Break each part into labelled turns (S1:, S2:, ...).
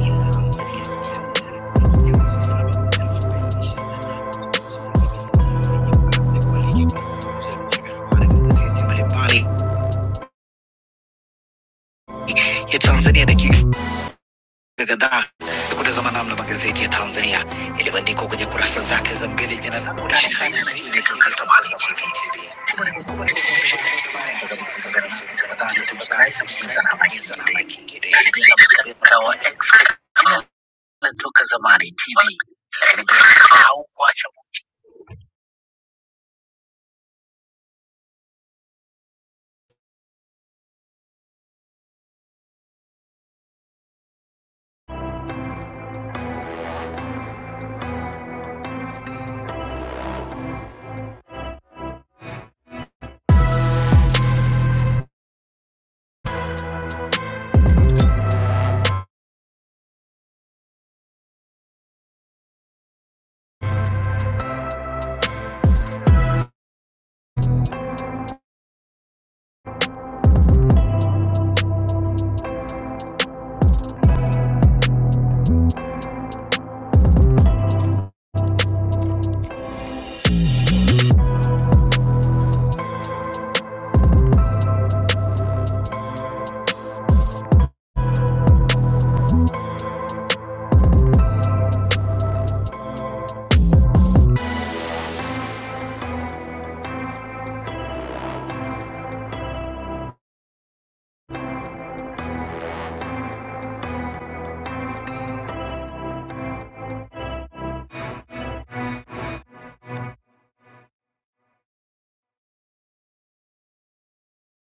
S1: ya Tanzania. Leo ni tarehe kumi na moja mwezi wa saba mwaka elfu mbili na ishirini na tano siku nzuri kabisa, siku ya Ijumaa. Ni kualike kunako dukuzi ya vichwa vya habari vya magazeti mbalimbali ya Tanzania, dakika kadhaa ya kutazama namna magazeti ya Tanzania yalivyoandikwa kwenye kurasa zake za mbele. Jina langu ni Shehani Mzaina na hii ni Toka Zamani TV. Kumbuka nikukumbushe, kama ndo mara ya kwanza kabisa unaungana nasi, tafadhali subscribe na bonyeza alama ya kengele Nikupe pamoja na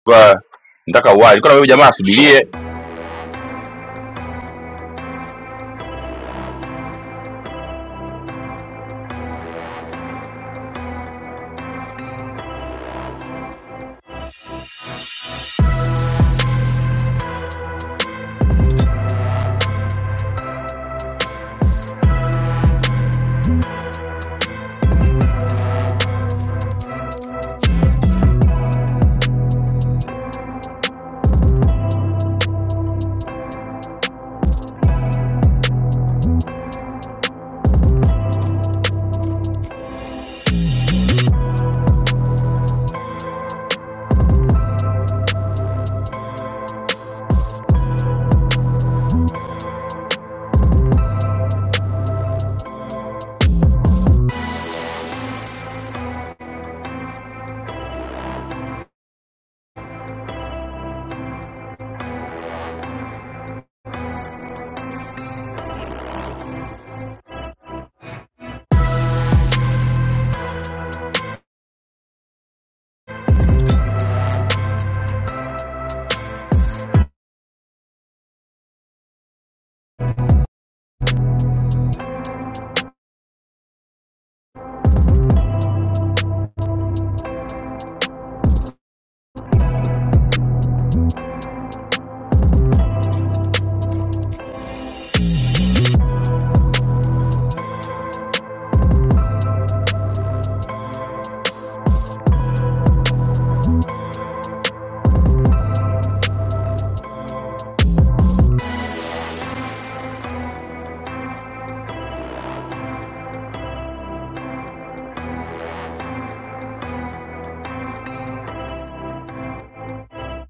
S2: ba nataka uhai nilikuwa na wewe jamaa asubirie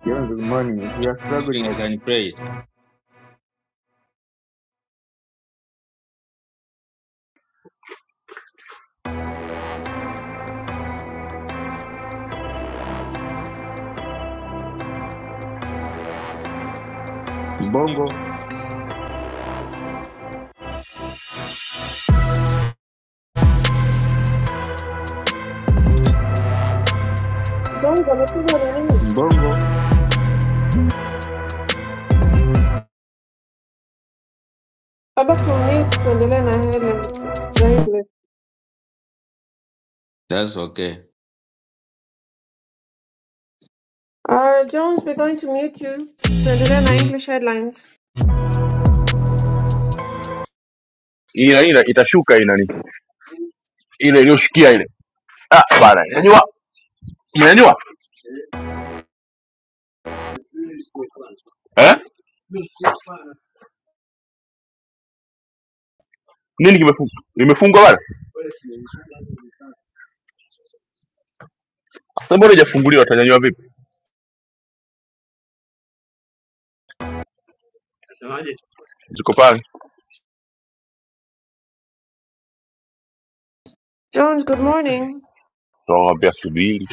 S3: Jones, good morning. If you are struggling, I can mbongo
S4: Jones amepigwa na nini?
S3: mbongo.
S4: How about to mute tuendelee na headline na English.
S3: That's okay.
S4: Uh, Jones, we're going to mute you. Tuendelee na English headlines.
S2: ili na ile itashuka ile nani ile iliyoshukia ile ah bana nyanyua mnyanyua eh nini kimefungwa imefungwa bana sasa mbona haijafunguliwa utanyanyua vipi ziko pale
S4: Jones, good morning.
S2: tunawaambia subiri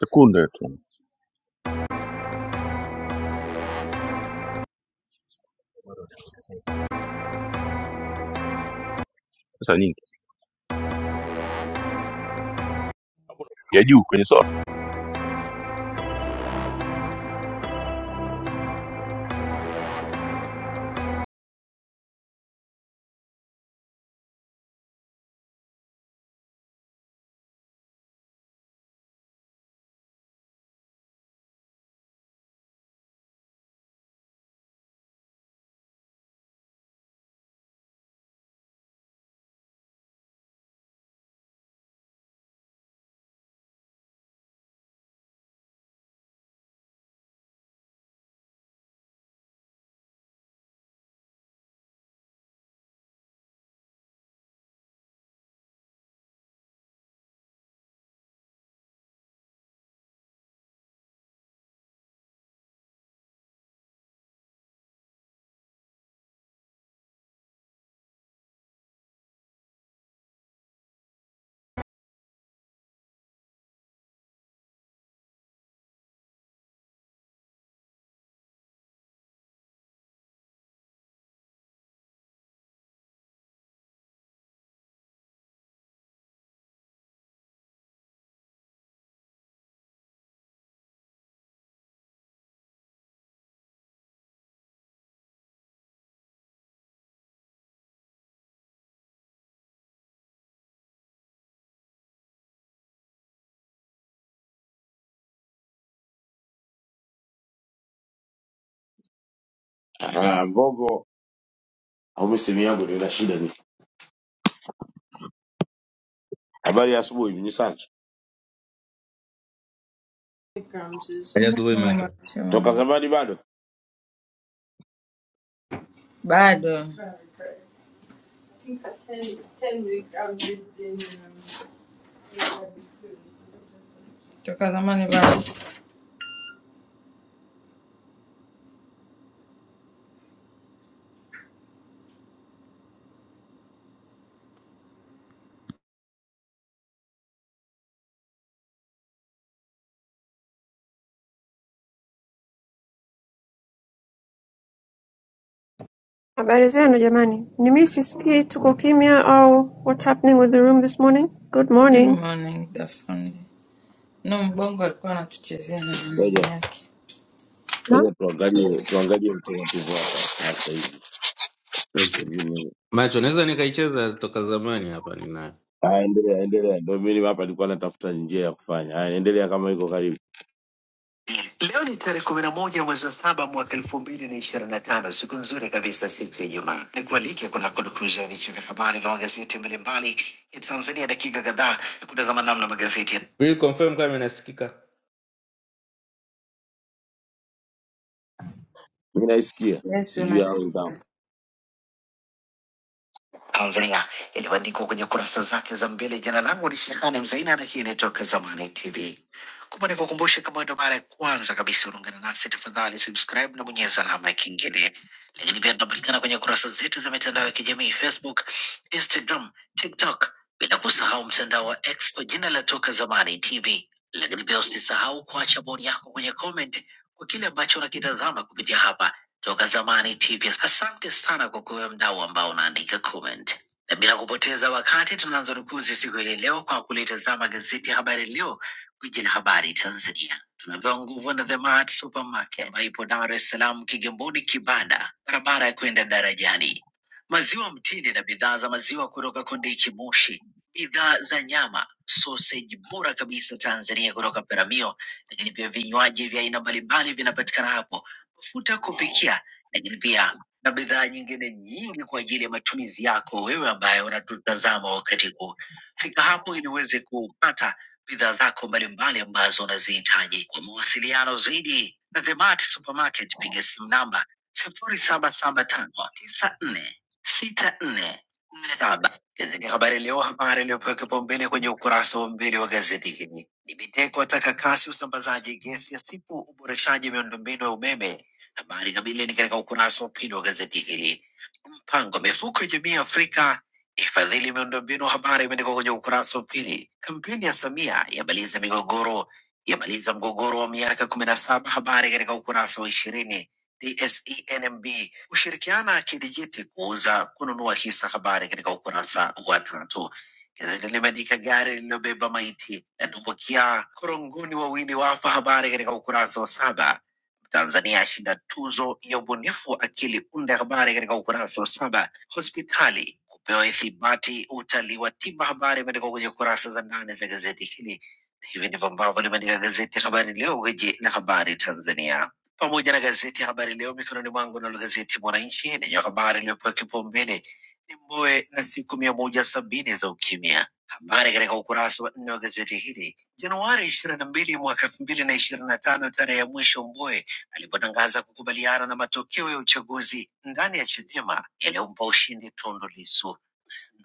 S2: sekunde tu sasa nyingi ya juu kwenye sofa
S5: Ah, Mbogo au mimi simu yangu nina shida ni. Habari ya asubuhi ni sana.
S3: Kaja asubuhi macho.
S5: Toka
S6: Maximum.
S5: zamani bado.
S6: Bado toka zamani bado.
S4: Habari zenu jamani. Ni mimi sisikii tuko kimya au what's happening with the room this morning? Good
S6: Good
S4: morning.
S6: morning Dafundi. No, mbongo alikuwa anatuchezea na maneno
S5: Ngoja,
S6: yake.
S5: ngoja
S4: No?
S5: tuangalie tuangalie utaratibu hapa sasa hivi.
S3: Okay.
S5: Pengine-
S3: Macho naweza nikaicheza toka zamani hapa ninayo.
S5: Haya, endelea endelea. Ndio mimi hapa nilikuwa natafuta njia ya kufanya. Haya, endelea kama iko karibu.
S3: Leo ni tarehe kumi na moja mwezi wa saba mwaka elfu mbili na ishirini na tano siku nzuri kabisa, siku ya Ijumaa. Nikualike kuna kudukuza vichwa vya habari vya magazeti mbalimbali ya Tanzania, dakika kadhaa ya kutazama namna magazeti ya... Will confirm kama inasikika.
S5: Mimi naisikia.
S6: Yes,
S5: Sijui au
S6: unasikika.
S5: ndao.
S3: Tanzania iliyoandikwa kwenye kurasa zake za mbele. Jina langu ni Shehani Mzaina na hii inatoka Zamani TV. Kumbe nikukumbushe, kama ndo mara ya kwanza kabisa unaungana nasi, tafadhali subscribe na bonyeza alama ya kengele. Lakini pia tunapatikana kwenye kurasa zetu za mitandao ya kijamii Facebook, Instagram, TikTok, bila kusahau mtandao wa X kwa jina la Toka Zamani TV. Lakini pia usisahau kuacha bodi yako kwenye comment kwa kile ambacho unakitazama kupitia hapa toka zamani TV. Asante sana kwa kuwe mdau ambao unaandika comment, na bila kupoteza wakati tunaanza rukuzi siku hii leo kwa kulitazama gazeti ya Habari Leo, gwiji la habari Tanzania. Tunapewa nguvu na The Mart Supermarket ambayo ipo Dar es Salaam, Kigamboni, Kibada, barabara ya kwenda darajani. Maziwa mtindi na bidhaa za maziwa kutoka Kondiki Moshi, bidhaa za nyama, soseji bora kabisa Tanzania kutoka Peramio, lakini pia vinywaji vya aina mbalimbali vinapatikana hapo mafuta ya kupikia, lakini pia na bidhaa nyingine nyingi kwa ajili ya matumizi yako wewe ambaye unatutazama wakati huu. Fika hapo ili uweze kupata bidhaa zako mbalimbali ambazo unazihitaji. Kwa mawasiliano zaidi na The Mart Supermarket, piga simu namba sifuri saba saba tano tisa nne sita nne nne saba. Gazeti Habari Leo, habari iliyopewa kipaumbele kwenye ukurasa wa mbele wa gazeti hili ni Biteko ataka kasi usambazaji gesi ya sipu, uboreshaji miundombinu ya umeme Habari kamili ni katika ukurasa wa pili wa gazeti hili. Mpango wa mifuko ya jamii ya Afrika ifadhili miundombinu, habari imeandikwa kwenye ukurasa wa pili. Kampeni ya Samia yamaliza migogoro, yamaliza mgogoro wa miaka kumi na saba, habari katika ukurasa wa ishirini. DSENMB kushirikiana kidijiti kuuza kununua hisa, habari katika ukurasa wa tatu. Gazeti limeandika gari lililobeba maiti latumbukia korongoni, wawili wafa, habari katika ukurasa wa saba. Tanzania yashinda tuzo ya ubunifu wa akili. Unda habari katika ukurasa wa saba. Hospitali kupewa ithibati utalii wa tiba, habari imeandikwa kwenye kurasa za ndani za gazeti hili. Hivi ndivyo ambavyo limeandika gazeti Habari Leo, gwiji la habari Tanzania, pamoja na gazeti Habari Leo mikononi mwangu, nalo gazeti Mwananchi lenye habari iliyopewa kipaumbele ni Mbowe na siku mia moja sabini za ukimya. Habari katika ukurasa wa nne wa gazeti hili, Januari ishirini na mbili mwaka elfu mbili na ishirini na tano, tarehe ya mwisho Mbowe alipotangaza kukubaliana na matokeo ya uchaguzi ndani ya Chadema yaliyompa ushindi Tundu Lissu.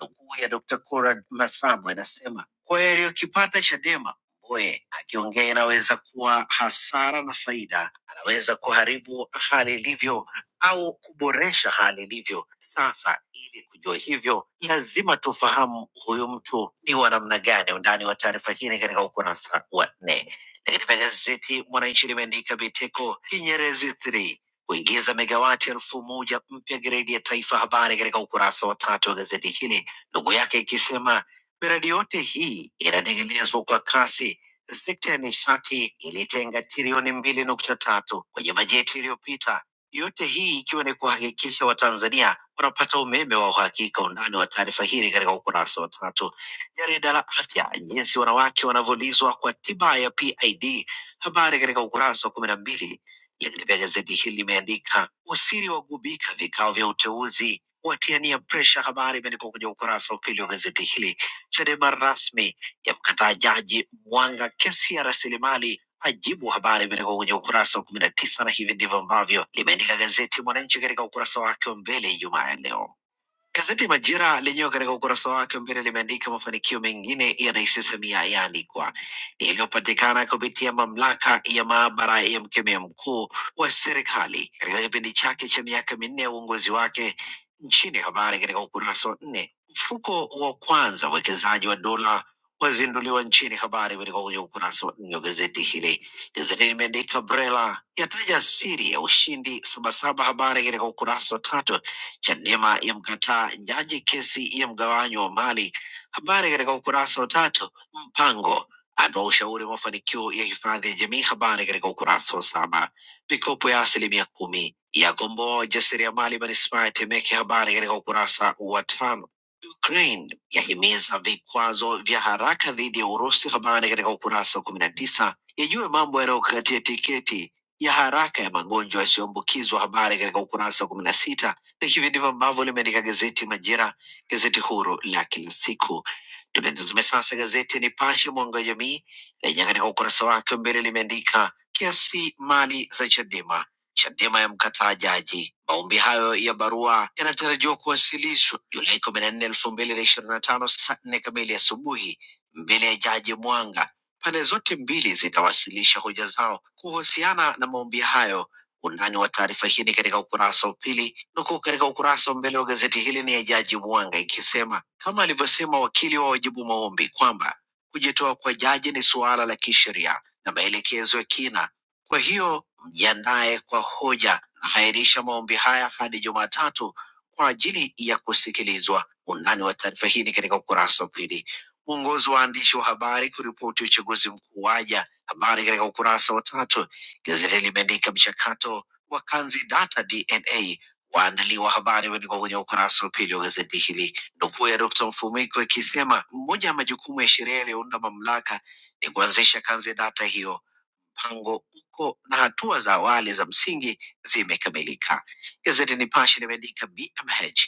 S3: Nukuu ya Dr. Conrad Masabo inasema kweli, ukipata Chadema Mbowe akiongea inaweza kuwa hasara na faida, anaweza kuharibu hali ilivyo au kuboresha hali ilivyo sasa. Ili kujua hivyo, lazima tufahamu huyu mtu ni wa namna gani. Undani wa taarifa hii ni katika ukurasa wa nne. Lakini pia gazeti Mwananchi limeandika Biteko Kinyerezi 3 kuingiza megawati elfu moja mpya gredi ya taifa. Habari katika ukurasa wa tatu wa gazeti hili ndugu yake ikisema miradi yote hii inatekelezwa kwa kasi. Sekta ya nishati ilitenga trilioni mbili nukta tatu kwenye bajeti iliyopita, yote hii ikiwa ni kuhakikisha Watanzania wanapata umeme wa uhakika. Undani wa taarifa hili katika ukurasa wa tatu. Jarida la afya, jinsi wanawake wanavyolizwa kwa tiba ya PID, habari katika ukurasa wa kumi na mbili. Lakini pia gazeti hili limeandika usiri wagubika vikao vya uteuzi watiania presha. Habari imeandikwa kwenye ukurasa wa pili wa gazeti hili. Chadema rasmi yamkataa jaji Mwanga kesi ya rasilimali ajibu. Habari imeandikwa kwenye ukurasa wa kumi na tisa na hivi ndivyo ambavyo limeandika gazeti Mwananchi katika ukurasa wake wa mbele Ijumaa ya leo. Gazeti Majira lenyewe katika ukurasa wake wa mbele limeandika mafanikio mengine ya Rais Samia yaandikwa ni yaliyopatikana kupitia mamlaka ya maabara ya mkemia mkuu wa serikali katika kipindi chake cha miaka minne ya uongozi wake nchini. Habari katika ukurasa wa nne. Mfuko wa kwanza uwekezaji wa dola wazinduliwa nchini. Habari katika kwenye ukurasa wa nne wa gazeti hili. Gazeti limeandika Brela yataja siri ya ushindi Sabasaba. Habari katika ukurasa wa tatu. Chadema yamkataa jaji kesi ya mgawanyo wa mali. Habari katika ukurasa wa tatu. Mpango atoa ushauri mafanikio ya hifadhi ya jamii. Habari katika ukurasa wa saba. Mikopo ya asilimia kumi yakomboa wajasiriamali manispaa ya Temeke. Habari katika ukurasa wa tano. Ukraine yahimiza vikwazo vya haraka dhidi ya Urusi. Habari katika ukurasa wa kumi na tisa. Yajue mambo yanayokatia tiketi ya haraka ya magonjwa yasiyoambukizwa. Habari katika ukurasa wa kumi na sita na hivi ndivyo ambavyo limeandika gazeti Majira, gazeti huru la kila siku. Tunatazame sasa gazeti Nipashe Mwanga wa Jamii lenye katika ukurasa wake wa mbele limeandika kiasi mali za Chadema, Chadema ya mkataa jaji. Maombi hayo ya barua yanatarajiwa kuwasilishwa Julai kumi na nne elfu mbili na ishirini na tano saa nne kamili asubuhi mbele ya jaji Mwanga. Pande zote mbili zitawasilisha hoja zao kuhusiana na maombi hayo Undani wa taarifa hii ni katika ukurasa wa pili. Nukuu katika ukurasa wa mbele wa gazeti hili ni ya Jaji Mwanga ikisema kama alivyosema wakili wa wajibu maombi kwamba kujitoa kwa jaji ni suala la kisheria na maelekezo ya kina, kwa hiyo mjiandae kwa hoja. Nahairisha maombi haya hadi Jumatatu kwa ajili ya kusikilizwa. Undani wa taarifa hii ni katika ukurasa wa pili. Mwongozo wa waandishi wa habari kuripoti uchaguzi mkuu waja, habari katika ukurasa wa tatu Gazeti limeandika mchakato wa kanzi data DNA waandaliwa, habari imeandikwa kwenye ukurasa wa pili wa gazeti hili, nukuu ya Dkt. Mfumiko ikisema moja ya majukumu ya sheria iliyounda mamlaka ni kuanzisha kanzi data hiyo mpango uko na hatua za awali za msingi zimekamilika. Gazeti Nipashe limeandika BMH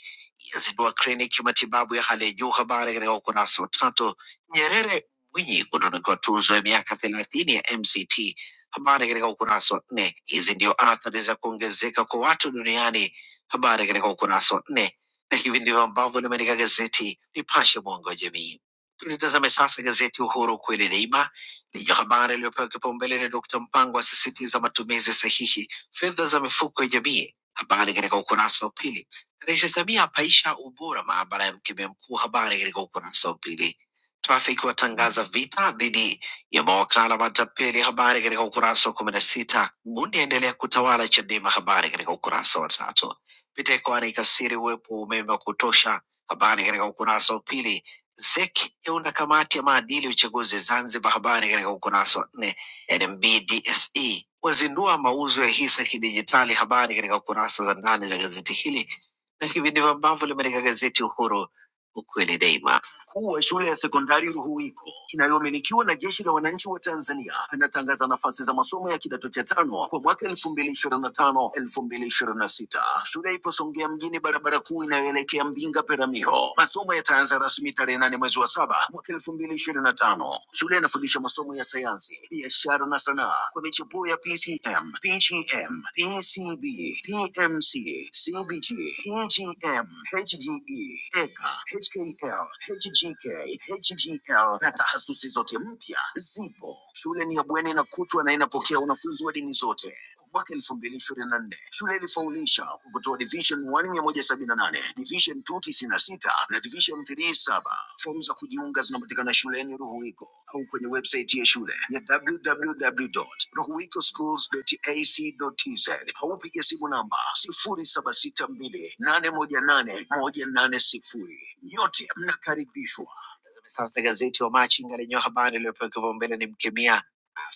S3: yazindua kliniki ya matibabu ya hali ya juu, habari katika ukurasa wa tatu. Nyerere Mwinyi kutunukiwa tuzo ya miaka thelathini ya MCT, habari katika ukurasa wa nne. Hizi ndio athari za kuongezeka kwa watu duniani, habari katika ukurasa wa nne, na hivi ndivyo ambavyo limeandika gazeti Nipashe, mwanga wa jamii. Tulitazame sasa gazeti Uhuru kweli daima Lenye habari iliyopewa kipaumbele ni Dkt. Mpango asisitiza matumizi sahihi fedha za mifuko ya jamii. Habari katika ukurasa wa pili. Rais Samia apaisha ubora maabara ya mkemia mkuu. Habari katika ukurasa wa pili. Trafiki watangaza vita dhidi ya mawakala matapeli. Habari katika ukurasa wa kumi na sita. Gundi aendelea kutawala Chadema. Habari katika ukurasa wa tatu. Biteko anaikasiri uwepo wa umeme wa kutosha. Habari katika ukurasa wa pili. ZEC yaunda kamati ya maadili uchaguzi Zanzibar. Habari katika ukurasa wa nne. NMBDSE wazindua mauzo ya hisa kidijitali. Habari katika kurasa za ndani za gazeti hili, na hivi ndivyo ambavyo limeandika gazeti Uhuru, ukweli daima. Mkuu wa shule ya sekondari Ruhuwiko inayomilikiwa na Jeshi la Wananchi wa Tanzania anatangaza nafasi za masomo ya kidato cha tano kwa mwaka elfu mbili ishirini na tano elfu mbili ishirini na sita. Shule ipo Songea mjini, barabara kuu inayoelekea Mbinga Peramiho. Masomo yataanza rasmi tarehe nane mwezi wa saba mwaka elfu mbili ishirini na tano. Shule inafundisha masomo masomo ya sayansi, biashara na sanaa kwa michepuo ya PCM, PGM, PCB, PMC, CBG, PGM, HGE, EKA, HKL, HGK, HGL na taasisi zote mpya zipo. Shule ni ya bweni na kutwa na inapokea wanafunzi wa dini zote mwaka elfu mbili ishirini na nne shule ilifaulisha kwa kutoa division 1 mia moja sabini na nane division 2 tisini na sita na division 3 saba fomu za kujiunga zinapatikana shuleni ruhuwiko au kwenye website ya shule ya www.rohuwitoschools.ac.tz au piga simu namba 0762818180. Nyote mnakaribishwa. Sasa gazeti wa Machinga lenye habari iliyopewa kipaumbele ni mkemia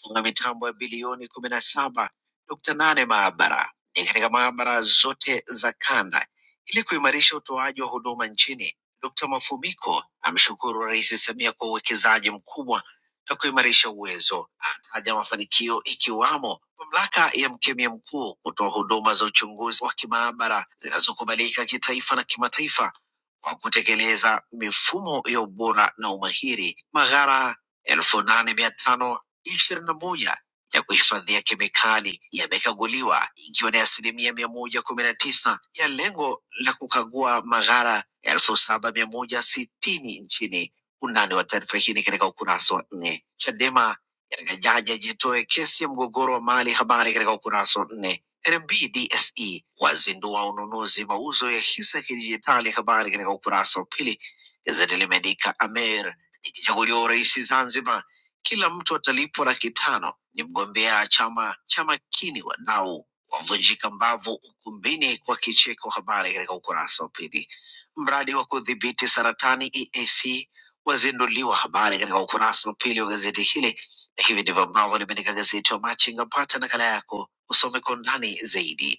S3: Funga mitambo ya bilioni kumi na saba nukta nane maabara ni katika maabara zote za kanda ili kuimarisha utoaji wa huduma nchini. Dkt. Mafumiko amshukuru Rais Samia kwa uwekezaji mkubwa na kuimarisha uwezo. Ataja mafanikio ikiwamo mamlaka ya mkemia mkuu kutoa huduma za uchunguzi wa kimaabara zinazokubalika kitaifa na kimataifa kwa kutekeleza mifumo ya ubora na umahiri. Maghara elfu nane mia tano ishirini na moja ya kuhifadhia kemikali yamekaguliwa ikiwa ni asilimia mia moja kumi na tisa ya lengo la kukagua maghara elfu saba mia moja sitini nchini. Undani wa taarifa hii ni katika ukurasa wa nne. Chadema yataka jaji ajitoe kesi ya mgogoro wa mali, habari katika ukurasa wa nne. NMB DSE wazindua ununuzi mauzo ya hisa ya kidijitali, habari katika ukurasa wa pili. Gazeti limeandika Amer ikichaguliwa urais Zanzibar kila mtu atalipwa laki tano ni mgombea chama cha Makini wadau wavunjika mbavu ukumbini kwa kicheko, habari katika ukurasa wa pili. Mradi wa kudhibiti saratani EAC wazinduliwa, habari katika ukurasa wa pili wa gazeti hili, na hivi ndivyo ambavyo limeandika gazeti wa Machinga. Pata nakala yako usome kwa undani zaidi.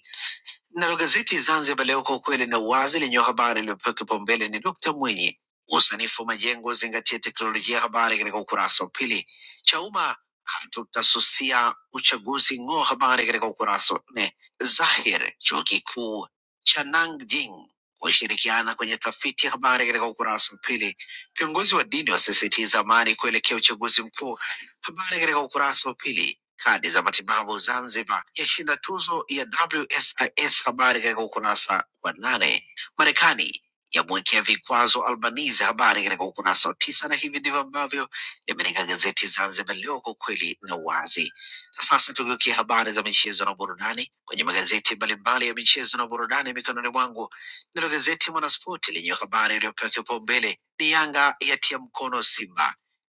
S3: Nalo gazeti Zanzibar Leo, kwa ukweli na uwazi, lenye habari iliyopewa kipaumbele ni Dkt Mwinyi, usanifu wa majengo uzingatie teknolojia, habari katika ukurasa wa pili. Chauma, hatutasusia uchaguzi ng'o, habari katika ukurasa wa nne. Zahir, chuo kikuu cha Nanjing kushirikiana kwenye tafiti, habari katika ukurasa wa pili. Viongozi wa dini wasisitiza amani kuelekea uchaguzi mkuu, habari katika ukurasa wa pili kadi za matibabu Zanzibar yashinda tuzo ya WSIS. Habari katika ukurasa wa nane. Marekani yamwekea vikwazo Albanizi. Habari katika ukurasa wa tisa, na hivi ndivyo ambavyo limeandika gazeti Zanzibar Leo, kwa ukweli na uwazi. Na sasa tugeukia habari za michezo na burudani kwenye magazeti mbalimbali ya michezo na burudani mikononi mwangu. Nalo gazeti Mwanaspoti lenye habari iliyopewa kipaumbele ni Yanga yatia mkono Simba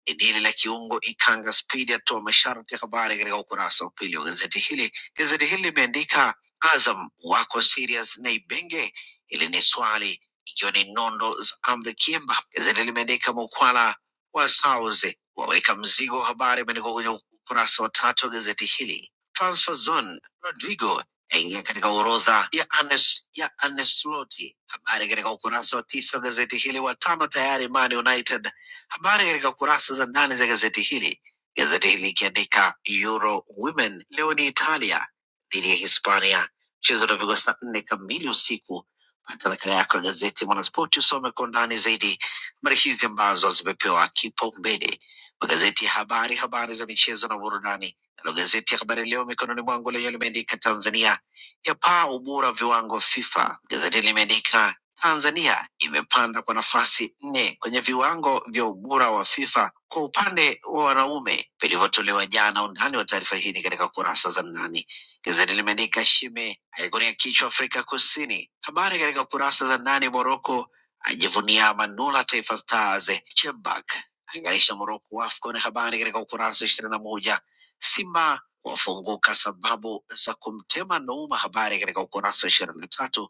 S3: Idili la kiungo Ikanga Spidi atoa masharti. Habari katika ukurasa wa pili wa gazeti hili. Gazeti hili limeandika Azam wako serious na Ibenge, hili ni swali, ikiwa ni nondo za Amri Kiemba. Gazeti limeandika Mukwala wa Sauze waweka mzigo, habari imeandikwa kwenye ukurasa wa tatu wa gazeti hili. Transfer Zone, Rodrigo aingia katika orodha ya Anes, ya Ancelotti. Habari katika ukurasa wa tisa wa gazeti hili. Watano tayari Man United Habari katika kurasa za ndani za gazeti hili, gazeti hili likiandika Euro Women leo ni Italia dhidi ya Hispania, mchezo utapigwa saa nne kamili usiku. Pata nakala yako ya gazeti Mwanaspoti usome kwa undani zaidi habari hizi ambazo zimepewa kipaumbele magazeti ya habari, habari za michezo na burudani. Nalo gazeti ya Habari Leo mikononi mwangu lenyewe limeandika Tanzania yapaa ubora viwango FIFA. Gazeti limeandika Tanzania imepanda kwa nafasi nne kwenye viwango vya ubora wa FIFA kwa upande wa wanaume vilivyotolewa jana. Undani wa taarifa hii ni katika kurasa za ndani. Gazeti limeandika Shime aigonia kichwa Afrika Kusini, habari katika kurasa za ndani. Moroko ajivunia Manula Taifa Stars. Chebak aing'arisha Moroko AFCON, habari katika ukurasa wa ishirini na moja. Simba wafunguka sababu za kumtema Nouma, habari katika ukurasa wa ishirini na tatu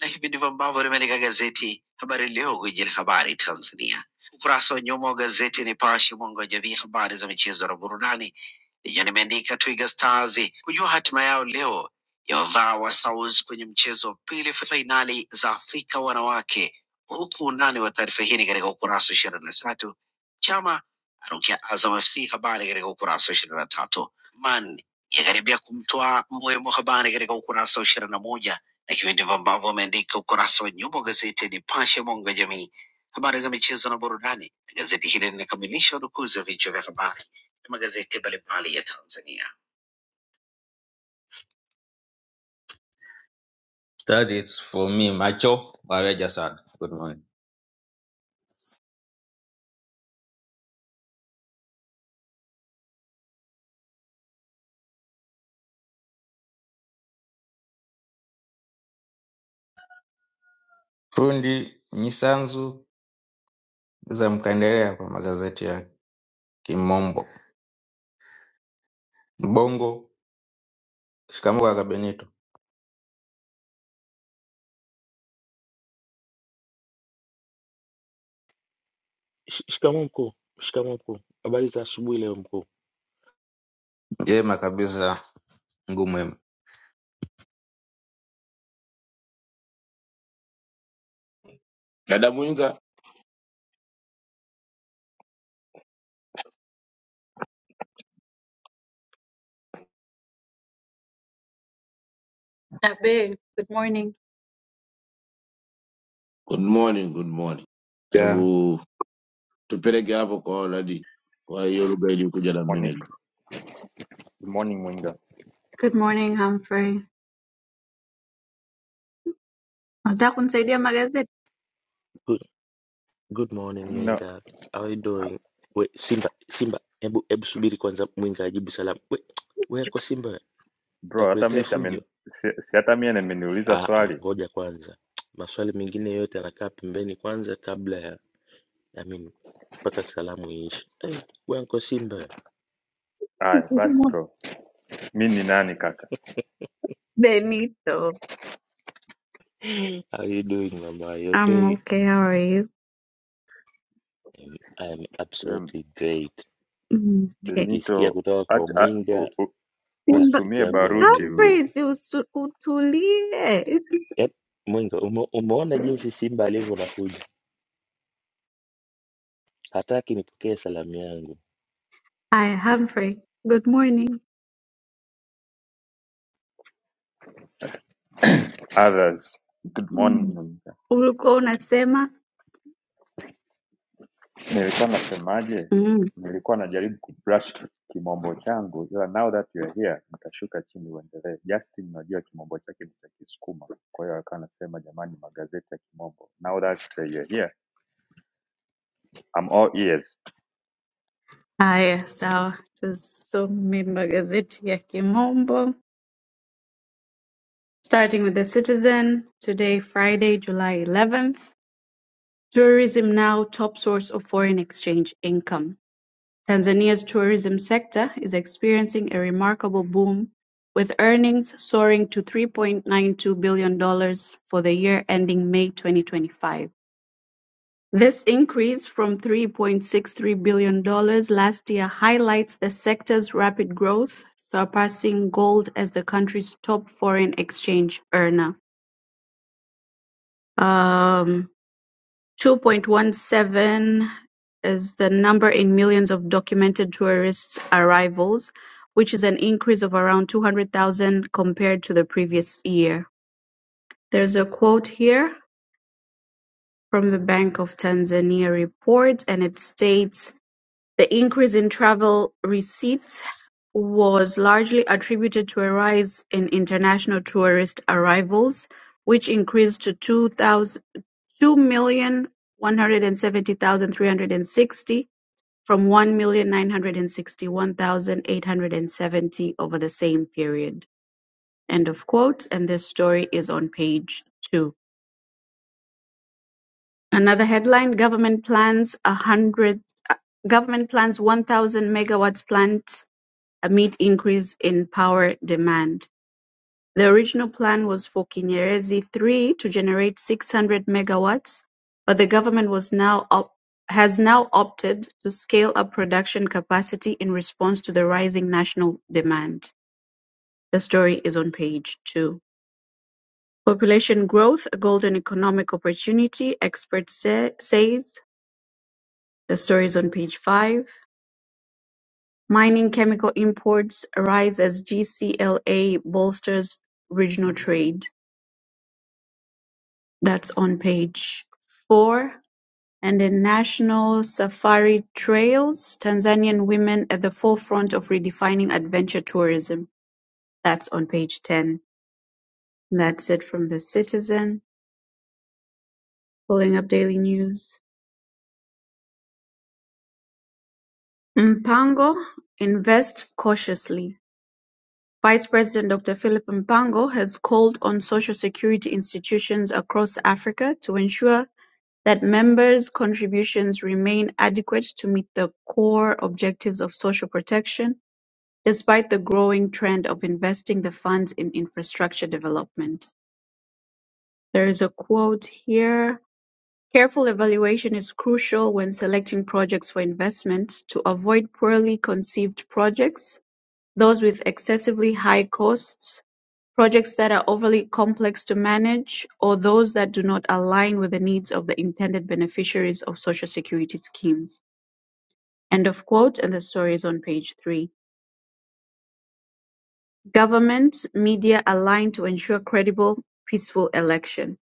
S3: na hivi ndivyo ambavyo limeandika gazeti Habari Leo, gwiji la habari Tanzania. Ukurasa wa nyuma wa gazeti Nipashe, mwanga wa jamii, habari za michezo na burudani, lenyewe limeandika Twiga Stars kujua hatima yao leo ya wavaa wa South kwenye mchezo wa pili fainali za Afrika wanawake, huku undani wa taarifa hii ni katika ukurasa wa ishirini na tatu. Chama arukia Azam FC, habari katika ukurasa wa ishirini na tatu. Man yakaribia kumtoa Mbwemo, habari katika ukurasa wa ishirini na moja na hivi ndivyo ambavyo ameandika ukurasa wa nyuma wa gazeti ya Nipashe mwanga wa jamii, habari za michezo na burudani. Gazeti hili linakamilisha udukuzi wa vichwa vya habari na magazeti mbalimbali ya Tanzania. That is for me, macho Baweja sana. Good morning. Fundi Mnyisanzu za mkaendelea kwa magazeti ya Kimombo. Mbongo, shikamoo kaka Benito.
S7: Sh- Shikamoo mkuu. Shikamoo mkuu. Habari za asubuhi leo mkuu.
S3: Jema kabisa, mguu mwema.
S5: Dada Mwinga,
S8: Abe, good morning.
S5: good morning, good morning.
S3: Yeah.
S5: Hebu tupeleke hapo kwa Oladi. Kwa hiyo lugha ilikuja na
S9: Morning,
S5: mimi.
S9: good morning Mwinga.
S8: Good morning, Humphrey. Nataka kunisaidia magazeti?
S7: Good, good morning
S9: No,
S7: Mwinga. How are you doing? We, Simba, Simba, hebu hebu subiri kwanza Mwinga ajibu salamu. We, we ko Simba,
S9: bro, hata mi
S7: nitakuletea
S9: si, amen,
S7: fujo.
S9: si, si hata mi ameniuliza
S7: Ah ah,
S9: swali.
S7: ngoja kwanza. Maswali mengine yote yanakaa pembeni kwanza kabla ya I mean mpaka salamu iishe. Hey, we ko Simba.
S9: Haya basi bro, mi ni nani kaka?
S8: Benito.
S7: How you doing mama? You
S8: I'm
S7: okay?
S8: okay, how are you?
S7: I am
S9: Um,
S7: absolutely great.
S8: Mm, Okay.
S7: Nikisikia
S9: Benito,
S7: kutoka kwa
S9: acha a-
S7: Mwinga,
S9: u- u-
S7: basi
S8: Simba.
S7: siku
S9: usitumie
S7: yangu
S9: baruti
S7: imeburudika.
S9: huyu.
S8: Humphrey, si usu- utulie.
S7: Yep, Mwinga ume, umeona jinsi Simba alivyo na fujo, hataki nipokee salamu yangu.
S8: Hi, Humphrey. Good morning.
S9: others. Good morning
S8: Mm.
S9: Mwinga.
S8: Ulikuwa unasema?
S9: Nilikuwa nasemaje?
S8: Mm.
S9: Nilikuwa najaribu kubrush kimombo changu, ila now that you are here, nikashuka chini uendelee. Justin, najua kimombo chake ni cha Kisukuma, kwa hiyo akawa anasema jamani, magazeti ya kimombo. Now that you are here, I'm all ears.
S8: Haya, sawa. Tusome magazeti ya kimombo. Starting with The Citizen, today Friday, July 11th. Tourism now top source of foreign exchange income. Tanzania's tourism sector is experiencing a remarkable boom, with earnings soaring to $3.92 billion dollars for the year ending May 2025. This increase from $3.63 billion dollars last year highlights the sector's rapid growth, surpassing gold as the country's top foreign exchange earner. Um, Two point one seven is the number in millions of documented tourist arrivals, which is an increase of around 200,000 compared to the previous year. There's a quote here from the Bank of Tanzania report, and it states the increase in travel receipts was largely attributed to a rise in international tourist arrivals, which increased to 2,000 two million one hundred and seventy thousand three hundred and sixty from one million nine hundred and sixty-one thousand eight hundred and seventy over the same period. End of quote. And this story is on page two. Another headline: Government plans a hundred. uh, Government plans 1,000 megawatts plant amid increase in power demand. The original plan was for Kinyerezi Three to generate six hundred megawatts, but the government was now op- has now opted to scale up production capacity in response to the rising national demand. The story is on page two. Population growth, a golden economic opportunity, expert say. says. The story is on page five. Mining chemical imports rise as GCLA bolsters regional trade. That's on page four. And in National Safari Trails, Tanzanian women at the forefront of redefining adventure tourism. That's on page 10. And that's it from The Citizen. Pulling up daily news. Mpango invests cautiously. Vice President Dr. Philip Mpango has called on social security institutions across Africa to ensure that members' contributions remain adequate to meet the core objectives of social protection Despite the growing trend of investing the funds in infrastructure development, there is a quote here: "Careful evaluation is crucial when selecting projects for investment to avoid poorly conceived projects, those with excessively high costs, projects that are overly complex to manage, or those that do not align with the needs of the intended beneficiaries of Social Security schemes." End of quote, and the story is on page three. Government media align to ensure credible, peaceful election.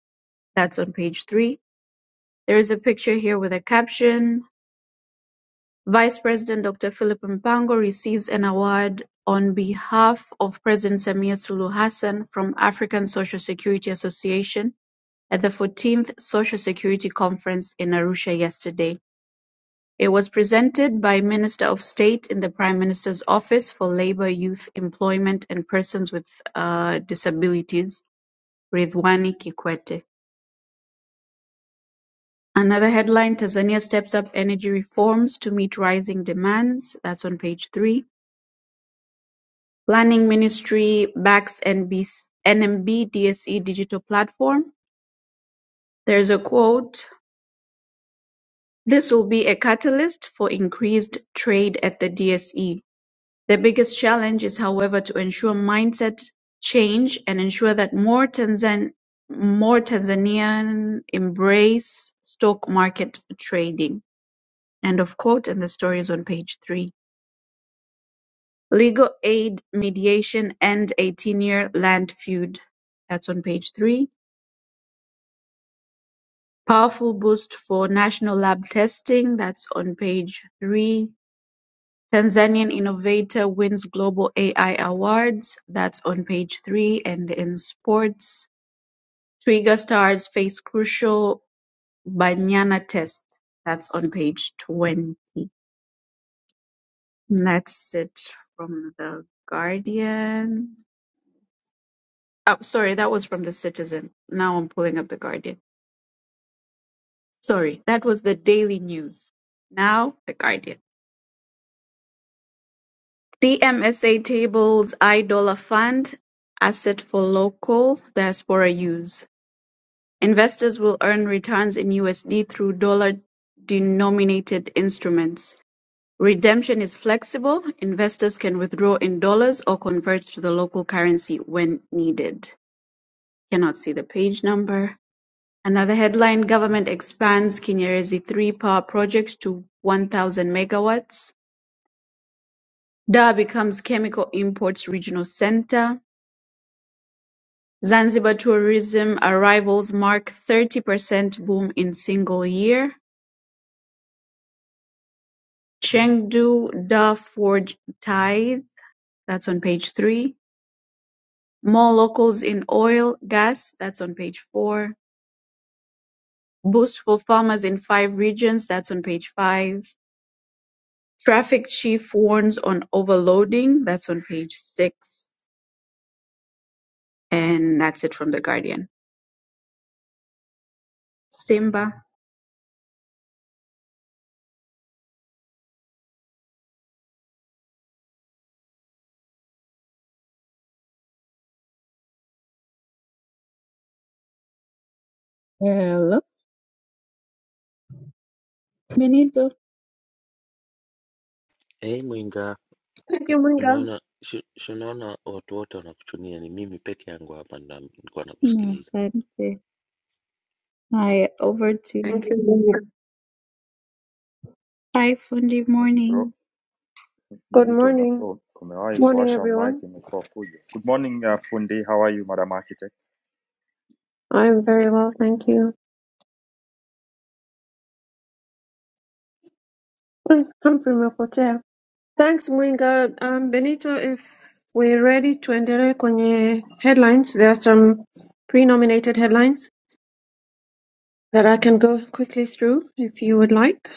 S8: That's on page three. There is a picture here with a caption. Vice President Dr. Philip Mpango receives an award on behalf of President Samia Sulu Hassan from African Social Security Association at the 14th Social Security Conference in Arusha yesterday. It was presented by Minister of State in the Prime Minister's Office for Labor, Youth, Employment and Persons with uh, Disabilities Ridwan Kikwete. Another headline, Tanzania steps up energy reforms to meet rising demands. That's on page three. Planning Ministry backs NBC, NMB DSE digital platform. There's a quote, this will be a catalyst for increased trade at the DSE. The biggest challenge is, however, to ensure mindset change and ensure that more Tanzan more Tanzanian embrace stock market trading. End of quote And the story is on page three. Legal aid mediation and a 10-year land feud. That's on page three. Powerful boost for national lab testing. That's on page three. Tanzanian innovator wins global AI awards. That's on page three. And in sports, Twiga stars face crucial Banyana test. That's on page 20. And That's it from the Guardian. Oh, sorry, that was from the Citizen. Now I'm pulling up the Guardian. Sorry, that was the Daily News. Now the Guardian. CMSA tables iDollar fund asset for local diaspora use. Investors will earn returns in USD through dollar denominated instruments. Redemption is flexible. Investors can withdraw in dollars or convert to the local currency when needed. Cannot see the page number. Another headline: Government expands Kinyerezi Three power project to one thousand megawatts, Dar becomes chemical imports regional center, Zanzibar tourism arrivals mark thirty percent boom in single year, Chengdu Dar forge tithe, that's on page three, more locals in oil, gas, that's on page four, boost for farmers in five regions, that's on page five. Traffic chief warns on overloading. That's on page six, and that's it from the Guardian. Simba Benito.
S7: Eh, Mwinga
S4: Thank
S7: i-
S4: you, Mwinga.
S7: unaona shi- shi unaona watu wote wanakuchunia, ni mimi peke yangu hapa ndo na- nilikuwa
S8: No,
S7: nakusikiliza.
S8: asante. Hi, over to
S4: Thank you,
S8: you.
S4: Mwinga.
S8: Hi, Fundi. Morning.
S4: Good
S9: Benito
S4: morning.
S9: ume- umewahi
S4: Morning
S9: kuwasha mic
S4: everyone.
S9: imekuwa fujo. Good morning uh, fundi, how are you madam architect?
S4: I am very well, thank you. Hmm, Humphrey umepotea. Thanks Mwinga. Um, Benito, if we're ready tuendelee kwenye headlines. There are some pre-nominated headlines that I can go quickly through if you would like.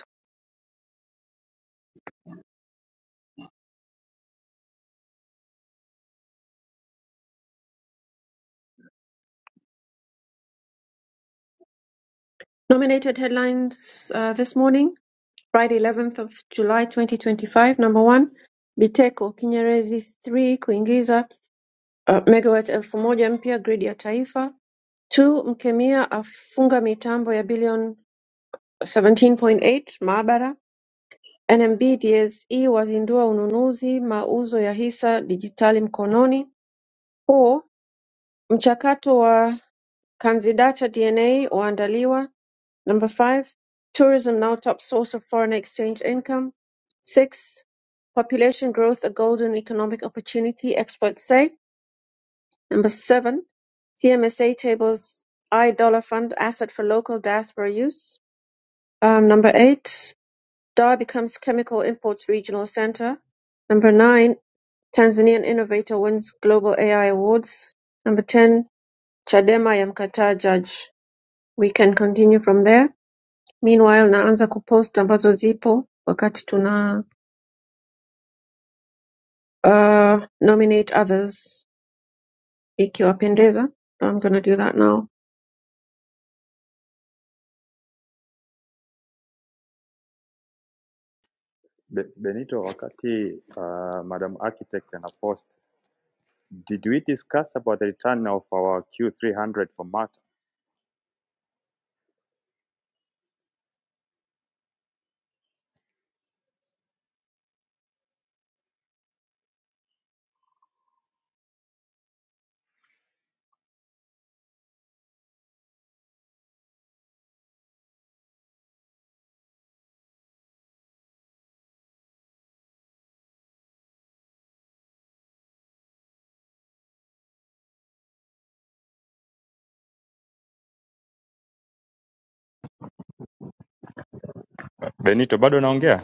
S4: Nominated headlines uh, this morning, Friday 11th of July 2025. Number one, Biteko Kinyerezi 3 kuingiza uh, megawatt elfu moja mpya gridi ya taifa. Two, Mkemia afunga mitambo ya bilioni 17.8 maabara. NMBDSE wazindua ununuzi mauzo ya hisa dijitali mkononi four mchakato wa CanziData DNA waandaliwa number five tourism now top source of foreign exchange income six population growth a golden economic opportunity experts say number seven CMSA tables I dollar fund asset for local diaspora use um, number eight Dar becomes chemical imports regional center number nine Tanzanian Innovator wins Global Ai Awards Number ten Chadema yamkataa Jaji we can continue from there meanwhile naanza kupost ambazo zipo wakati tuna uh, nominate others ikiwapendeza I'm gonna do that now
S9: Be Benito, wakati uh, madam architect ana post, did we discuss about the return of our Q300 for Mata? Benito, bado naongea?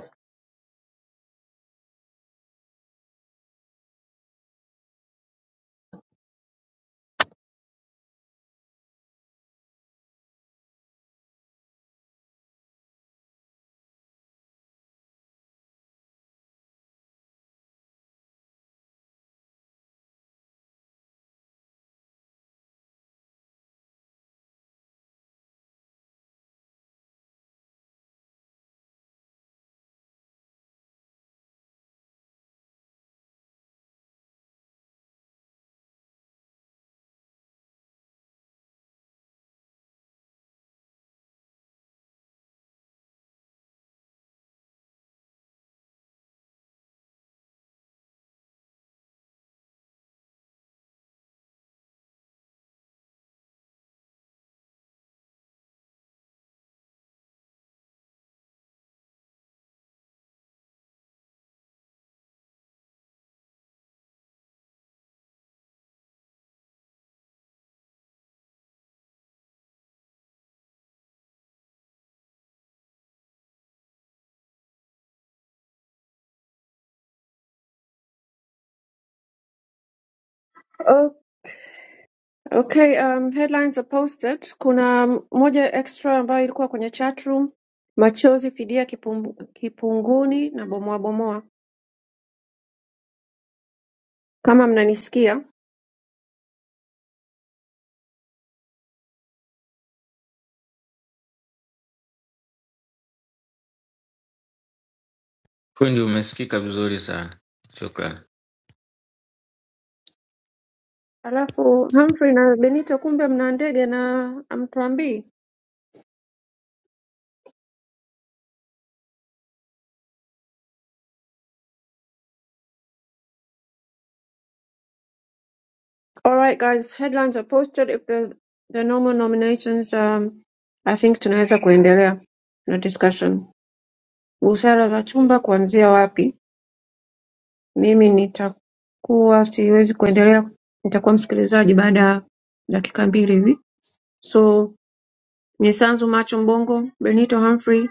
S4: oh, okay um, headlines are posted kuna moja extra ambayo ilikuwa kwenye chat room machozi fidia kipum, kipunguni na bomoa bomoa Kama mnanisikia
S3: Fundi, umesikika vizuri sana, shukrani.
S4: Alafu Humphrey na Benito, kumbe mna ndege na amtuambii. All right guys, headlines are posted if the, the normal nominations um, I think tunaweza kuendelea na discussion. Busara za chumba kuanzia wapi? Mimi nitakuwa siwezi kuendelea, nitakuwa msikilizaji baada ya dakika mbili hivi. So Nyesanzu Macho Mbongo Benito Humphrey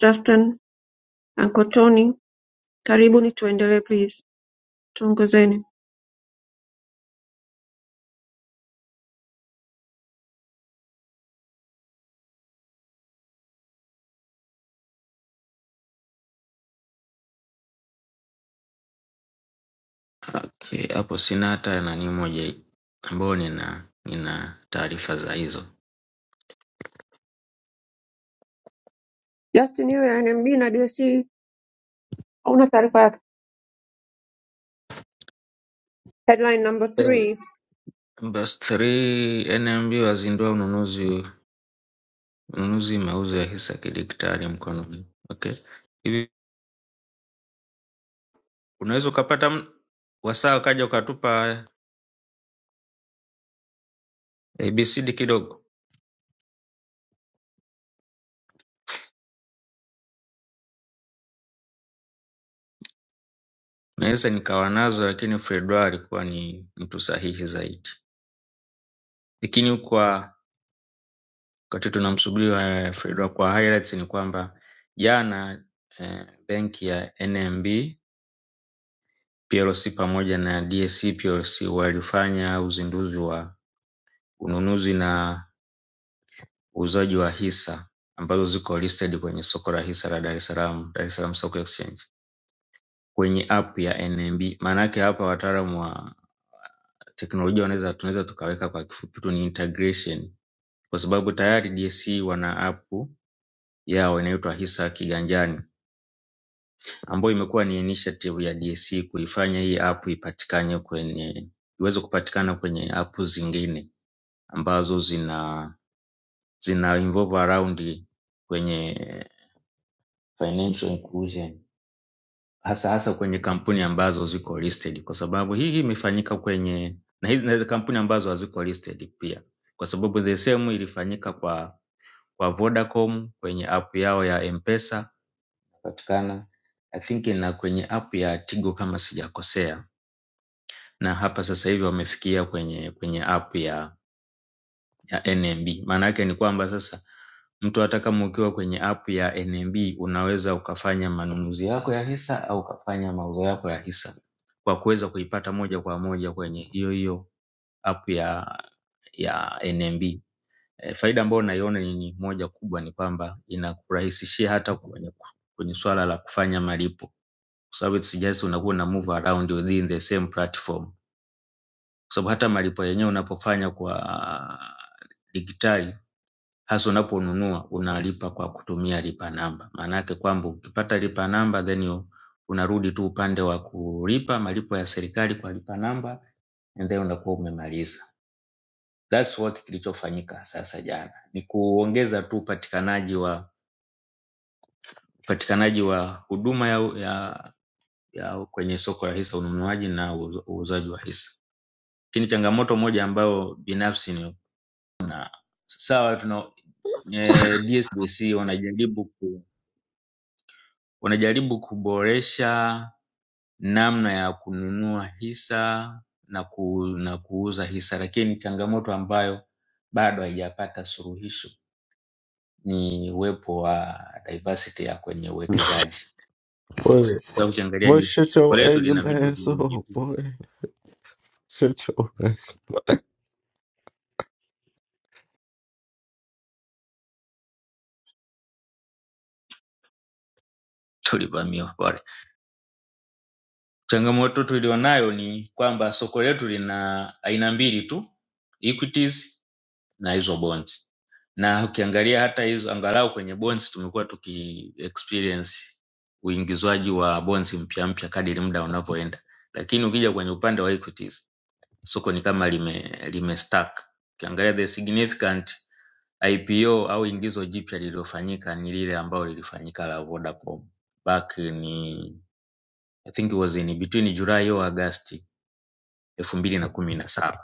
S4: Justin Ankotoni Karibuni tuendelee please tuongozeni
S3: Okay, hapo sina hata nani moja ambayo nina nina taarifa za hizo.
S4: Justin iwe NMB na DSC hauna taarifa yake headline number
S3: Eh,
S4: three
S3: Bus 3 NMB wazindua ununuzi ununuzi mauzo ya hisa kidigitali mkononi. Okay. Hivi unaweza ukapata m- wasaa ukaja ukatupa ABCD kidogo. Naweza nikawa nazo lakini Fredwa alikuwa ni mtu sahihi zaidi. Lakini kwa wakati tunamsubiri wa Fredwa kwa highlights ni kwamba jana eh, benki ya NMB plc pamoja na dsc plc walifanya uzinduzi wa ununuzi na uuzaji wa hisa ambazo ziko listed kwenye soko la hisa la dar es salaam dar es salaam stock exchange kwenye app ya nmb maanaake hapa wataalamu wa teknolojia wanaweza tunaweza tukaweka kwa kifupi tu ni integration kwa sababu tayari dsc wana app yao inaitwa hisa kiganjani ambayo imekuwa ni initiative ya dc kuifanya hii app ipatikane kwenye iweze kupatikana kwenye app zingine ambazo zina zina involve around kwenye financial inclusion hasa hasa kwenye kampuni ambazo ziko listed, kwa sababu hii hii imefanyika kwenye na hizi na hizi kampuni ambazo haziko listed pia, kwa sababu the same ilifanyika kwa kwa Vodacom kwenye app yao ya Mpesa patikana I think na kwenye app ya Tigo kama sijakosea, na hapa sasa hivi wamefikia kwenye kwenye app ya ya NMB. Maana yake ni kwamba sasa mtu hata kama ukiwa kwenye app ya NMB unaweza ukafanya manunuzi yako ya hisa au ukafanya mauzo yako ya hisa kwa kuweza kuipata moja kwa moja kwenye hiyo hiyo app ya ya NMB. E, faida ambayo naiona ni ni moja kubwa ni kwamba inakurahisishia hata kwenye, kwenye swala la kufanya malipo kwa sababu it's just unakuwa na move around within the same platform, kwa sababu hata malipo yenyewe unapofanya kwa digitali hasa unaponunua unalipa kwa kutumia lipa namba maanake kwamba ukipata lipa namba then you, unarudi tu upande wa kulipa malipo ya serikali kwa lipa namba and then unakuwa umemaliza that's what kilichofanyika sasa jana ni kuongeza tu upatikanaji wa upatikanaji wa huduma ya, ya, ya kwenye soko la hisa ununuaji na uuzo- uuzaji wa hisa lakini changamoto moja ambayo binafsi ni sawa tuna, eh, DSBC wanajaribu ku, wanajaribu kuboresha namna ya kununua hisa na, ku, na kuuza hisa, lakini ni changamoto ambayo bado haijapata suluhisho ni uwepo wa diversity ya kwenye uwekezaji.
S10: Boy,
S3: Kwa ukiangalia
S10: boy,
S3: ji-
S10: shut
S3: soko
S10: your
S3: letu lina
S10: ugly
S3: vitu
S10: ass
S3: vingi
S10: up,
S3: tu
S10: boy. Shut your
S3: tulivamiwa. pale. Changamoto tulionayo ni kwamba soko letu lina aina mbili tu, equities na hizo bonds na ukiangalia hata hizo angalau kwenye bonds tumekuwa tuki experience uingizwaji wa bonds mpya mpya kadiri muda unavyoenda lakini ukija kwenye upande wa equities soko ni kama lime, lime stuck ukiangalia the significant ipo au ingizo jipya lililofanyika ni lile ambalo lilifanyika la vodacom back in i think it was in between july au agasti elfu mbili na kumi na saba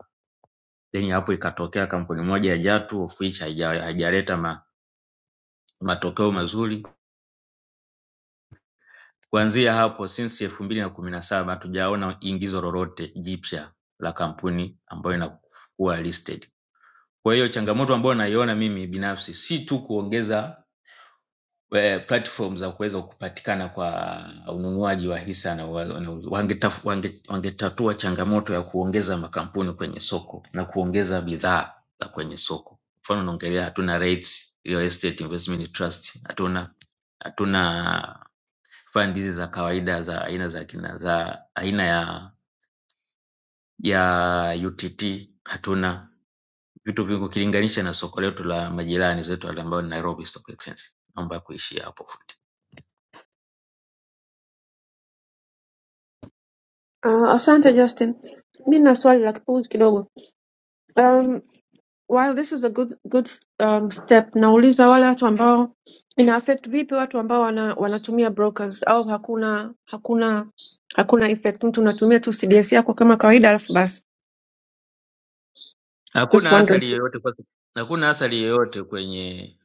S3: then hapo ikatokea kampuni moja ya Jatu of which haija- haijaleta ma, matokeo mazuri. Kuanzia hapo since elfu mbili na kumi na saba hatujaona ingizo lolote jipya la kampuni ambayo inakuwa listed. Kwa hiyo changamoto ambayo naiona mimi binafsi si tu kuongeza eh, platform za kuweza kupatikana kwa ununuaji wa hisa na wa- na u- wangetaf- wange- wangetatua changamoto ya kuongeza makampuni kwenye soko na kuongeza bidhaa za kwenye soko. Mfano naongelea hatuna REITs, real estate investment trust, hatuna hatuna fund hizi za kawaida za aina za kina za aina ya ya UTT hatuna vitu vingi ukilinganisha na soko letu la majirani zetu wale ambao ni Nairobi Stock Exchange. Naomba kuishia hapo fundi.
S4: Uh, asante Justin mi na swali la kipuuzi kidogo um, while this is a good, good um, step nauliza wale watu ambao ina affect vipi watu ambao wana, wanatumia brokers au hakuna hakuna hakuna effect mtu unatumia tu CDS yako kama kawaida alafu basi just
S3: Hakuna
S4: wondering
S3: athari yoyote kwa hakuna athari yoyote kwenye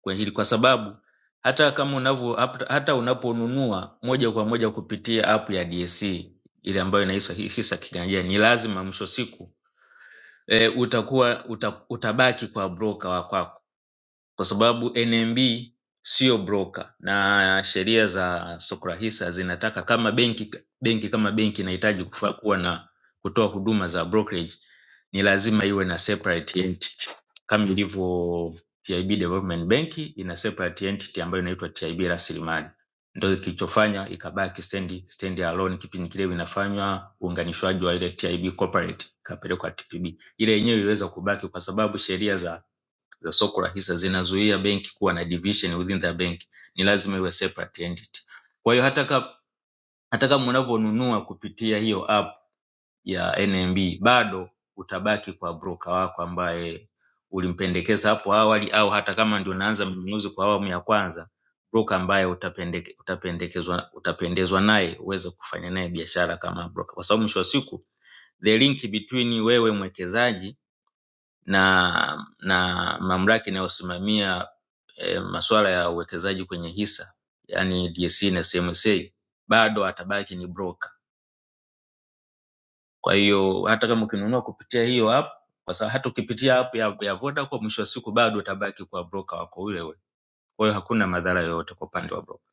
S3: kwenye hili kwa sababu hata kama unavyo hap- hata unaponunua moja kwa moja kupitia app ya DSE ile ambayo inaitwa hii hisa kiganjani, ni lazima mwisho siku e, utakuwa uta, utabaki kwa broker wa kwako kwa sababu NMB sio broker na sheria za Sokrahisa zinataka kama benki benki kama benki inahitaji kufa- kuwa na kutoa huduma za brokerage ni lazima iwe na separate entity kama ilivyo TIB Development Bank ina separate entity ambayo inaitwa TIB Rasilimali. Ndio kilichofanya ikabaki stand stand alone kipindi kile inafanywa uunganishwaji wa ile TIB corporate ikapelekwa TPB. Ile yenyewe iliweza kubaki kwa sababu sheria za za soko la hisa zinazuia benki kuwa na division within the bank ni lazima iwe separate entity kwa hiyo hata kama hata kama unavyonunua kupitia hiyo app ya nmb bado utabaki kwa broker wako ambaye ulimpendekeza hapo awali au hata kama ndio unaanza mnunuzi kwa awamu ya kwanza broker ambaye utapendeke, utapendekezwa utapendezwa naye uweze kufanya naye biashara kama broker kwa sababu mwisho wa siku the link between wewe mwekezaji na na mamlaka inayosimamia e, masuala ya uwekezaji kwenye hisa yani DSE na CMSA bado atabaki ni broker. Kwa hiyo hata kama ukinunua kupitia hiyo app, kwa sababu hata ukipitia app ya, ya Vodacom, mwisho wa siku bado utabaki kwa broker wako yule yule. Kwa hiyo hakuna madhara yoyote kwa upande wa broker.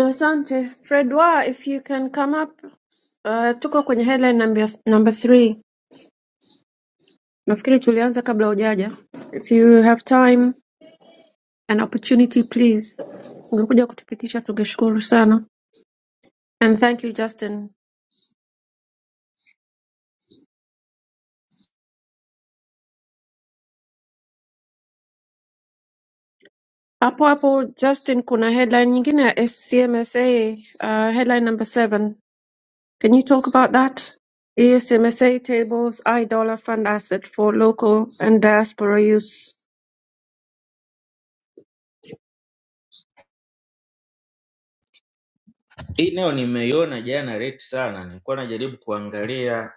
S4: Asante Fredwa, if you can come up. Uh, tuko kwenye headline number, number three. Nafikiri tulianza kabla hujaja. If you have time and opportunity please, ungekuja kutupitisha tungeshukuru sana. And thank you Justin. Hapo hapo Justin, kuna headline nyingine ya SCMSA, uh, headline number seven. Can you talk about that? ESMSA tables iDollar fund asset for local and diaspora use.
S3: Hii nayo nimeiona jana late sana, nilikuwa najaribu kuangalia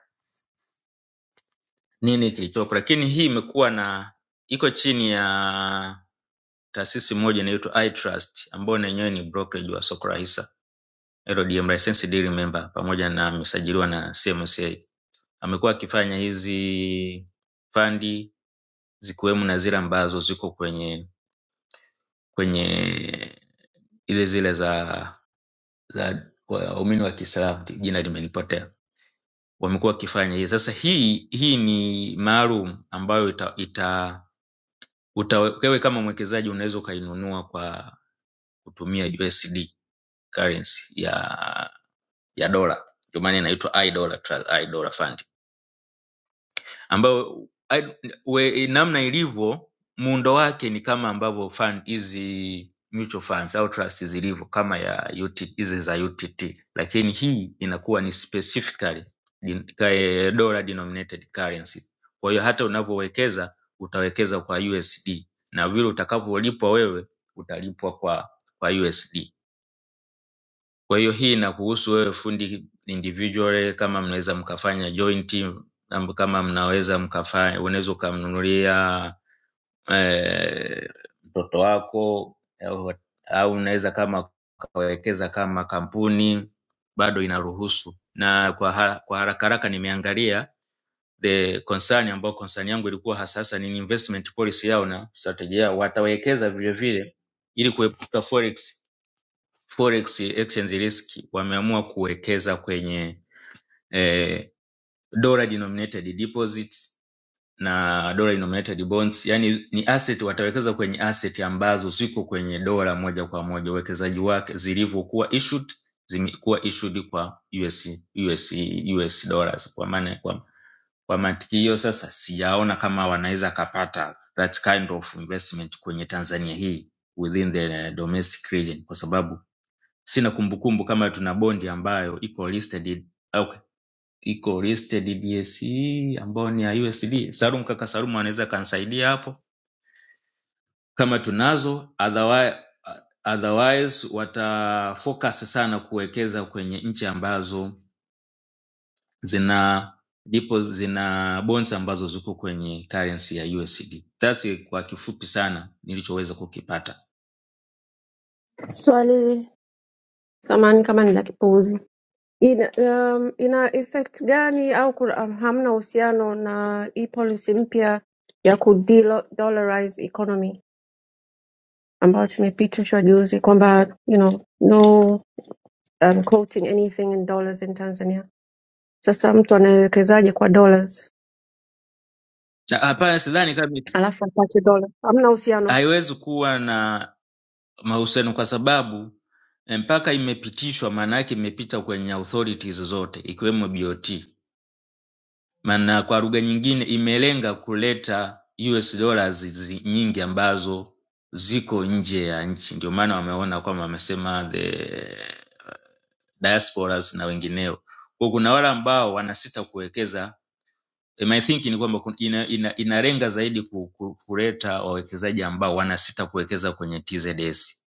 S3: nini kilichopo, lakini hii imekuwa na iko chini ya taasisi moja inaitwa iTrust ambayo na yenyewe ni brokerage wa soko la hisa LDM license deal member pamoja na amesajiliwa na CMCA. Amekuwa akifanya hizi fandi zikiwemo na zile ambazo ziko kwenye kwenye ile zile za za waumini wa Kiislamu, jina limenipotea. Wamekuwa wakifanya hii. Sasa hii hii ni maalum ambayo ita, ita uta- wewe kama mwekezaji unaweza ukainunua kwa kutumia USD currency ya ya dola ndio maana inaitwa iDollar Trust, iDollar Fund ambayo I- we- namna ilivyo muundo wake ni kama ambavyo fund hizi mutual funds au trust zilivyo kama ya UT hizi za UTT, lakini hii inakuwa ni specifically din- ka- eh, dollar denominated currency. Kwa hiyo hata unavyowekeza utawekeza kwa USD na vile utakavyolipwa wewe utalipwa kwa kwa USD. Kwa hiyo hii inakuhusu wewe fundi individually, kama mnaweza mkafanya joint team, am- kama mnaweza mkafanya, unaweza ukamnunulia eh, mtoto wako au, au unaweza kama ukawekeza kama kampuni, bado inaruhusu. Na kwa, ha, kwa haraka haraka nimeangalia the concern ambayo concern yangu ilikuwa hasa hasa ni investment policy yao na strategy yao, watawekeza vile vile ili kuepuka forex forex exchange risk wameamua kuwekeza kwenye eh, dollar denominated deposits na dollar denominated bonds yani ni asset watawekeza kwenye asset ambazo ziko kwenye dola moja kwa moja uwekezaji wake zilivyokuwa issued zimekuwa issued kwa US, US, US dollars kwa maana kwa, kwa mantiki hiyo sasa sijaona kama wanaweza kapata that kind of investment kwenye Tanzania hii within the domestic region kwa sababu Sina kumbukumbu kama tuna bondi ambayo iko listed au iko listed DSE ambayo ni ya USD. Salum kaka Salum anaweza akanisaidia hapo kama tunazo otherwise, otherwise wata focus sana kuwekeza kwenye nchi ambazo zina ndipo zina bonds ambazo ziko kwenye currency ya USD. That's kwa kifupi sana nilichoweza kukipata.
S4: Swali samani kama ni la kipuuzi. ina, um, ina effect gani au kuna, um, hamna uhusiano na hii policy mpya ya ku dollarize economy ambayo tumepitishwa juzi kwamba you know, no um, quoting anything in dollars in Tanzania. Sasa mtu anaelekezaje kwa dollars
S3: Na Hapana, sidhani kama
S4: alafu apate dola? Hamna uhusiano.
S3: haiwezi kuwa na mahusiano kwa sababu eh, mpaka imepitishwa maana yake imepita kwenye authorities zote ikiwemo BOT. Maana kwa lugha nyingine imelenga kuleta US dollars zi- nyingi ambazo ziko nje ya nchi, ndio maana wameona kwamba wamesema the diasporas na wengineo. Kwa kuna wale ambao wanasita kuwekeza Eh, my thinking ni kwamba kun- ina, ina, inalenga zaidi ku, ku, kuleta wawekezaji ambao wanasita kuwekeza kwenye TZS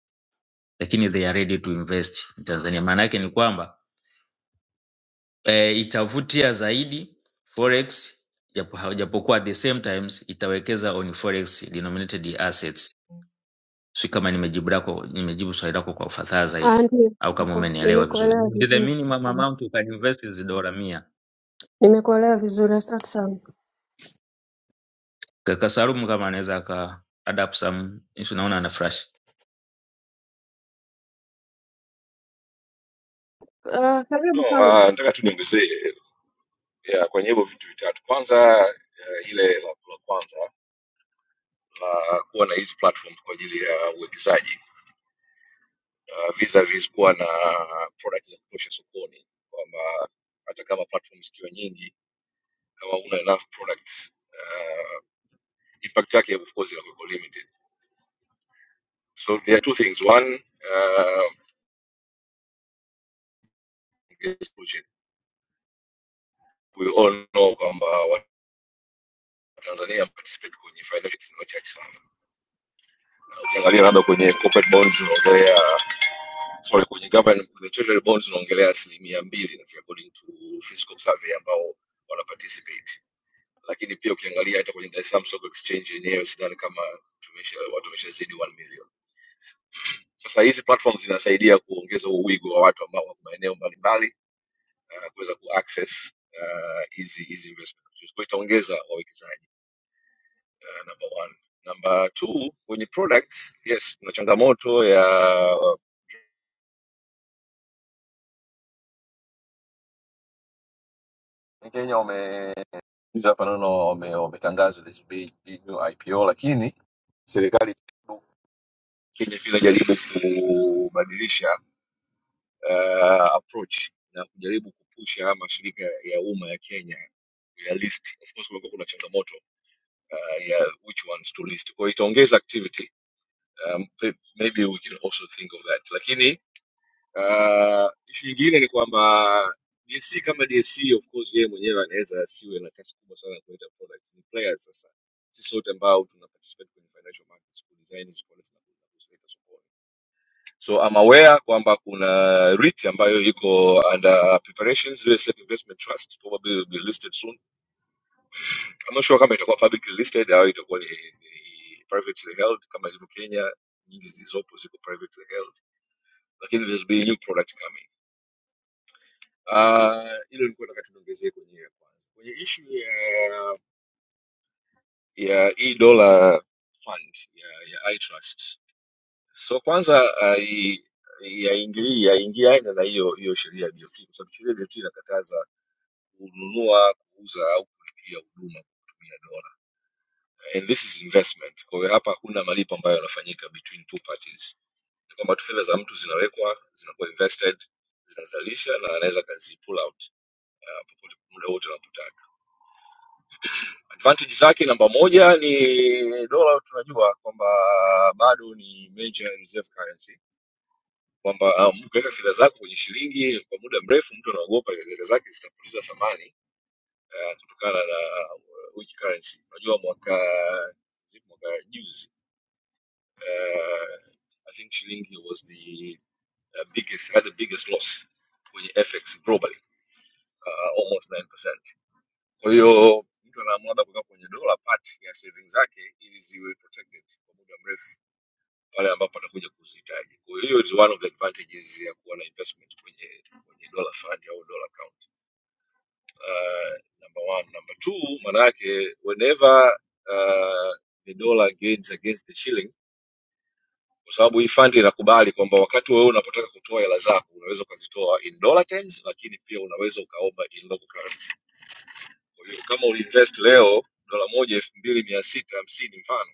S3: lakini they are ready to invest in Tanzania. Maana yake ni kwamba eh, itavutia zaidi forex japo japokuwa at the same times itawekeza on forex denominated assets. Si kama nimejibu lako nimejibu swali lako kwa ufasaha
S4: Ah,
S3: zaidi
S4: Ndio,
S3: au kama
S4: asante.
S3: umenielewa vizuri.
S4: nimekuelewa
S3: The
S4: vizuri,
S3: minimum
S4: Asante.
S3: amount you can invest is dola 100.
S4: nimekuelewa vizuri, asante sana.
S3: Kaka Salum kama anaweza aka adapt some, naona ana flash.
S4: Uh, karibu
S11: No,
S4: Salum.
S11: uh, nataka tu niongezee ya, kwenye hivyo vitu vitatu. Kwanza uh, ile la, la kwanza la kuwa na hizi platform kwa ajili ya uwekezaji uh, vis-a-vis kuwa na product za kutosha sokoni, kwamba hata kama platform zikiwa nyingi, kama una enough products uh, impact yake of course inakuwa limited. So there are two things. One, uh, is budget. we all know kwamba Watanzania participate kwenye financial institutions ni wachache sana. Na Ukiangalia labda kwenye corporate bonds unaongelea sorry kwenye government kwenye treasury bonds unaongelea asilimia mbili nafikiri according to fiscal survey ambao wana participate lakini pia ukiangalia hata kwenye Dar es Salaam Stock Exchange yenyewe sidhani kama tumesha watu wameshazidi 1 million sasa hizi platforms zinasaidia kuongeza huo wigo wa watu ambao wako maeneo mbalimbali uh, kuweza kuaccess ah, hizi uh, hizi investment opportunities. kwa hiyo itaongeza wawekezaji uh, number one number two kwenye products yes kuna changamoto ya Kenya wame hizi hapa naona wame- wametangaza this big new IPO, lakini serikali Kenya pia inajaribu kubadilisha uh, approach na kujaribu kupusha mashirika ya umma ya Kenya ya list. Of course kulikuwa kuna changamoto uh, ya which ones to list, kwa hiyo itaongeza activity um, pe- maybe we can also think of that, lakini Uh, ishu nyingine ni kwamba DSC kama DSC of course yeye mwenyewe anaweza asiwe na kasi kubwa sana ya kuleta products. Ni players sasa, sisi sote ambao tuna participate kwenye financial markets ku design hizi products na kuzileta sokoni. So I'm aware kwamba kuna REIT ambayo iko under preparations, real estate investment trust probably will be listed soon. I'm not sure kama itakuwa publicly listed au itakuwa ni, ni privately held kama ilivyo Kenya, nyingi zilizopo ziko privately held, lakini there's be a new product coming. Uh, ile nilikuwa nataka tunaongezee kwenyewe kwanza kwenye ishu ya ya e dollar fund ya, ya iTrust. So kwanza ai- yaingilii yaingia aina na hiyo hiyo sheria ya BOT kwa sababu sheria ya BOT inakataza kununua, kuuza au kulipia huduma kwa kutumia dola. And this is investment. Kwa hiyo hapa hakuna malipo ambayo yanafanyika between two parties. Ni kwamba tu fedha za mtu zinawekwa, zinakuwa invested, zinazalisha na anaweza kazi pull out uh, popote muda wote anapotaka. advantage zake namba moja ni dola tunajua kwamba bado ni major reserve currency kwamba um, ukiweka um, fedha zako kwenye shilingi kwa muda mrefu mtu anaogopa fedha zake zitapoteza thamani uh, kutokana na uh, weak currency unajua mwaka zipo mwaka juzi uh, i think shilingi was the uh, biggest had the biggest loss kwenye fx globally uh, almost 9%. kwa hiyo mtu anaamua labda kuweka kwenye dola part ya savings zake ili ziwe protected kwa muda mrefu pale ambapo atakuja kuzihitaji. Kwa hiyo hiyo is one of the advantages ya kuwa na investment kwenye kwenye dollar fund au dollar account. Uh, number one, number two, maana yake whenever uh, the dollar gains against the shilling kwa sababu hii fund inakubali kwamba wakati wewe unapotaka kutoa hela zako unaweza ukazitoa in dollar terms, lakini pia unaweza ukaomba in local currency. Kwa hiyo kama uliinvest leo dola moja elfu mbili mia sita hamsini mfano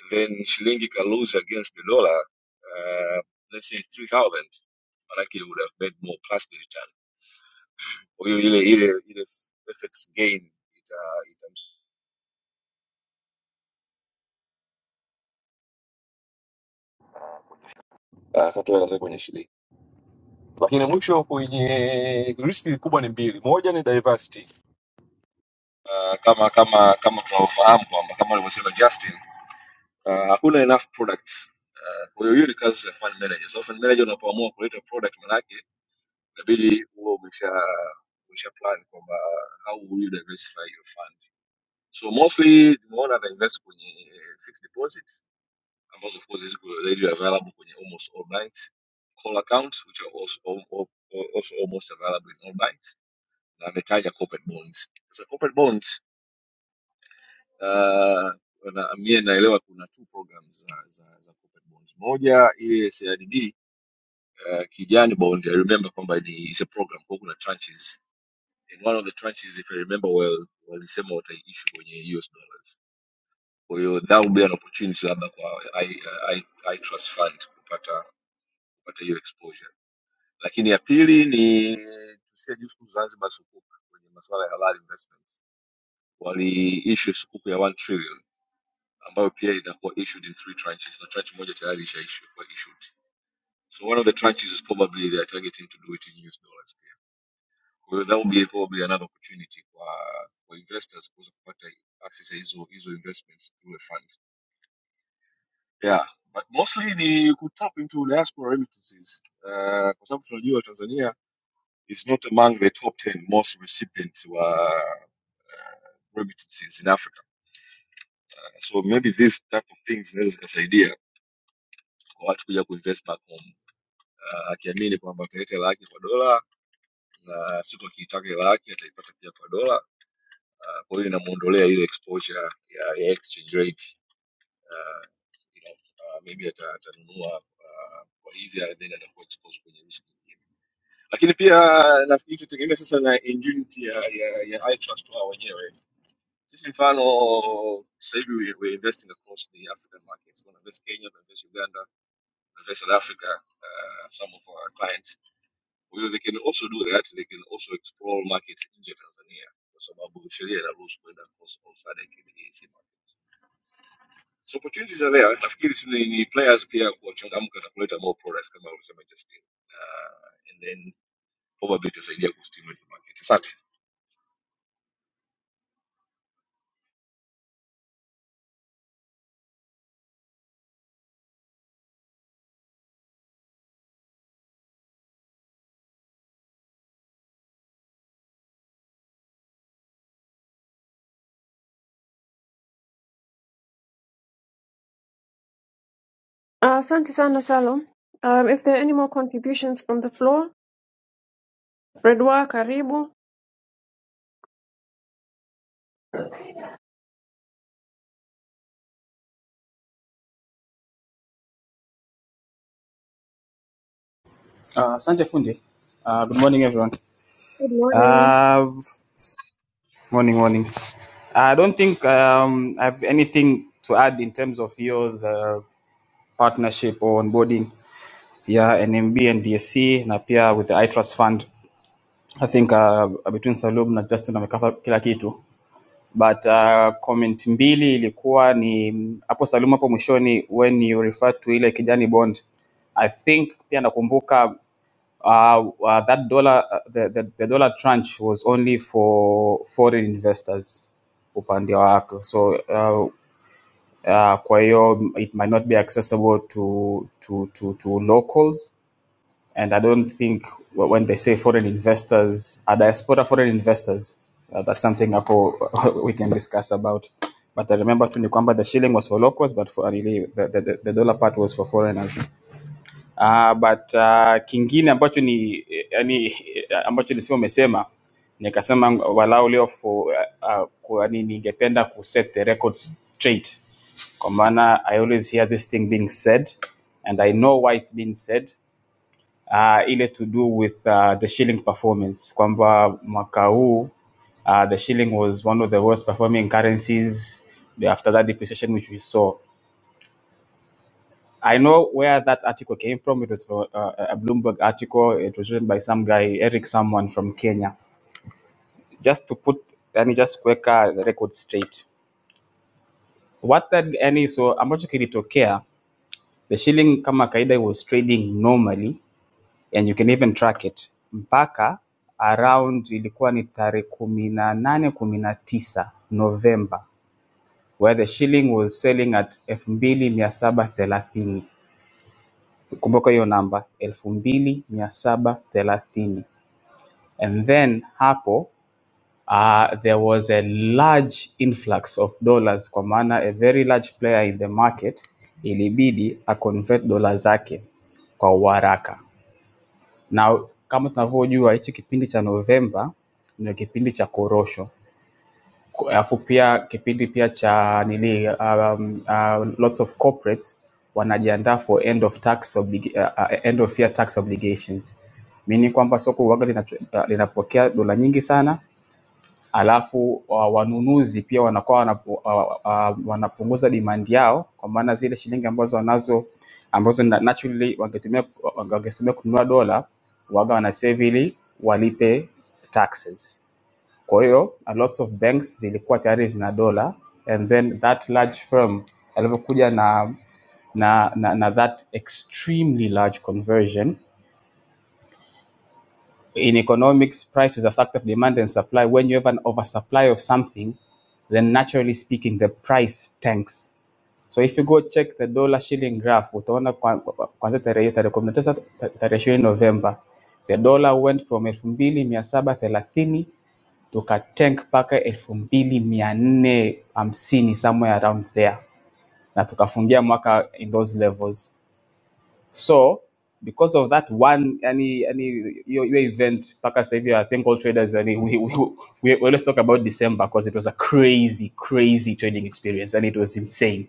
S11: and then shilingi ikalose against the dollar uh, let's say 3000 manake it would have made more plus the return kwa hiyo ile ile ile fx gain ita itamsh- Ah, sasa tuende sasa kwenye shilingi lakini mwisho kwenye riski kubwa ni mbili moja ni diversity uh, kama kama kama tunavyofahamu kwamba kama alivyosema justin uh, hakuna enough product Ah, kwa hiyo hiyo ni kazi za fund managers. So fund manager unapoamua kuleta product manake inabidi huwa umesha umesha plan kwamba how will you diversify your fund so mostly nimeona na invest kwenye fixed deposits ambazo of course ziko readily available kwenye almost all banks call accounts which are also, al- al- al- also almost available in all banks na ametaja corporate bonds sasa corporate bonds uh, na mie naelewa kuna two programs za, za, za corporate bonds moja ile CRDB uh, kijani bond i remember kwamba ni is a program kwa hiyo kuna tranches in one of the tranches if I remember well walisema wataiissue kwenye US dollars. Kwa hiyo that would be an opportunity labda kwa I, I, I trust fund kupata kupata hiyo exposure. Lakini ya pili ni tusikia juu siku Zanzibar sukuk kwenye masuala ya halal investments. Waliissue sukuk ya 1 trillion ambayo pia inakuwa issued in three tranches na tranche moja tayari ishaishu kwa issued. So one of the tranches is probably they are targeting to do it in US dollars. Kwa hiyo that will be probably another opportunity kwa kwa investors kuweza kupata access ya hizo hizo investments through a fund. Yeah, but mostly ni kutap into diaspora remittances. Uh, kwa sababu tunajua Tanzania is not among the top 10 most recipients wa remittances in Africa. So maybe this type of things zinaweza zikasaidia kwa watu kuja kuinvest back home. Uh, akiamini kwamba ataleta hela yake kwa dola na siku akiitaka hela yake ataipata pia kwa dola. Uh, Kwa hiyo inamuondolea ile exposure ya, ya exchange rate you know, uh, maybe ata- atanunua uh, kwa hivyo and then atakuwa exposed kwenye risk nyingine. Lakini pia uh, nafikiri tutegemea sasa na ingenuity ya ya, ya iTrust wao wenyewe. Sisi mfano sasa hivi we, we're investing across the African markets. We invest Kenya, we invest Uganda, we invest South Africa, uh, some of our clients. Kwa hiyo they can also do that, they can also explore markets nje ya Tanzania kwa sababu sheria inaruhusu kwenda across all SADC and EAC markets. so opportunities are there nafikiri si ni ni players pia kuwachangamka na kuleta more products kama ulivyosema justin uh, and then probably itasaidia kustimulate the market asante
S4: Ah, Asante sana Salum. Um, if there are any more contributions from the floor, Fredwa karibu.
S12: Uh, Asante Fundi. Uh, good morning, everyone.
S4: Good morning.
S12: Uh, morning, morning. I don't think um, I have anything to add in terms of your the partnership or onboarding. Yeah, NMB and DSC na pia with the iTrust Fund. I think uh, between Salum na Justin amekava kila kitu. But uh, comment mbili ilikuwa ni hapo Salum hapo mwishoni when you refer to ile kijani bond. I think pia nakumbuka Uh, uh, that dollar, uh, the, the, the dollar tranche was only for foreign investors upande wako. So uh, uh, kwa hiyo it might not be accessible to, to, to, to locals. And I don't think when they say foreign investors, are diaspora foreign investors? Uh, that's something hapo we can discuss about. But I remember tu ni the shilling was for locals, but for really the, the the dollar part was for foreigners. Uh, but uh, kingine ambacho ni yani ambacho nisema umesema nikasema walau leo fu- uh, uh, yani ningependa ku set the record straight kwa maana I always hear this thing being said and I know why it's being said uh, ile to do with uh, the shilling performance kwamba mwaka huu uh, the shilling was one of the worst performing currencies after that depreciation which we saw I know where that article came from. It was from uh, a Bloomberg article. It was written by some guy, Eric, someone from Kenya. Just to put, yani just kuweka the record straight, what that yani, so ambacho kilitokea, the shilling kama kaida was trading normally and you can even track it mpaka around ilikuwa ni tarehe kumi na nane kumi na tisa November where the shilling was selling at elfu mbili mia saba thelathini. kumbuka hiyo namba elfu mbili mia saba thelathini and then hapo uh, there was a large influx of dollars kwa maana a very large player in the market ilibidi a convert dola zake kwa uharaka. Na kama tunavyojua hichi kipindi cha Novemba ndio kipindi cha korosho alafu pia kipindi pia cha nili um, uh, lots of corporates wanajiandaa for end of tax oblig uh, uh, end of year tax obligations meaning kwamba soko uwaga linatu, uh, linapokea dola nyingi sana alafu uh, wanunuzi pia wanakuwa wanapu, uh, uh, uh, wanapunguza demand yao kwa maana zile shilingi ambazo wanazo ambazo na- naturally wangetumia wangetumia kununua dola waga wanasave ili walipe taxes Kwa hiyo a lots of banks zilikuwa tayari zina dola and then that large firm alivyokuja na na, na, na that extremely large conversion. In economics, price is a factor of demand and supply. When you have an oversupply of something, then naturally speaking, the price tanks. So if you go check the dollar shilling graph, utaona kwa- tarehe hiyo tarehe kumi na tisa tarehe ishirini Novemba, the dollar went from elfu mbili mia saba thelathini tukatank mpaka elfu mbili mia nne hamsini somewhere around there na tukafungia mwaka in those levels so because of that one any any your, your event, Parker I said, "Yeah, I think all traders and we, we, we, we let's talk about December because it was a crazy, crazy trading experience and it was insane.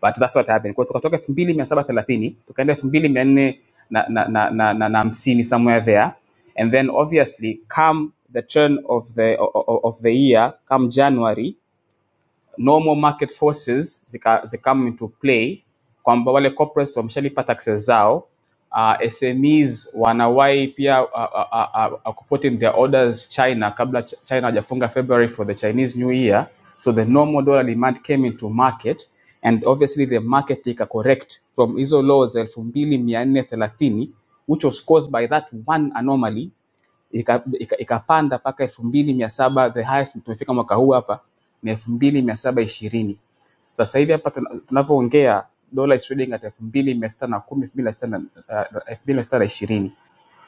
S12: But that's what happened. Kwa tukatoka 2730 tukaenda 2400 na na na na na- na 50 somewhere there. And then obviously come the turn of the o- o- of the year, come January normal market forces zika, zikam into play kwamba wale corporates wameshalipa taxes zao uh, SMEs wanawahi pia uh, uh, uh, uh, putting their orders China kabla Ch- China hajafunga February for the Chinese New Year so the normal dollar demand came into market and obviously the market take a correct from hizo lows elfu mbili mia nne thelathini which was caused by that one anomaly ikapanda ika, ika ikapanda mpaka elfu mbili mia saba the highest tumefika mwaka huu hapa ni elfu mbili mia saba ishirini sasa hivi hapa tuna- tunavyoongea dola is trading at elfu mbili mia sita na kumi elfu mbili mia sita na uh, elfu mbili mia sita ishirini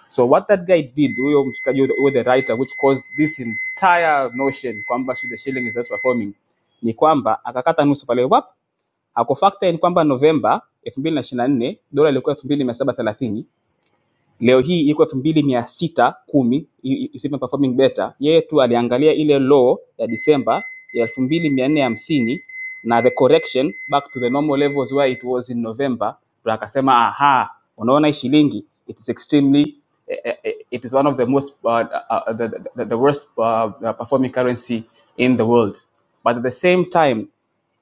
S12: so what that guy did huyo mshikaji huyo the writer which caused this entire notion kwamba the shilling is not performing ni kwamba akakata nusu pale wapi. Ako akufactor in kwamba November elfu mbili na ishirini na nne dola ilikuwa elfu mbili mia saba thelathini leo hii iko elfu mbili mia sita kumi is even performing better. Yeye tu aliangalia ile low ya December. ya elfu mbili mia nne hamsini na the correction back to the normal levels where it was in November, ndo akasema aha, unaona hii shilingi it is extremely eh, eh, eh, it is one of the most uh, uh, the, the, the worst uh, performing currency in the world but at the same time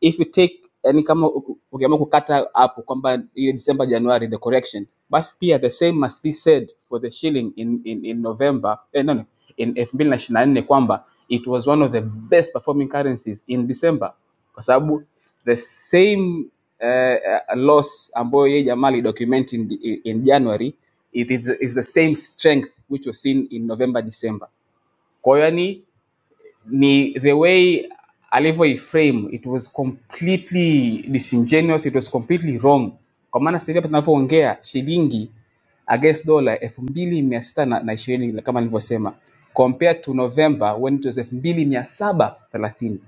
S12: if you take yani kama uku- ukiamua kukata hapo kwamba ile december january the correction basi pia the same must be said for the shilling in, in, in november eh, no, no, in 2024 kwamba it was one of the best performing currencies in december kwa sababu the same uh, loss ambayo yeye jamaa document in, in, in january it is, is the same strength which was seen in november december kwa hiyo yani ni the way alivyoiframe it was completely disingenuous it was completely wrong kwa maana sasa hivi hapa tunavyoongea shilingi against dollar elfu mbili mia sita na na ishirini kama nilivyosema compared to november when it was elfu mbili mia saba thelathini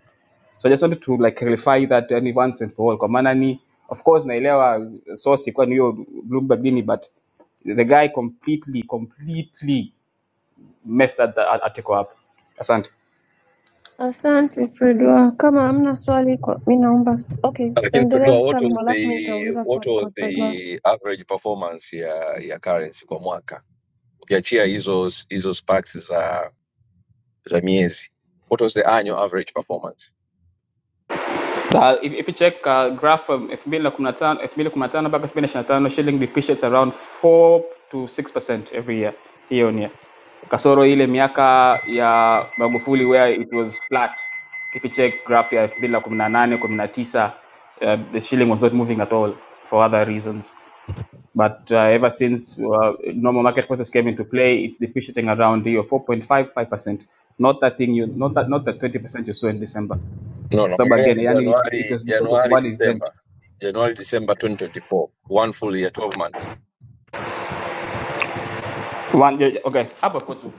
S12: so I just wanted to like clarify that yani once and for all kwa maana ni of course naelewa source ilikuwa ni hiyo bloomberg nini but the guy completely completely messed that the article up asante
S4: Asante Fredwa, kama hamna swali kwa mi naomba s- okay,
S11: lakini tuelewa
S4: endelea
S11: what
S4: salamu
S11: was
S4: alafu mi
S11: the
S4: nitauliza
S11: what
S4: swali
S11: was
S4: kwa Fredwa.
S11: the average performance ya ya currency kwa mwaka ukiachia hizo hizo sparks za za miezi what was the annual average performance
S12: Uh, if, if you check uh, graph um, 2015 2015 mpaka 2025 shilling depreciates around 4 to 6% every year year on year. Kasoro ile miaka ya Magufuli where it was flat. If you check graph ya 2018 19 uh, the shilling was not moving at all for other reasons. But uh, ever since uh, normal market forces came into play, it's depreciating around the 4.55%, not that thing you not that not that 20% you saw in December
S11: no
S12: kwa sababu
S11: naongelea
S12: again yani it, it, it
S11: januari
S12: was because of
S11: januari
S12: one event
S11: december januari december 2024 one full year 12 months
S12: one yeah, yeah, okay hapo kwa tu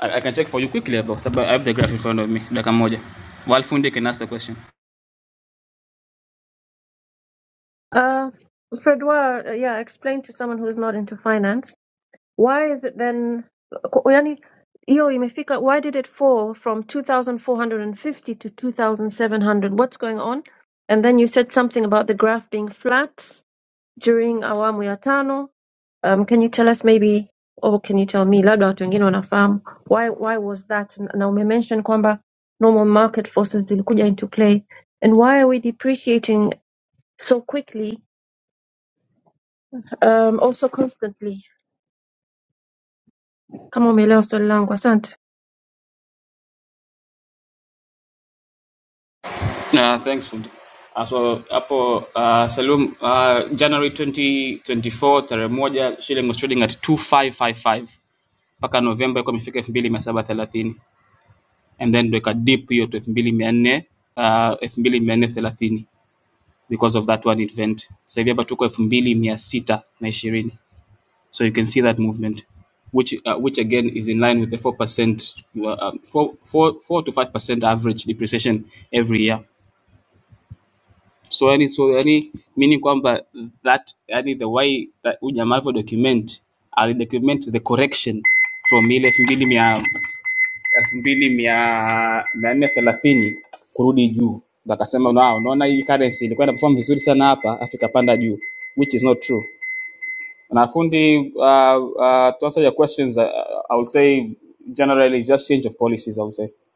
S12: I, i can check for you quickly hapo kwa sababu i have the graph in front of me dakika moja while fundi can ask the question
S4: Uh, Fredwa, uh, yeah, explain to someone who is not into finance why is it then ku- yani hiyo imefika why did it fall from 2450 to 2700 what's going on and then you said something about the graph being flat during awamu ya tano um, can you tell us maybe or can you tell me labda watu wengine wanafahamu why why was that na umemention kwamba normal market forces zilikuja into play and why are we depreciating so quickly um, also constantly kama umeelewa swali langu asante
S12: uh, thanks fundi Uh, so hapo uh, Salum uh, January 2024 tarehe moja shilling was trading at 2555 mpaka Novemba ilikuwa imefika 2730 and then ndo ika dip hiyo to 2400 uh, 2430 because of that one event. Sasa hivi hapa tuko 2620 So you can see that movement, which uh, which again is in line with the four percent, uh, um, four four four to five percent average depreciation every year. So any so any meaning kwamba that any the way that unyamavu document ali document the correction from ile elfu mbili mia elfu mbili mia mia nne thelathini kurudi juu wakasema "Wow, unaona hii currency ilikuwa ina perform vizuri sana hapa afrika panda juu which is not true and Afundi, uh, uh, to answer your questions, uh, I would say generally it's just change of policies, I would say. Kwa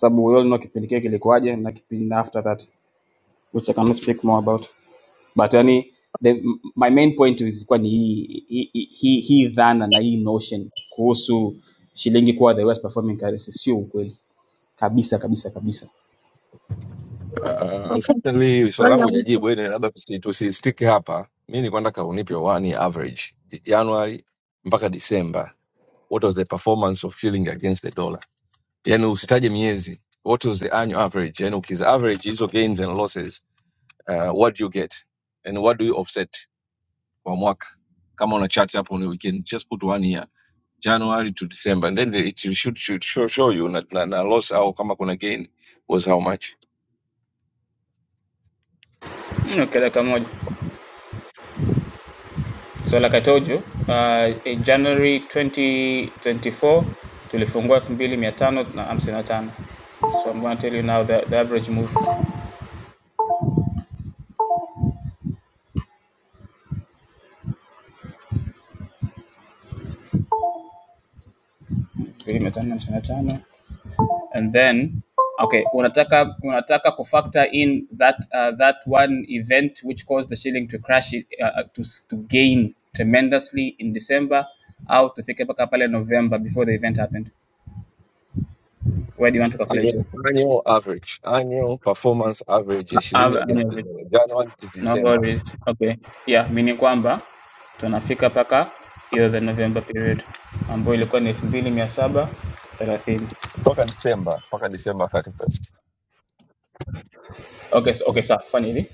S12: sababu we all know kipindi kile kilikuwaje na kipindi after that, which I cannot speak more about. But yani, the, my main point is kwa ni hii hii hii hii dhana na hii notion kuhusu shilingi kuwa the worst performing currency sio ukweli kabisa kabisa kabisa.
S11: Uh,
S4: okay
S11: unfortunately swali
S4: swali
S11: langu
S4: la mwisho
S11: hujajibu ene, labda tusi- tusistiki hapa. Mi nilikuwa nataka unipe one average J- Januari mpaka December, what was the performance of shilling against the dollar? Yani usitaje miezi, what was the annual average? Yani ukiza average hizo gains and losses, uh, what do you get and what do you offset kwa mwaka? Kama una chart hapo, ni- we can just put one year January to December and then it should, should show, show you na, na, na loss au kama kuna gain was how much.
S12: Okay, dakika moja. So like I told you, uh, in January 2024 tulifungua 2555. So I'm going to tell you now the, the average move 2555 and then okay, unataka unataka to factor in that uh, that one event which caused the shilling to crash uh, uh, to to gain tremendously in December au tufike mpaka pale November before the event happened. Where do you want to calculate?
S11: Annual, annual average, annual performance average ya shilingi against the
S12: Average.
S11: dollar, January to
S12: No
S11: December,
S12: worries. Okay. Yeah, meaning kwamba tunafika paka hiyo the November period ambayo ilikuwa ni elfu mbili mia saba thelathini.
S11: mpaka December, mpaka December 31st.
S12: Okay, so, okay, sawa, fanya hivi.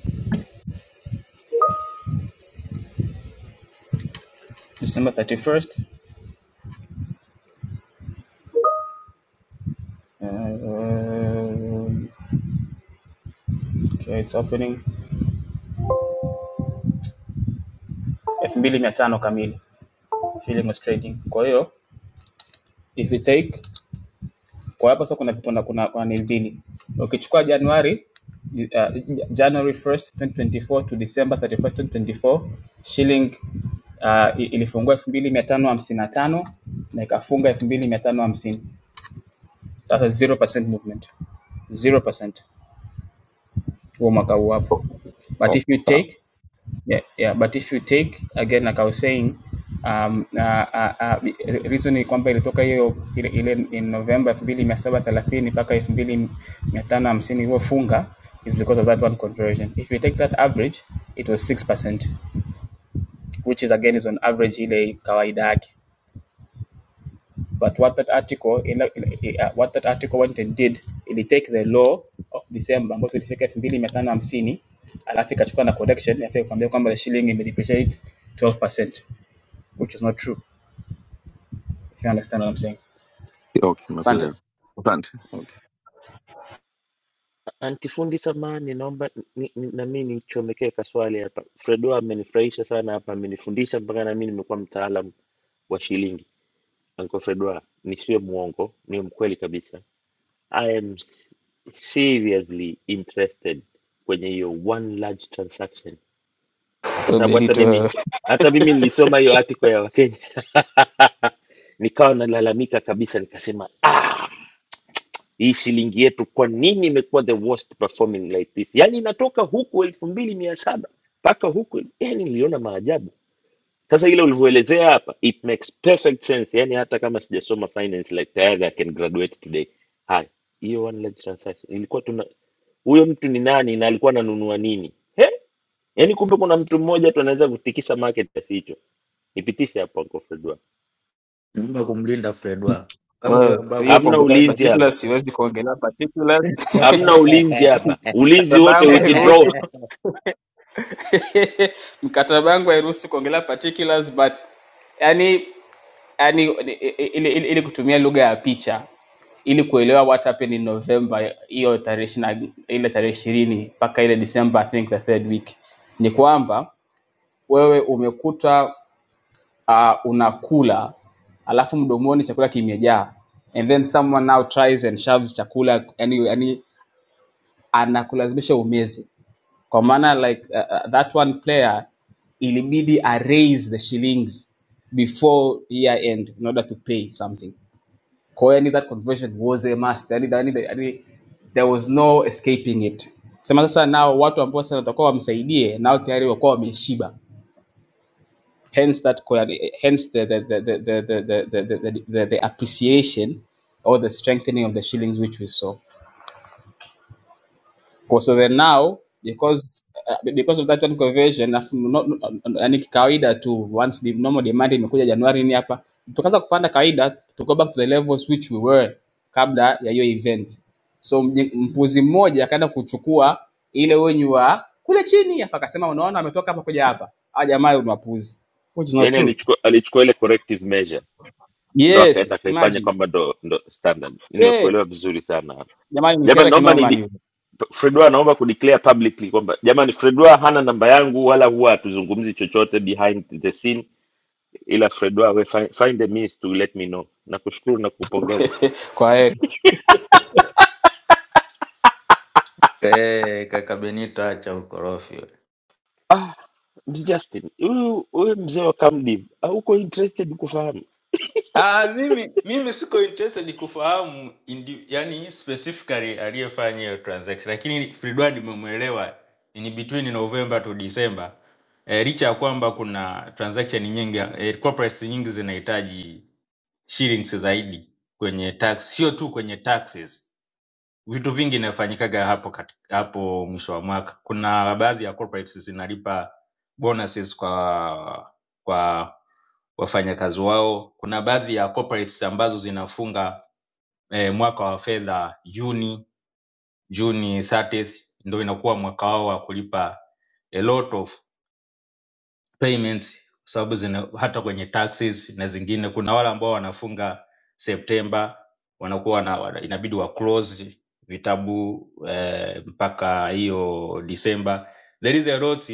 S12: December 31st. Um, okay, it's opening. elfu mbili mia tano kamili. Shilling was trading. Kwa hiyo if we take Kwa hapa sasa kuna kuna kuna kuna nini mbili. Ukichukua Januari uh, January 1st 2024 to December 31st 2024 shilling uh, i- ilifungua 2555 na tano na ikafunga elfu mbili mia tano hamsini. That's a 0% movement. 0% huo mwaka huu hapo. But if
S11: Okay,
S12: you
S11: sawa.
S12: take Yeah, yeah, but if you take again, like I was saying, um, uh, uh, uh, reason ni kwamba ilitoka hiyo ile, ile in November 2730 mpaka 2550 iliyofunga is because of that one conversion. If you take that average, it was 6%, which is again is on average ile kawaida yake. But what that article ile, ile, uh, what that article went and did, it take the law of December ambayo tulifika 2550 alafu ikachukua na correction alafu ikwambia kwamba the shilling imedepreciate 12%. which is not true, if you understand what I'm saying.
S11: Okay,
S12: Asante.
S11: nimekuelewa. Asante. Okay.
S7: A- Anti fundi samani, naomba ni, ni, na mimi nichomekee kaswali hapa. Fredwa amenifurahisha sana hapa, amenifundisha mpaka na mimi nimekuwa mtaalamu wa shilingi. Uncle Fredwa, nisiwe mwongo, ni mkweli kabisa. I am s- seriously interested kwenye hiyo one large transaction kwa sababu hata mimi
S12: Editor,
S7: hata mimi nilisoma hiyo article ya wakenya nikawa nalalamika kabisa nikasema hii shilingi yetu kwa nini imekuwa the worst performing like this yaani inatoka huku elfu mbili mia saba mpaka huku yani niliona maajabu sasa ile ulivyoelezea hapa it makes perfect sense yani hata kama sijasoma finance like tayari i can graduate today haya hiyo one large transaction ilikuwa tuna huyo mtu ni nani na alikuwa ananunua nini He? yani kumbe kuna mtu mmoja tu anaweza kutikisa market kiasi hicho nipitishe hapo Uncle Fredwa.
S3: nyuma kumlinda Fred wako kama
S12: well, hiyo
S7: Hamna
S12: kuongelea
S7: ulinzi hapa,
S12: particulars siwezi kuongelea particulars
S7: hamna ulinzi hapa, ulinzi
S12: mkataba
S7: wote
S12: wangu
S7: withdrawn.
S12: hairuhusu mkataba wangu hairuhusu kuongelea particulars but yani yani ili, ili, ili kutumia lugha ya picha ili kuelewa what happened in November hiyo tarehe ishirina- ile tarehe ishirini mpaka ile December I think the third week ni kwamba wewe umekuta uh, unakula alafu mdomoni chakula kimejaa and then someone now tries and shoves chakula yani, yani anakulazimisha umeze kwa maana like uh, uh, that one player ilibidi arraise the shillings before year end in order to pay something kwa hiyo yani that conversion was a must yani, yani, yani, there was no escaping it sema sasa nao watu ambao sasa watakuwa wamsaidie nao tayari wakuwa wameshiba hence that quali- hence the the the the the the, the, the, the, the appreciation or the strengthening of the shillings which we saw. Kwa- So then now because uh, because of that one conversion afu- no- no- yani kawaida tu once the normal demand imekuja Januari ni hapa tukaanza kupanda kawaida to go back to the levels which we were kabla ya hiyo event. So mje- mpuzi mmoja akaenda kuchukua ile wenyu wa kule chini afa akasema unaona ametoka hapa kuja hapa. Ah jamaa ni wapuzi. Which is not
S7: Yani
S12: true.
S7: alichukua alichukua ile corrective measure ndo akaenda
S12: Yes,
S7: akaifanya
S12: imagine.
S7: kwamba ndo, ndo standard.
S12: Yeah,
S7: Nimekuelewa vizuri sana
S12: jamani ni
S7: jamani,
S12: kera
S7: naomba
S12: kinoma
S7: ni
S12: ni.
S7: Fredwa, naomba kudeclare publicly kwamba jamani, Fredwa hana namba yangu wala huwa hatuzungumzi chochote behind the scene, ila Fredwa we find, find a means to let me know. Nakushukuru na kupongeza.
S12: Kwa heri.
S3: Eh, kaka Benito acha ukorofi. we.
S7: Ah, Mzee Justin, huyu huyu mzee wa Kamdi, ah, uko interested kufahamu
S3: Ah, mimi mimi siko interested kufahamu indi, yani specifically aliyefanya hiyo transaction, lakini Fredward nimemwelewa ni between November to December. E, licha ya kwamba kuna transaction nyingi e, corporates nyingi zinahitaji shillings zaidi kwenye tax, sio tu kwenye taxes. vitu vingi inafanyikaga hapo kati, hapo mwisho wa mwaka kuna baadhi ya corporates zinalipa bonuses kwa kwa wafanyakazi wao kuna baadhi ya corporates ambazo zinafunga eh, mwaka wa fedha juni juni 30 ndio inakuwa mwaka wao wa kulipa a lot of payments kwa sababu zina hata kwenye taxes na zingine kuna wale ambao wanafunga septemba wanakuwa wana, wana, inabidi wa close vitabu eh, mpaka hiyo disemba there is a lot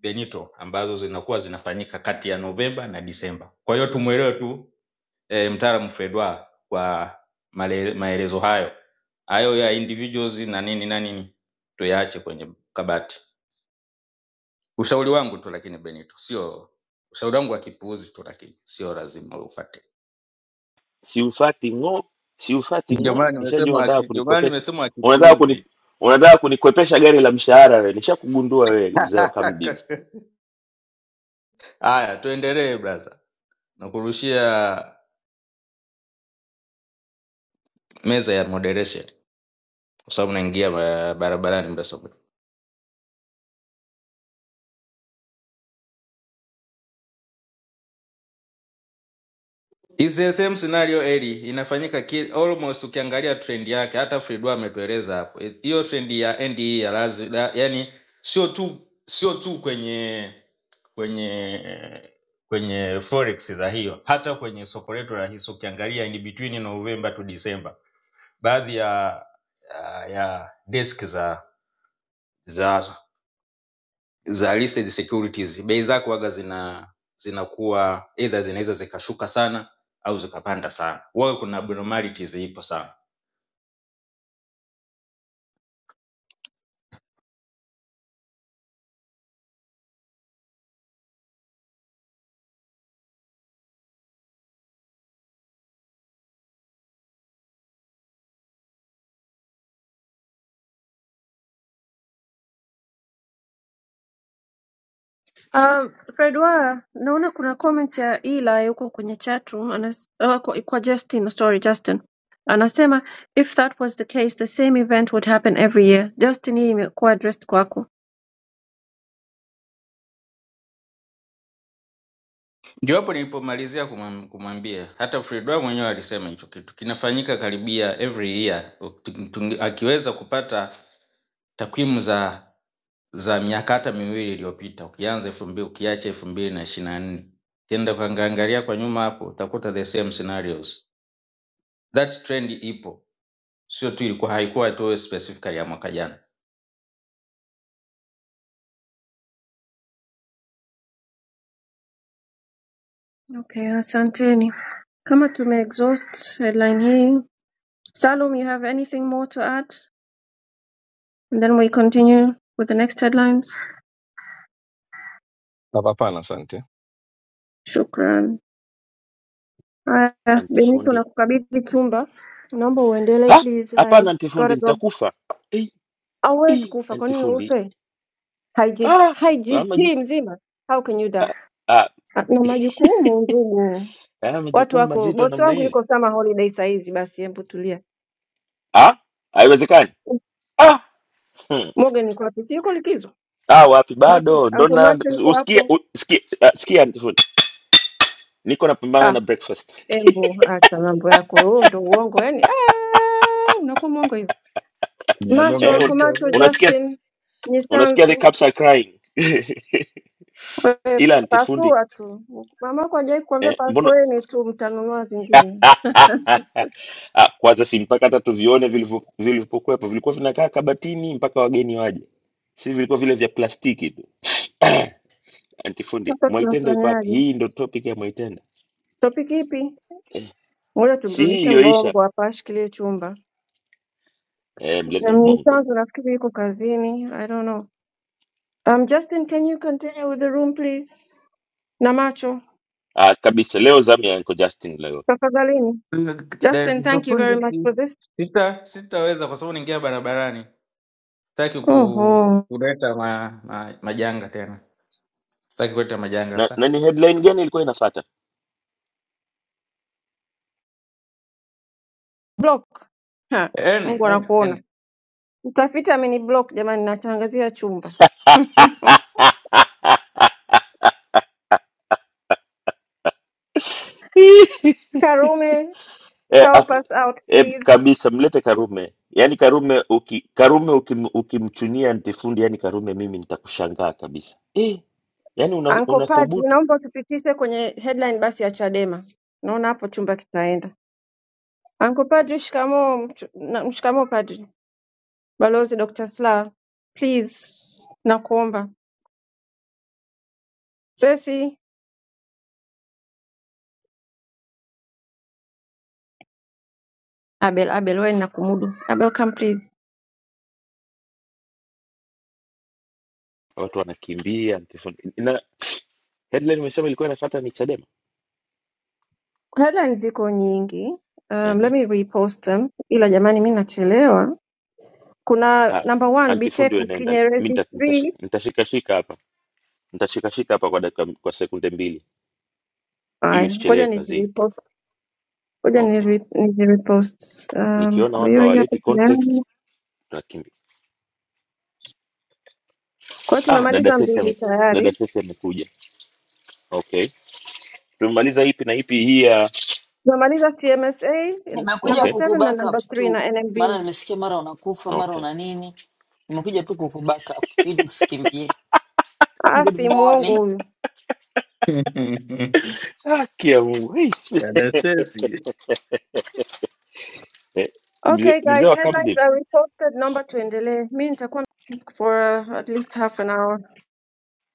S3: benito ambazo zinakuwa zinafanyika kati ya novemba na disemba kwa hiyo tumwelewe tu eh, mtaalamu fredwa kwa male, maelezo hayo hayo ya individuals na nini na nini tuyaache kwenye kabati Ushauri wangu tu lakini Benito, sio ushauri wangu wa kipuuzi tu, lakini sio lazima ufuate.
S7: siufati ng'o siufati
S3: Ndio maana
S7: ng'o nishajua
S3: nimesema
S7: unataka
S3: aki- ndio maana
S7: kunikwepesha
S3: nimesema wa
S7: unataka kuni
S3: kipuuzi.
S7: unataka kunikwepesha gari la mshahara wewe nishakugundua wewe mzee wa kamdin
S3: Haya, tuendelee brother, nakurushia meza ya moderation kwa sababu naingia ba- barabarani. mbele. It's the same scenario Eli, inafanyika ki, almost ukiangalia trend yake, hata Fridwa ametueleza hapo Eh, hiyo trend ya NDE ya lazi, la, yani sio tu sio tu kwenye kwenye kwenye forex za hiyo, hata kwenye soko letu la hisa ukiangalia in between November to December, baadhi ya ya, ya desk za za za listed securities bei zako waga zina zinakuwa either zinaweza zikashuka sana au zikapanda sana waga kuna abnormalities ipo sana
S4: um, fred wa naona kuna comment ya eli huko kwenye chatroom anas, uh, kwa, kwa justin sorry justin anasema if that was the case the same event would happen every year justin hii imekuwa addressed kwako
S3: ndio hapo nilipomalizia kumwam- kumwambia hata Fredwa mwenyewe alisema hicho kitu kinafanyika karibia every year Tung- tung- akiweza kupata takwimu za za miaka hata miwili iliyopita ukianza elfu mbili ukiacha elfu mbili na ishiri na nne ukienda ukaangalia kwa nyuma hapo utakuta the same scenarios that trend ipo sio tu ilikuwa haikuwa tu specifically ya mwaka jana
S4: Okay, asanteni. Kama tumeexhaust headline hii, Salum, you have anything more to add? And then we continue with the next headlines.
S11: Hapana, asante.
S4: Shukran. Haya, Benito
S7: antifundi
S4: nakukabidhi chumba. Naomba uendelee
S7: ha
S4: please. I
S7: hapana antifundi
S4: gotta go.
S7: nitakufa ei
S4: Hauwezi
S7: ei
S4: kufa, kwa nini
S7: antifundi
S4: ufe? IGP,
S7: ha haya
S4: IGP
S7: majukumu
S4: mzima. How can you die?
S7: ah, ah.
S4: Ah, Na majukumu ndugu.
S7: haya
S4: Watu
S7: majukumu
S4: wako,
S7: mazito
S4: bosi
S7: namna
S4: wangu
S7: hili
S4: yuko summer holiday saa hizi basi hebu tulia.
S7: ah haiwezekani ah hmm.
S4: Morgan yuko wapi? Si yuko likizo?
S7: ah wapi
S4: Basi
S7: bado ndo
S4: Uncle
S7: na
S4: Max yuko
S7: usikia
S4: hapo.
S7: u- sikia ah, sikia antifundi niko
S4: Ah,
S7: napambana na breakfast
S4: Embu, acha mambo yako huo, ndo uongo yani. ah, Unakuwa mwongo hivyo. Macho,
S7: eh un-
S4: anko
S3: Mnagonganisha
S4: macho,
S3: vyema.
S7: unasikia
S4: Justin
S7: unasikia the
S4: Nyisanzu,
S7: caps are crying
S4: wewe
S7: ila antifundi
S4: pasua tu. Mamako hajawahi kukuambia
S7: eh, mbona
S4: pasueni tu, mtanunua zingine.
S7: Ah, kwanza si mpaka hata tuvione vilivyo- vilivyokuwepo vilikuwa vinakaa kabatini mpaka wageni waje si vilikuwa vile vya plastiki tu antifundi
S4: Sasa
S7: mwaitenda iko wapi
S4: tunafanyaje?
S7: hii ndo topic ya mwaitenda
S4: Topiki ipi?
S7: eh,
S4: Ngoja
S7: si hii
S4: tumrudishe
S7: iliyoisha
S4: mbongo hapa ashikilie chumba.
S7: eh, mlete
S4: Na
S7: mbongo
S4: Mnyisanzu nafikiri yuko kazini. I don't know. Um, Justin, can you continue with the room please? Na macho,
S7: ah, kabisa leo zamu ya Uncle justin leo
S4: tafadhalini.
S3: Na
S4: Justin, thank you very
S3: kiufundi
S4: much
S3: si-
S4: for this.
S3: sita sitaweza kwa sababu niingia barabarani sitaki ku,
S4: Oho.
S3: kuleta ma, ma, majanga tena sitaki kuleta majanga
S7: na,
S3: kabisa
S7: na ni headline gani ilikuwa inafata
S4: Block. Ha,
S3: Any,
S4: Mungu anakuona.
S3: any.
S4: Mtafiti ameni-block jamani, natangazia chumba. Karume,
S7: eh,
S4: help us out
S7: e,
S4: please.
S7: kabisa mlete Karume. Yaani Karume uki, Karume ukim, ukimchunia antifundi, yani Karume mimi nitakushangaa kabisa eh, yaani una,
S4: Uncle Padri,
S7: unathubutu.
S4: naomba utupitishe kwenye headline basi ya Chadema. Naona hapo chumba kitaenda. Uncle Padri, shikamoo. mchu- na- Mshikamoo Padri. Balozi Dr. Slaa, please nakuomba. Sesi, Abel, Abel wewe nakumudu. Abel come please.
S7: Watu wanakimbia antifundi, na headline umesema ilikuwa inafuata ni Chadema.
S4: Headline ziko nyingi. Um, let
S7: Ehe.
S4: me repost them. Ila jamani, mi nachelewa. kuna
S7: Ah,
S4: number one
S7: antifundi wewe
S4: Biteko
S7: nenda, mimi
S4: Kinyerezi
S7: nita- nitashi-
S4: 3.
S7: nitashikashika hapa, nitashikashika hapa kwa dakika, kwa sekunde mbili ili
S4: Haya, ngoja
S7: usichelewe kazini.
S4: nizirepost, ngoja
S7: Okay,
S4: niri- nizirepost. Um,
S7: nikiona
S4: kwa
S7: watu
S4: hiyo hii hapa
S7: hawaleti context
S4: tayari,
S7: tunakimbia.
S4: kwa hiyo
S7: Ah, dada
S4: tumemaliza
S7: Sesi
S4: mbili
S7: ame,
S4: tayari,
S7: dada Sesi amekuja. Okay, tumemaliza ipi na ipi hii ya
S4: tumemaliza CMSA
S13: Nimekuja
S4: number
S7: okay
S4: 7 na
S13: kukuback up
S4: number 3
S13: tu,
S4: na NMB.
S13: maana nimesikia mara unakufa mara
S7: Okay.
S13: una nini. Nimekuja tu kukuback up ili usikimbie.
S4: Ah,
S13: Good
S4: si mwongo
S13: morning,
S4: huyu.
S7: Haki ya Mungu. hei, si-
S3: Dada Stacy,
S7: Eh, Mzee
S4: Okay
S7: mzee
S4: guys,
S7: wa Camden.
S4: headlines are reposted. Naomba tuendelee. Mi nitakuwa for uh, at least half an hour.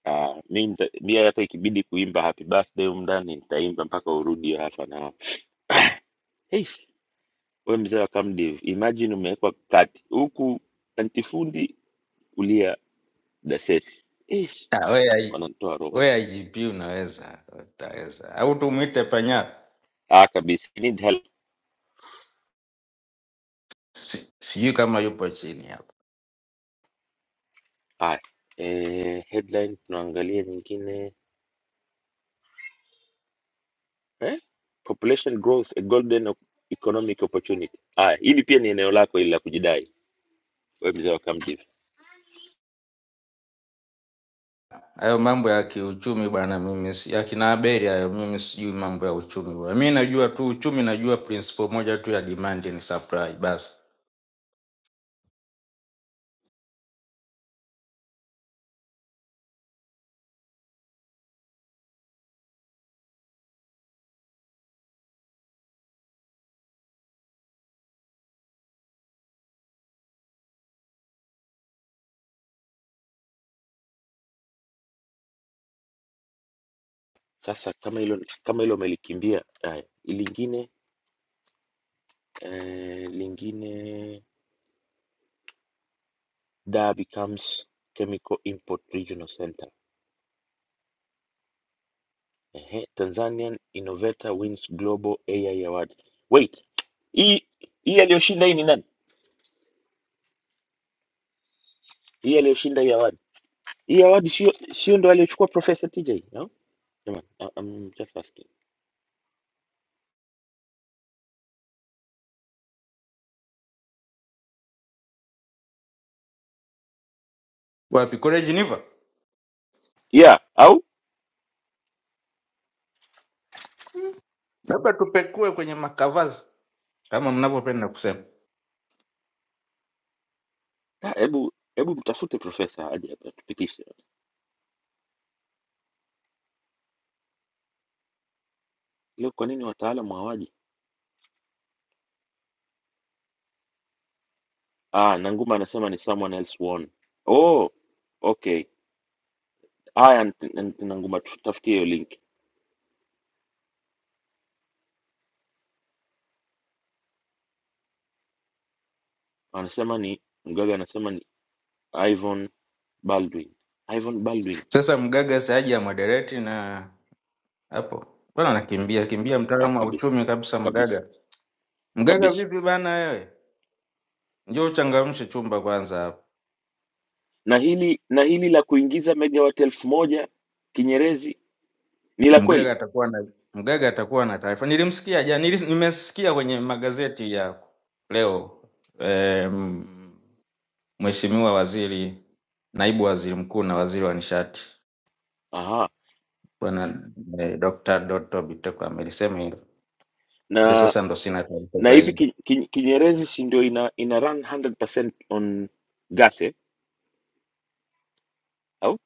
S7: Ah, mi, nita, mi hata ikibidi kuimba happy birthday humu ndani nitaimba mpaka urudi hapa na hapa. Hey, we mzee wa Camden, imagine umewekwa kati huku antifundi kulia dasesi. Hey,
S3: Ah, we I-
S7: wanatoa roho wote.
S3: we igp unaweza utaweza au tumwite panyara
S7: Ah, kabisa. I need help.
S3: Si- sijui kama yupo chini ya
S7: Haya. Eh, headline tunaangalia nyingine. Eh? Population growth a golden economic opportunity. Haya, hili pia ni eneo lako ili la kujidai. We mzee wa Camden.
S3: Hayo mambo ya kiuchumi bwana, mimi si- ya kina Abeli hayo, mimi sijui mambo ya uchumi bwana. Mimi najua tu uchumi, najua principle moja tu ya demand and supply basi.
S7: Sasa kama hilo kama hilo umelikimbia, haya, lingine eh, lingine Dar becomes Chemical Import Regional Center. Ehe, Tanzanian Innovator wins Global AI Award. Wait, hii hii aliyoshinda hii ni nani? Hii aliyoshinda hii award. Hii award sio sio ndo aliyochukua Professor TJ, no? Jamani, I- I'm just asking.
S3: Wapi kule Geneva?
S7: Yeah, au
S3: Labda tupekue kwenye makavazi kama mnavyopenda kusema.
S7: Ah, hebu hebu mtafute profesa aje atupitishe. Leo kwa nini wataalamu hawaji? Ah, Nanguma anasema ni someone else won. Oh, okay. Haya, nt- nt- Nanguma, tutafutie hiyo link. Anasema ni Mgaga, anasema ni Ivan Baldwin. Ivan Baldwin.
S3: Sasa mgaga saaji ya moderate na hapo bwana, nakimbia kimbia,
S7: Ah,
S3: mtaalamu wa
S7: kabisa
S3: uchumi kabisa.
S7: kabisa
S3: Mgaga, mgaga
S7: kabisa.
S3: vipi bwana? Wewe njoo uchangamshe chumba kwanza hapa.
S7: Na hili na hili la kuingiza megawatt elfu moja Kinyerezi ni la kweli?
S3: Mgaga atakuwa na Mgaga atakuwa na taarifa. Nilimsikia jana, nilis- nimesikia kwenye magazeti ya leo em, Mheshimiwa Waziri, Naibu Waziri Mkuu na Waziri wa Nishati
S7: Aha.
S3: Bwana eh, Dr. Doto Biteko amelisema hilo. Ile
S7: Na
S3: sasa ndo sina taarifa
S7: na hivi
S3: zaidi.
S7: ki, ki, Kinyerezi si ndio ina, ina run 100% on gas eh? Au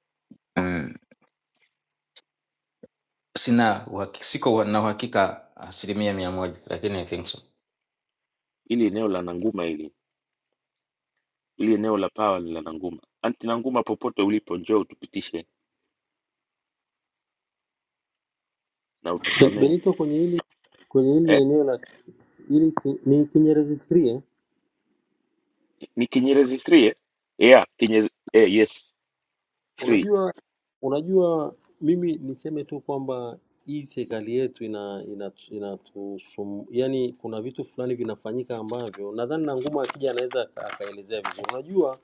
S3: Mm, sina uhaki, siko na uhakika asilimia mia moja, lakini I think so.
S7: hili eneo la Nanguma hili Ili eneo la pawa ni la Nanguma. Anti Nanguma, popote ulipo, njoo utupitishe na
S14: Ben-
S7: utusamehe
S14: Benito, kwenye hili kwenye hili
S7: eh?
S14: eneo la hili ki, ni Kinyerezi fikirie.
S7: Ni Kinyerezi 3 eh? Yeah, Kinyerezi eh, yes 3
S14: Unajua, unajua mimi niseme tu kwamba hii serikali yetu ina ina inatusum, yani kuna vitu fulani vinafanyika ambavyo nadhani na Nguma akija anaweza aka- akaelezea vizuri. Unajua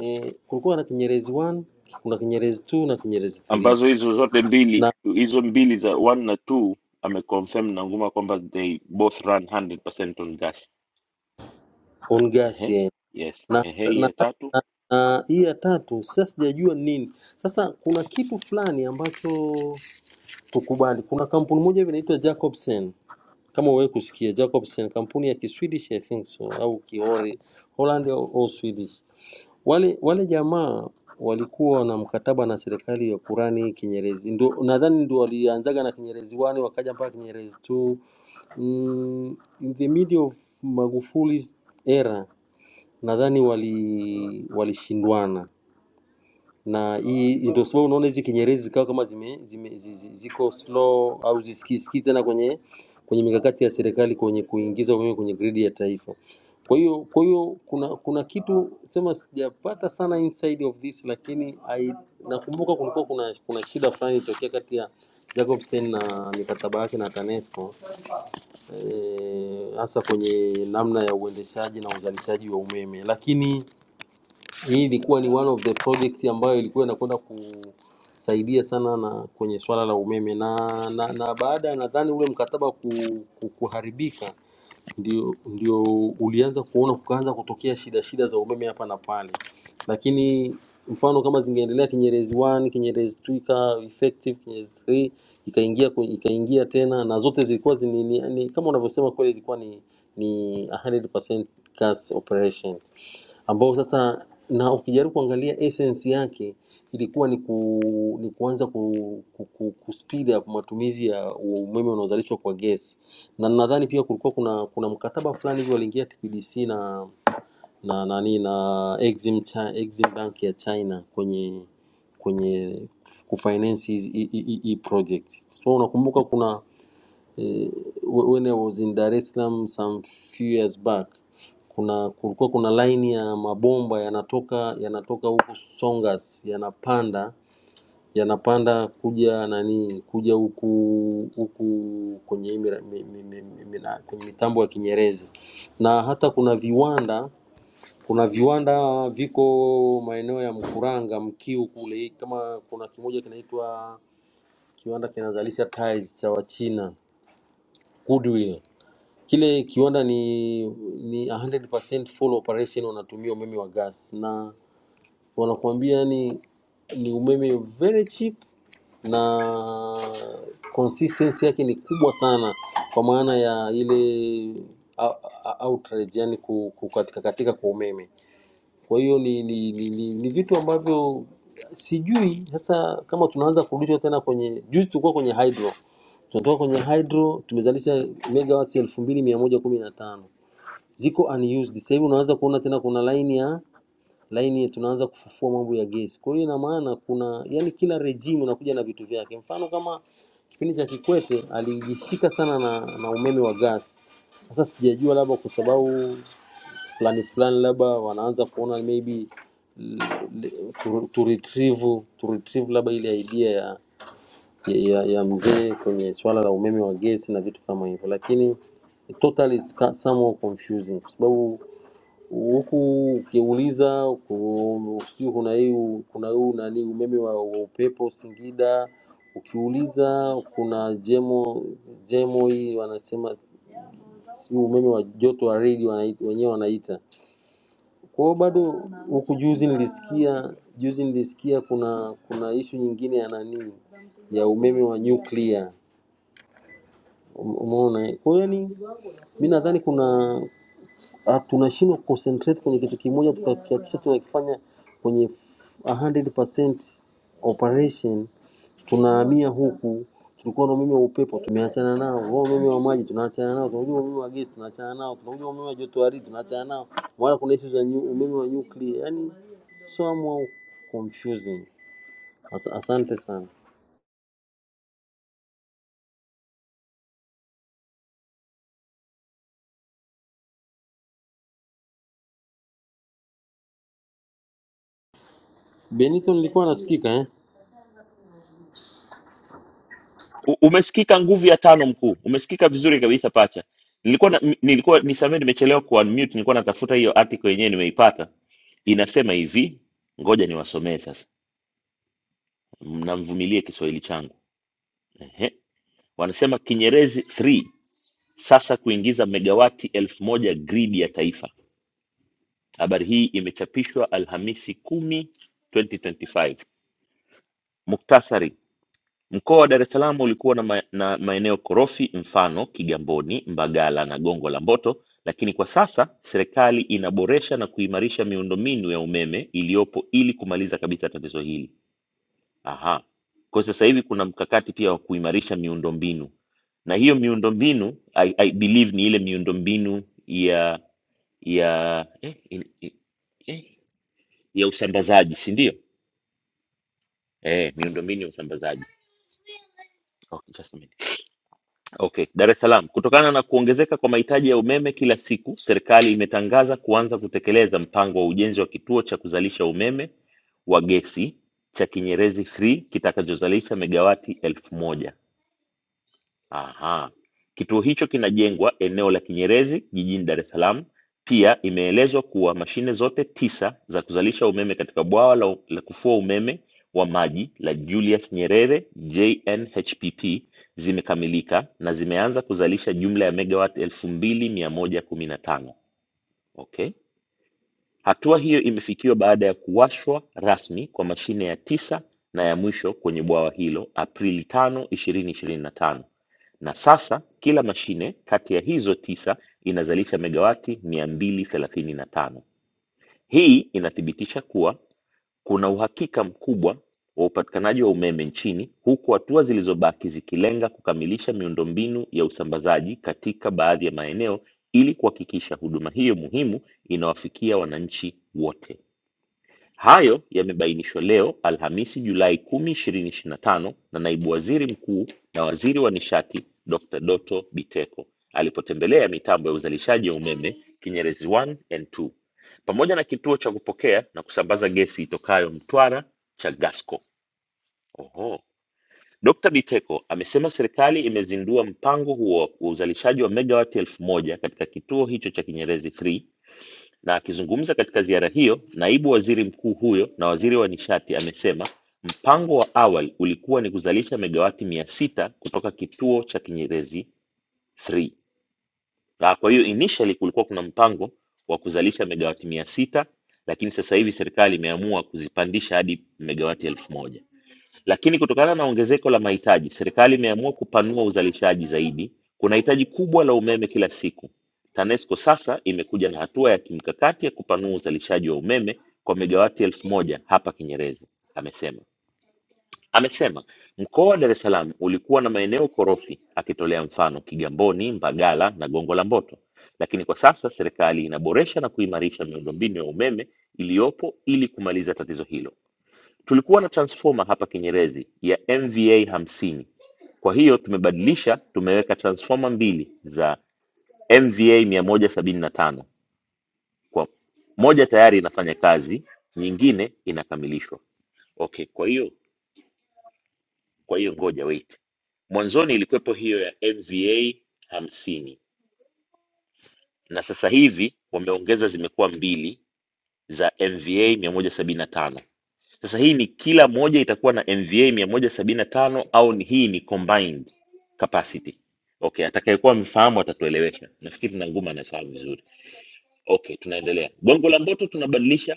S14: eh, kulikuwa na Kinyerezi 1 kuna Kinyerezi 2 na Kinyerezi 3
S7: ambazo hizo zote mbili
S14: na
S7: hizo mbili za 1 na 2 ameconfirm Nanguma kwamba they both run 100% on gas.
S14: on gas
S7: Ehe,
S14: eh.
S7: yes.
S14: na,
S7: Ehe,
S14: na,
S7: hii ya tatu
S14: na, na hii ya tatu sasa sijajua nini. Sasa kuna kitu fulani ambacho tukubali. Kuna kampuni moja hivi inaitwa Jacobsen, kama wewe kusikia Jacobsen, kampuni ya Kiswedish I think so, au Kihori Holland au, au Swedish. Wale wale jamaa walikuwa na mkataba na serikali ya Kurani Kinyerezi, ndio nadhani ndio walianzaga na Kinyerezi 1 wakaja mpaka Kinyerezi 2 mm, in the middle of Magufuli's era nadhani wali walishindwana na hii ndio sababu unaona hizi kinyerezi zikawa kama zime, zime, zi- zi- ziko slow au zisikisikii tena kwenye kwenye mikakati ya serikali kwenye kuingiza umeme kwenye gridi ya taifa. Kwa hiyo kwa hiyo kuna kuna kitu sema sijapata sana inside of this, lakini I, nakumbuka kulikuwa kuna kuna shida fulani ilitokea kati ya Jacobsen na mikataba yake na TANESCO eh, hasa kwenye namna ya uendeshaji na uzalishaji wa umeme, lakini hii ilikuwa ni one of the project ambayo ilikuwa inakwenda kusaidia sana na kwenye swala la umeme na na, na baada ya nadhani ule mkataba ku, ku, kuharibika ndio, ndio ulianza kuona kukaanza kutokea shida shida za umeme hapa na pale, lakini mfano kama zingeendelea Kinyerezi 1, Kinyerezi 2 ika effective, Kinyerezi 3 ikaingia kwe- ikaingia tena, na zote zilikuwa zini, ni, ni, kama unavyosema kweli, ilikuwa ni ni 100% gas operation ambao sasa na ukijaribu kuangalia essence yake ilikuwa ni, ku, ni kuanza ku, ku, ku, ku speed up matumizi ya umeme unaozalishwa kwa gesi, na nadhani pia kulikuwa kuna kuna mkataba fulani hivi waliingia TPDC na na nani na Exim, Chi- Exim Bank ya China kwenye kwenye kufinance hizi- hii hii- hii project. So unakumbuka kuna eh, wh- when I was in Dar es Salaam some few years back kuna kulikuwa kuna line ya mabomba yanatoka yanatoka huku Songas yanapanda yanapanda kuja nani kuja huku huku kwenye hii mira- mi- mi- mi- mi- mina- kwenye mitambo ya Kinyerezi na hata kuna viwanda kuna viwanda viko maeneo ya Mkuranga Mkiu kule kama kuna kimoja kinaitwa kiwanda kinazalisha tiles cha Wachina Goodwill Kile kiwanda ni ni 100% full operation, wanatumia umeme wa gas na wanakuambia ni ni umeme very cheap na consistency yake ni kubwa sana, kwa maana ya ile ou- ou- outrage, yani kukatika katika kwa umeme. Kwa hiyo ni, ni, ni, ni, ni vitu ambavyo sijui sasa kama tunaanza kurudishwa tena kwenye juzi tulikuwa kwenye hydro tunatoka kwenye hydro tumezalisha megawatts elfu mbili mia moja kumi na tano ziko unused. Sasa hivi unaanza kuona tena kuna line ya line ya tunaanza kufufua mambo ya gesi. Kwa hiyo ina maana kuna yani, kila regime unakuja na vitu vyake. Mfano kama kipindi cha Kikwete alijishika sana na, na umeme wa gas. Sasa sijajua labda kwa sababu fulani fulani, labda wanaanza kuona maybe l- l- tu, tu retrieve tu retrieve labda ile idea ya ya, ya, ya mzee kwenye swala la umeme wa gesi na vitu kama hivyo, lakini totally is ca- somehow confusing kwa sababu huku ukiuliza ku- sijui kuna hii kuna huu nani umeme wa, wa upepo Singida, ukiuliza kuna jemo jemo hii wanasema sijui umeme wa joto wa redi wanai- wenyewe wanaita kwa hiyo bado huku juzi nilisikia juzi nilisikia kuna kuna ishu nyingine ya nani ya umeme wa nyuklia, Um- umeona? eh? Kwa hiyo yani mi nadhani kuna ah, tunashindwa concentrate kwenye kitu kimoja tukakihakikisha tunakifanya kwenye 100% operation tunahamia huku tulikuwa na umeme wa upepo tumeachana nao wao umeme wa maji tunaachana nao tunakuja umeme wa gesi tunaachana nao tunakuja umeme wa joto ardhi tunaachana nao wala kuna issue za nyu- umeme wa nuclear yani somehow confusing As asante sana benito nilikuwa nasikika eh?
S7: U- umesikika nguvu ya tano mkuu umesikika vizuri kabisa pacha nilikuwa na, m- nilikuwa nisamee nimechelewa kuwa mute nilikuwa natafuta hiyo article yenyewe nimeipata inasema hivi ngoja niwasomee sasa mnamvumilie kiswahili changu Ehe. wanasema kinyerezi 3 sasa kuingiza megawati elfu moja gridi ya taifa habari hii imechapishwa alhamisi 10 2025 muktasari Mkoa wa Dar es Salaam ulikuwa na, ma na maeneo korofi mfano Kigamboni, Mbagala na Gongo la Mboto, lakini kwa sasa serikali inaboresha na kuimarisha miundombinu ya umeme iliyopo ili kumaliza kabisa tatizo hili. Aha. Kwa sasa hivi kuna mkakati pia wa kuimarisha miundombinu. Na hiyo miundombinu I, I believe ni ile miundombinu ya ya eh, in, in, eh, ya usambazaji, si ndio? Eh, miundombinu ya usambazaji. Okay, just a minute. Okay, Dar es Salaam. Kutokana na kuongezeka kwa mahitaji ya umeme kila siku, serikali imetangaza kuanza kutekeleza mpango wa ujenzi wa kituo cha kuzalisha umeme wa gesi cha Kinyerezi 3 kitakachozalisha megawati elfu moja. Aha. Kituo hicho kinajengwa eneo la Kinyerezi jijini Dar es Salaam. Pia imeelezwa kuwa mashine zote tisa za kuzalisha umeme katika bwawa la, la kufua umeme wa maji la Julius Nyerere JNHPP zimekamilika na zimeanza kuzalisha jumla ya megawati 2115. Okay. Hatua hiyo imefikiwa baada ya kuwashwa rasmi kwa mashine ya tisa na ya mwisho kwenye bwawa hilo Aprili 5, 2025. Na sasa kila mashine kati ya hizo tisa inazalisha megawati 235. Hii inathibitisha kuwa kuna uhakika mkubwa wa upatikanaji wa umeme nchini, huku hatua zilizobaki zikilenga kukamilisha miundombinu ya usambazaji katika baadhi ya maeneo ili kuhakikisha huduma hiyo muhimu inawafikia wananchi wote. Hayo yamebainishwa leo Alhamisi Julai 10, 2025 na tano na Naibu Waziri Mkuu na Waziri wa Nishati Dr. Doto Biteko alipotembelea mitambo ya uzalishaji wa umeme Kinyerezi 1 and 2 pamoja na kituo cha kupokea na kusambaza gesi itokayo Mtwara cha Gasco. Oho. Dr. Biteko amesema serikali imezindua mpango huo wa uzalishaji wa megawati elfu moja katika kituo hicho cha Kinyerezi 3 na akizungumza katika ziara hiyo, naibu waziri mkuu huyo na waziri wa nishati amesema mpango wa awali ulikuwa ni kuzalisha megawati mia sita kutoka kituo cha Kinyerezi 3. Na kwa hiyo initially kulikuwa kuna mpango wa kuzalisha megawati mia sita lakini sasa hivi serikali imeamua kuzipandisha hadi megawati elfu moja. Lakini kutokana na ongezeko la mahitaji, serikali imeamua kupanua uzalishaji zaidi. Kuna hitaji kubwa la umeme kila siku. TANESCO sasa imekuja na hatua ya kimkakati ya kupanua uzalishaji wa umeme kwa megawati elfu moja hapa Kinyerezi, amesema. Amesema mkoa wa Dar es Salaam ulikuwa na maeneo korofi, akitolea mfano Kigamboni, Mbagala na Gongo la Mboto, lakini kwa sasa serikali inaboresha na kuimarisha miundombinu ya umeme iliyopo ili kumaliza tatizo hilo. Tulikuwa na transformer hapa Kinyerezi ya MVA hamsini. Kwa hiyo tumebadilisha, tumeweka transformer mbili za MVA mia moja sabini na tano. Kwa moja tayari inafanya kazi, nyingine inakamilishwa. Okay, kwa hiyo kwa hiyo ngoja wait. Mwanzoni ilikuwepo hiyo ya MVA hamsini na sasa hivi wameongeza zimekuwa mbili za MVA mia moja sabini na tano. Sasa hii ni kila moja itakuwa na MVA mia moja sabini na tano au ni hii ni combined capacity? Okay, atakayekuwa amefahamu atatuelewesha. Nafikiri na nguma anafahamu vizuri. Okay, tunaendelea. Bongo la Mboto tunabadilisha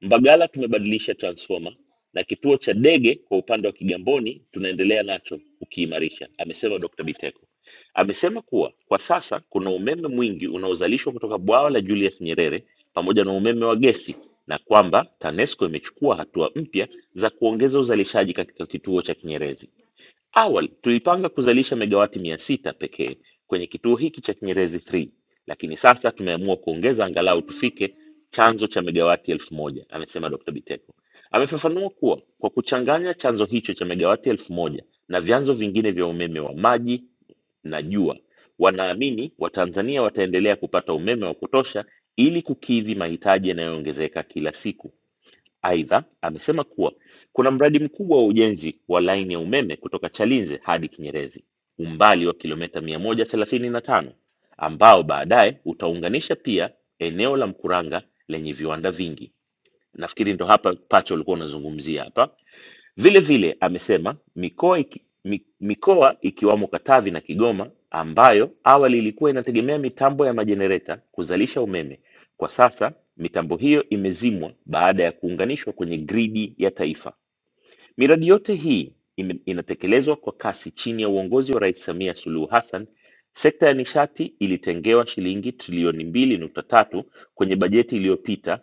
S7: Mbagala tumebadilisha transfoma na kituo cha ndege kwa upande wa Kigamboni tunaendelea nacho kukiimarisha, amesema Dr. Biteko. Amesema kuwa kwa sasa kuna umeme mwingi unaozalishwa kutoka bwawa la Julius Nyerere pamoja na umeme wa gesi na kwamba TANESCO imechukua hatua mpya za kuongeza uzalishaji katika kituo cha Kinyerezi. Awali tulipanga kuzalisha megawati 600 pekee kwenye kituo hiki cha Kinyerezi 3, lakini sasa tumeamua kuongeza angalau tufike chanzo cha megawati 1000, amesema Dr. Biteko. Amefafanua kuwa kwa kuchanganya chanzo hicho cha megawati 1000 na vyanzo vingine vya umeme wa maji na jua, wanaamini Watanzania wataendelea kupata umeme wa kutosha ili kukidhi mahitaji yanayoongezeka kila siku. Aidha, amesema kuwa kuna mradi mkubwa wa ujenzi wa laini ya umeme kutoka Chalinze hadi Kinyerezi, umbali wa kilomita 135, ambao baadaye utaunganisha pia eneo la Mkuranga lenye viwanda vingi. Nafikiri ndo hapa pacha ulikuwa unazungumzia hapa. Vile vile amesema mikoa, iki, mi- mikoa ikiwamo Katavi na Kigoma ambayo awali ilikuwa inategemea mitambo ya majenereta kuzalisha umeme, kwa sasa mitambo hiyo imezimwa baada ya kuunganishwa kwenye gridi ya taifa. Miradi yote hii ime- inatekelezwa kwa kasi chini ya uongozi wa Rais Samia Suluhu Hassan. Sekta ya nishati ilitengewa shilingi trilioni mbili nukta tatu kwenye bajeti iliyopita,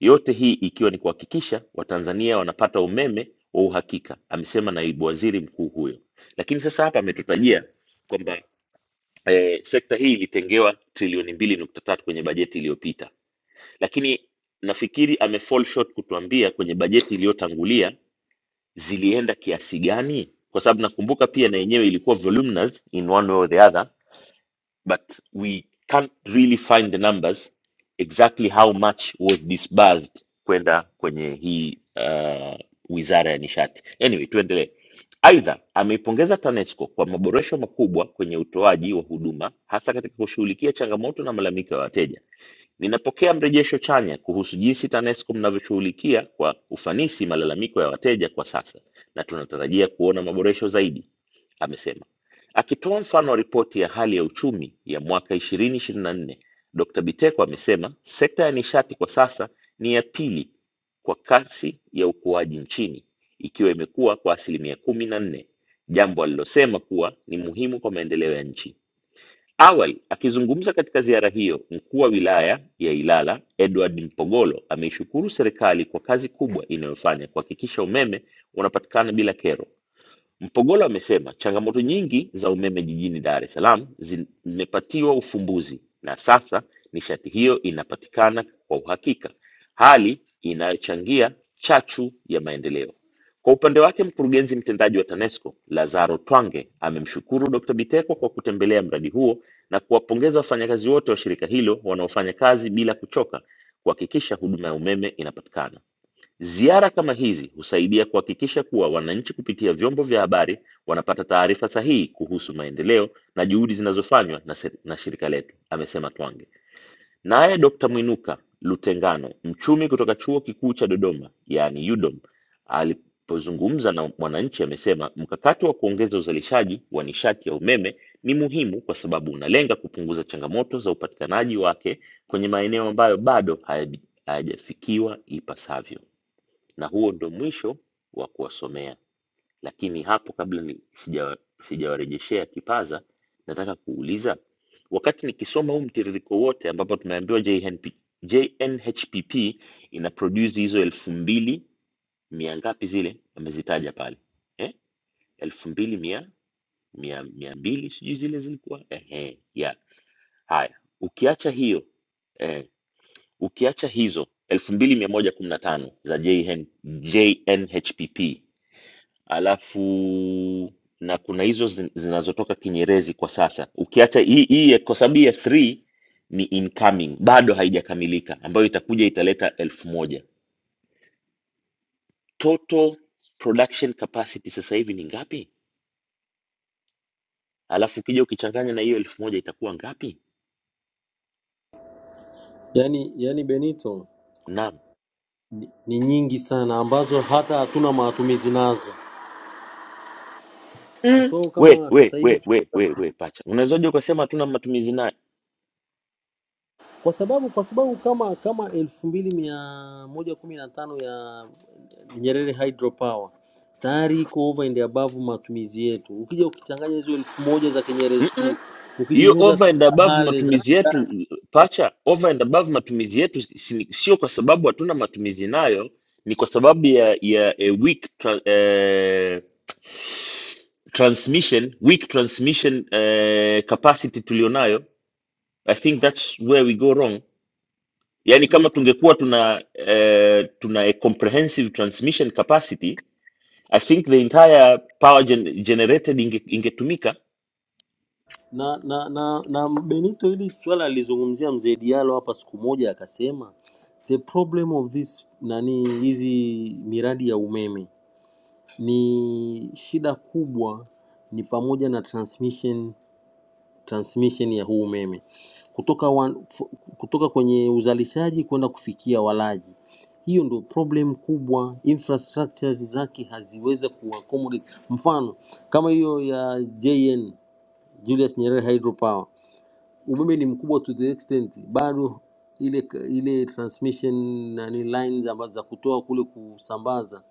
S7: yote hii ikiwa ni kuhakikisha Watanzania wanapata umeme wa uhakika, amesema naibu waziri mkuu huyo. Lakini sasa hapa ametutajia kwamba eh, sekta hii ilitengewa trilioni mbili nukta tatu kwenye bajeti iliyopita, lakini nafikiri ame fall short kutuambia kwenye bajeti iliyotangulia zilienda kiasi gani kwa sababu nakumbuka pia na yenyewe ilikuwa voluminous in one way or the other but we can't really find the numbers exactly how much was disbursed kwenda kwenye hii uh, wizara ya nishati anyway tuendelee aidha ameipongeza tanesco kwa maboresho makubwa kwenye utoaji wa huduma hasa katika kushughulikia changamoto na malalamiko ya wateja Ninapokea mrejesho chanya kuhusu jinsi TANESCO mnavyoshughulikia kwa ufanisi malalamiko ya wateja kwa sasa na tunatarajia kuona maboresho zaidi, amesema. Akitoa mfano wa ripoti ya hali ya uchumi ya mwaka 2024, Dr. Biteko amesema sekta ya nishati kwa sasa ni ya pili kwa kasi ya ukuaji nchini ikiwa imekuwa kwa asilimia kumi na nne, jambo alilosema kuwa ni muhimu kwa maendeleo ya nchi. Awali akizungumza katika ziara hiyo, mkuu wa wilaya ya Ilala Edward Mpogolo ameishukuru serikali kwa kazi kubwa inayofanya kuhakikisha umeme unapatikana bila kero Mpogola amesema changamoto nyingi za umeme jijini Dar es Salaam zimepatiwa ufumbuzi na sasa nishati hiyo inapatikana kwa uhakika, hali inayochangia chachu ya maendeleo. Kwa upande wake, mkurugenzi mtendaji wa TANESCO Lazaro Twange amemshukuru Dr. Biteko kwa kutembelea mradi huo na kuwapongeza wafanyakazi wote wa shirika hilo wanaofanya kazi bila kuchoka kuhakikisha huduma ya umeme inapatikana. Ziara kama hizi husaidia kuhakikisha kuwa wananchi kupitia vyombo vya habari wanapata taarifa sahihi kuhusu maendeleo na juhudi zinazofanywa na, se- na shirika letu, amesema Twange. Naye Dr. Mwinuka Lutengano, mchumi kutoka Chuo Kikuu cha Dodoma, yaani UDOM, alipozungumza na wananchi amesema mkakati wa kuongeza uzalishaji wa nishati ya umeme ni muhimu kwa sababu unalenga kupunguza changamoto za upatikanaji wake kwenye maeneo ambayo bado hayabi- hayajafikiwa ipasavyo na huo ndo mwisho wa kuwasomea. Lakini hapo kabla ni- sija- sijawarejeshea kipaza, nataka kuuliza wakati nikisoma huu mtiririko wote ambapo tumeambiwa JNP, JNHPP ina produce hizo elfu mbili mia ngapi zile amezitaja pale eh? elfu mbili mia mia mia mbili sijui zile zilikuwa eh, eh yeah. Haya, ukiacha hiyo eh, ukiacha hizo elfu mbili mia moja kumi na tano za JN, JNHPP Alafu na kuna hizo zin- zinazotoka Kinyerezi kwa sasa. Ukiacha hii hii ya- kwa sababu ya 3 ni incoming, bado haijakamilika ambayo itakuja italeta elfu moja. Total production capacity sasa hivi ni ngapi? Alafu ukija ukichanganya na hiyo elfu moja itakuwa ngapi?
S14: yani yani benito
S7: Naam.
S14: ni, ni nyingi sana ambazo hata hatuna matumizi nazo kwa
S7: Mm.
S14: sababu
S7: We,
S14: kama
S7: we,
S14: sasa hivi
S7: we, we, we, we pacha. Unawezaje ukasema hatuna matumizi nayo?
S14: kwa sababu kwa sababu kama kama elfu mbili mia moja kumi na tano ya Nyerere hydropower tayari iko over and above matumizi yetu. Ukija ukichanganya hizo elfu moja za Kinyerezi tu
S7: hiyo
S14: ukijiuza
S7: over
S14: tu
S7: and
S14: za
S7: above
S14: Hale za
S7: matumizi yetu pacha over and above matumizi yetu si- si- sio kwa sababu hatuna matumizi nayo ni kwa sababu ya ya a weak tra, eh, transmission weak transmission eh, capacity tulionayo i think that's where we go wrong yaani kama
S14: ndio
S7: tungekuwa tuna eh, tuna a comprehensive transmission capacity i think the entire power gen generated inge, ingetumika
S14: na, na, na, na Benito, hili swala alizungumzia mzee Diallo hapa siku moja, akasema the problem of this nani, hizi miradi ya umeme ni shida kubwa, ni pamoja na transmission transmission ya huu umeme kutoka, wan, fu- kutoka kwenye uzalishaji kwenda kufikia walaji. Hiyo ndio problem kubwa, infrastructures zake haziwezi kuaccommodate. Mfano kama hiyo ya JN Julius Nyerere Hydropower, umeme ni mkubwa to the extent bado ile ile transmission nani lines ambazo za kutoa kule kusambaza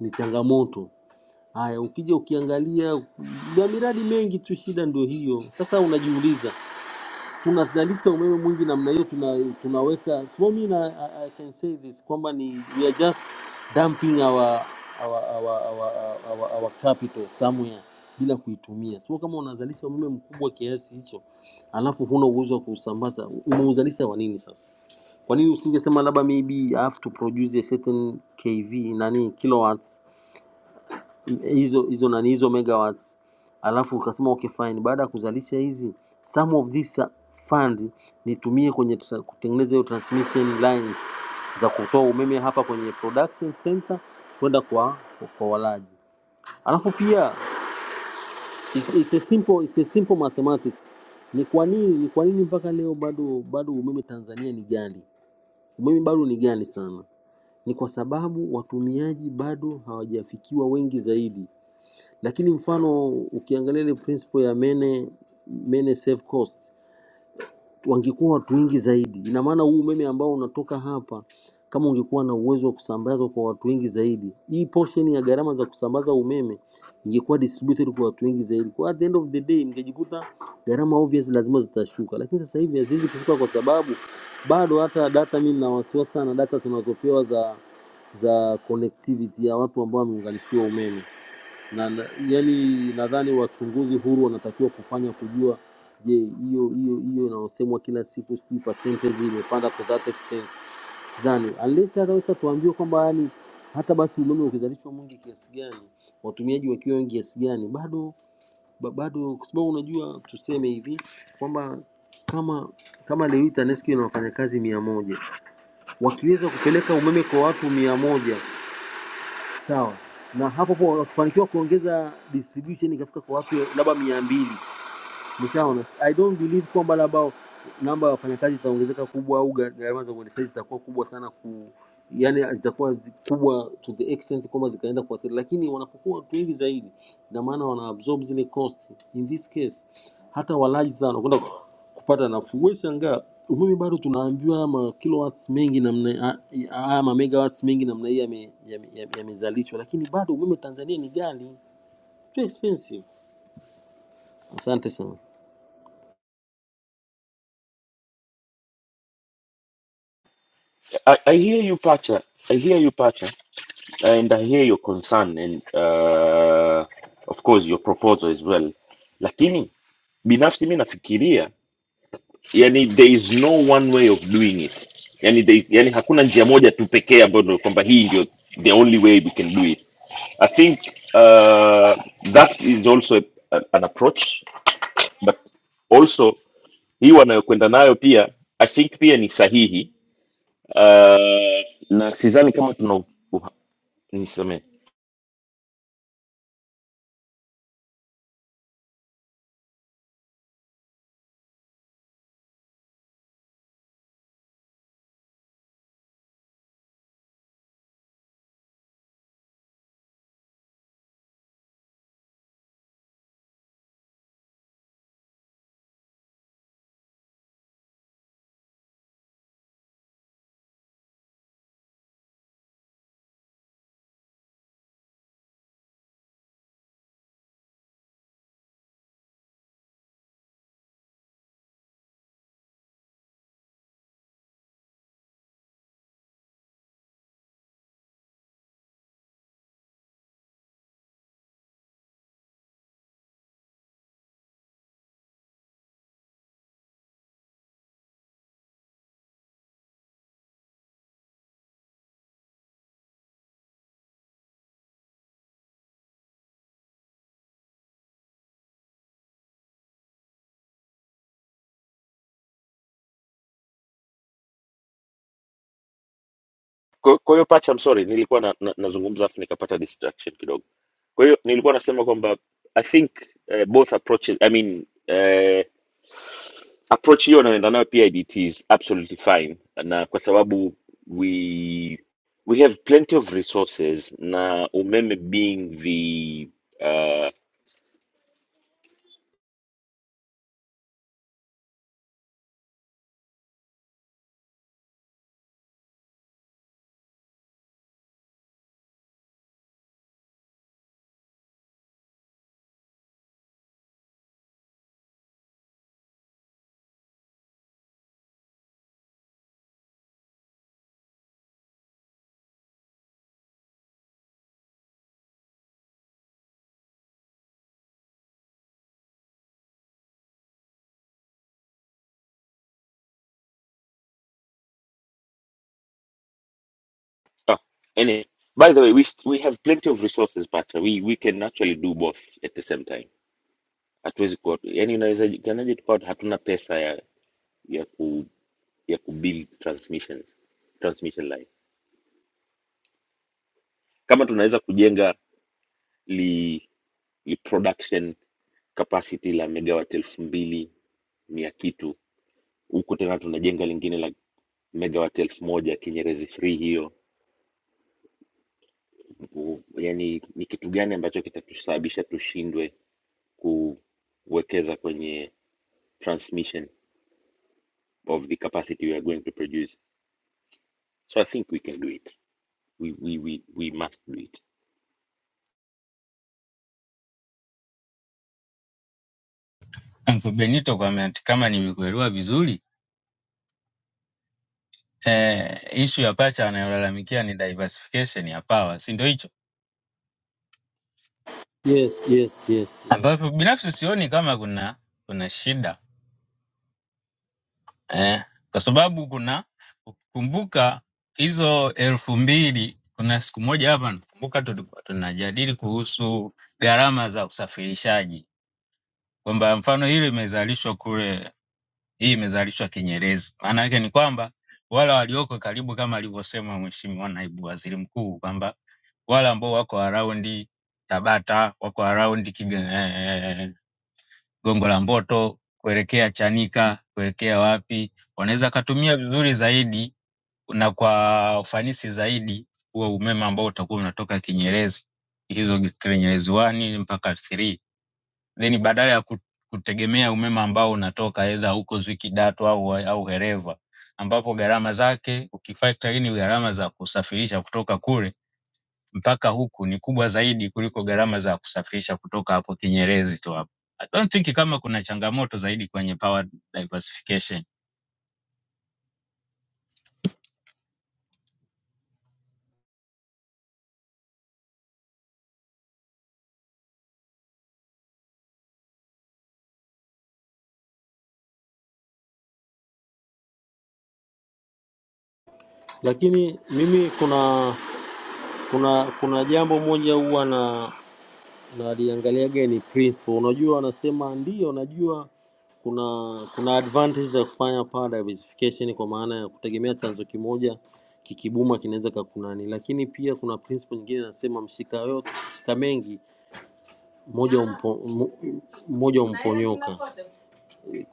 S14: ni changamoto. Haya, ukija ukiangalia na miradi mengi tu, shida ndio hiyo. Sasa unajiuliza tunazalisha umeme mwingi namna hiyo tuna, tunaweka so mimi na, I, I can say this kwamba ni we are just dumping our our, our, our, our, our capital somewhere bila kuitumia. So kama unazalisha umeme mkubwa kiasi hicho alafu huna uwezo wa kuusambaza, umeuzalisha wa nini sasa? Kwa nini usingesema labda maybe I have to produce a certain kV nani kilowatts hizo hizo nani hizo megawatts alafu ukasema okay fine baada ya kuzalisha hizi some of this fund nitumie kwenye tra- kutengeneza hiyo transmission lines za kutoa umeme hapa kwenye production center kwenda kwa kwa walaji alafu pia it's, it's a simple, it's a simple mathematics ni kwa nini ni kwa nini mpaka leo bado bado umeme Tanzania ni ghali umeme bado ni ghali sana ni kwa sababu watumiaji bado hawajafikiwa wengi zaidi lakini mfano ukiangalia ile principle ya mene mene save cost, wangekuwa watu wengi zaidi. Ina maana huu umeme ambao unatoka hapa, kama ungekuwa na uwezo wa kusambazwa kwa watu wengi zaidi, hii portion ya gharama za kusambaza umeme ingekuwa distributed kwa watu wengi zaidi. Kwa at the end of the day, mngejikuta gharama obvious lazima zitashuka, lakini sasa hivi haziwezi kushuka kwa sababu bado hata data, mimi nina wasiwasi sana data tunazopewa za za connectivity ya watu ambao wameunganishiwa umeme na, na yani nadhani wachunguzi huru wanatakiwa kufanya kujua, je, hiyo hiyo hiyo inayosemwa kila siku sijui percentage imepanda to that extent, sidhani unless ataweza tuambiwe kwamba yani hata basi umeme ukizalishwa mwingi kiasi gani, watumiaji wakiwa wengi kiasi gani, bado ba- bado, kwa sababu unajua, tuseme hivi kwamba kama kama leo hii TANESCO ina wafanyakazi mia moja wakiweza kupeleka umeme kwa watu mia moja sawa. Na hapo hapo wakifanikiwa kuongeza distribution ikafika kwa watu labda mia mbili Nishaona. I don't believe kwamba labda namba ya wafanyakazi itaongezeka kubwa au gha- gharama za uendeshaji zitakuwa kubwa sana ku yani zitakuwa zi- kubwa to the extent kwamba zikaenda kuathiri, lakini wanapokuwa watu wengi zaidi, ina maana wana absorb zile cost. In this case hata walaji sana wanakwenda ku- kupata nafuu. Wewe shangaa umeme bado tunaambiwa ma kilowatts mengi namna haya ma megawatts mengi namna hii yamezalishwa yame- yame- yame- yamezalishwa, lakini bado umeme Tanzania ni ghali, it's too expensive. Asante sana.
S7: I, I hear you pacha i hear you pacha And I hear your concern and uh, of course your proposal as well, lakini binafsi mi nafikiria yani there is no one way of doing it yani, there, yani hakuna njia moja tu pekee ambayo ndio kwamba hii ndio the only way we can do it. I think uh, that is also a, a, an approach but also hii wanayokwenda nayo pia I think pia ni sahihi uh, na sidhani kama tuna niseme Kwa kwa hiyo pacha, I'm sorry, nilikuwa na, na, nazungumza afu nikapata distraction kidogo. Kwa hiyo nilikuwa nasema kwamba I think uh, both approaches I mean uh, approach hiyo anayoenda nayo PIDT is absolutely fine, na kwa sababu we we have plenty of resources na umeme being the uh, oh, anyway, by the way we, st- we have plenty of resources pacha, we, we can actually do both at the same time. Hatuwezi kuwa yani, unaweza jikanaje tukawa hatuna pesa ya ku ya kubuild transmissions transmission line kama tunaweza kujenga li, li production capacity la megawatt elfu mbili mia kitu huku tena tunajenga lingine la megawatt elfu moja kinyerezi free hiyo U- yani ni kitu gani ambacho kitatusababisha tushindwe kuwekeza kwenye transmission of the capacity we are going to produce so i think we can do it we, we, we, we must do it
S3: Uncle Benito kwa mea- kama nimekuelewa vizuri eh, issue ya pacha anayolalamikia ni diversification ya power, si ndio hicho?
S14: Yes, yes, yes,
S3: ambapo
S14: yes.
S3: binafsi sioni kama kuna kuna shida eh, kwa sababu kuna kumbuka hizo elfu mbili kuna siku moja hapa nakumbuka tulikuwa tunajadili kuhusu gharama za usafirishaji kwamba mfano hili imezalishwa kule hii imezalishwa kinyerezi maana yake ni kwamba wale walioko karibu kama alivyosema mheshimiwa naibu waziri mkuu kwamba wale ambao wako araundi tabata wako araundi Gongo la Mboto kuelekea Chanika kuelekea wapi, wanaweza wakatumia vizuri zaidi na kwa ufanisi zaidi huo umeme ambao utakuwa unatoka Kinyerezi, hizo Kinyerezi 1 mpaka 3, then badala ya ku- kutegemea umeme ambao unatoka aidha huko Zwickidatu au au Hereva ambapo gharama zake ukifactor in gharama za kusafirisha kutoka kule mpaka huku ni kubwa zaidi kuliko gharama za kusafirisha kutoka hapo Kinyerezi tu hapo. I don't think kama kuna changamoto zaidi kwenye power diversification.
S14: Lakini mimi kuna kuna kuna jambo moja huwa na naliangaliaga ni principle. Unajua, anasema ndio, najua kuna kuna advantage za kufanya power diversification kwa maana ya kutegemea chanzo kimoja kikibuma kinaweza kakunani, lakini pia kuna principle nyingine inasema mshika yote mshika mengi mmoja umpo, mmo- mmoja umponyoka.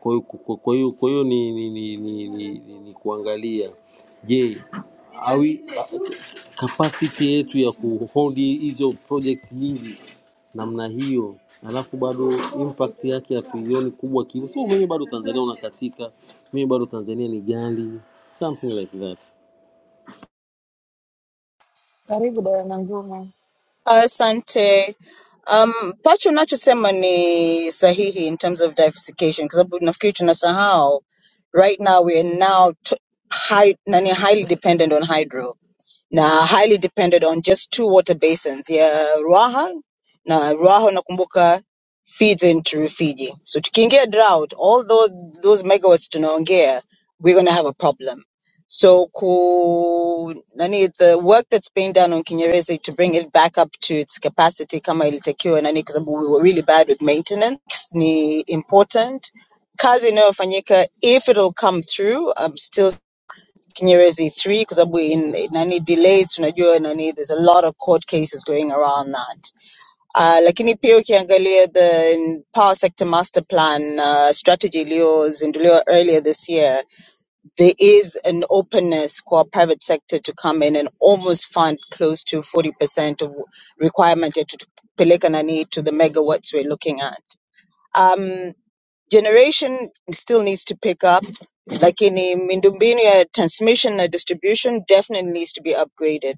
S14: Kwa hiyo kwa hiyo kwa hiyo ni ni, ni, ni, ni, ni, ni kuangalia je, awi capacity yetu ya kuhold hizo project nyingi namna hiyo, alafu bado impact yake hatuioni kubwa kivyo, so mwenyewe bado Tanzania unakatika, mimi bado Tanzania ni gali, something like that.
S13: karibu dada Nanguma.
S15: Asante. Um, pacho nachosema ni sahihi in terms of diversification kwa sababu nafikiri tunasahau right now we are now t- high, nani highly dependent on hydro na highly depended on just two water basins ya Ruaha na Ruaha nakumbuka feeds into Rufiji. So tukiingia drought, all those those megawatts tunaongea, we're going to have a problem. So ku nani the work that's being done on Kinyerezi to bring it back up to its capacity kama ilitakiwa nani kwa sababu we were really bad with maintenance ni important. Kazi inayofanyika if it'll come through, I'm still Kinyerezi 3 kwa sababu in- in, nani delays tunajua nani there's a lot of court cases going around that uh, lakini pia ukiangalia the power sector master plan uh, strategy iliyozinduliwa earlier this year there is an openness for private sector to come in and almost fund close to 40% of requirement ya tutupeleka nani to the megawatts we're looking at Um, generation still needs to pick up. Like in miundombinu, transmission and distribution definitely needs to be upgraded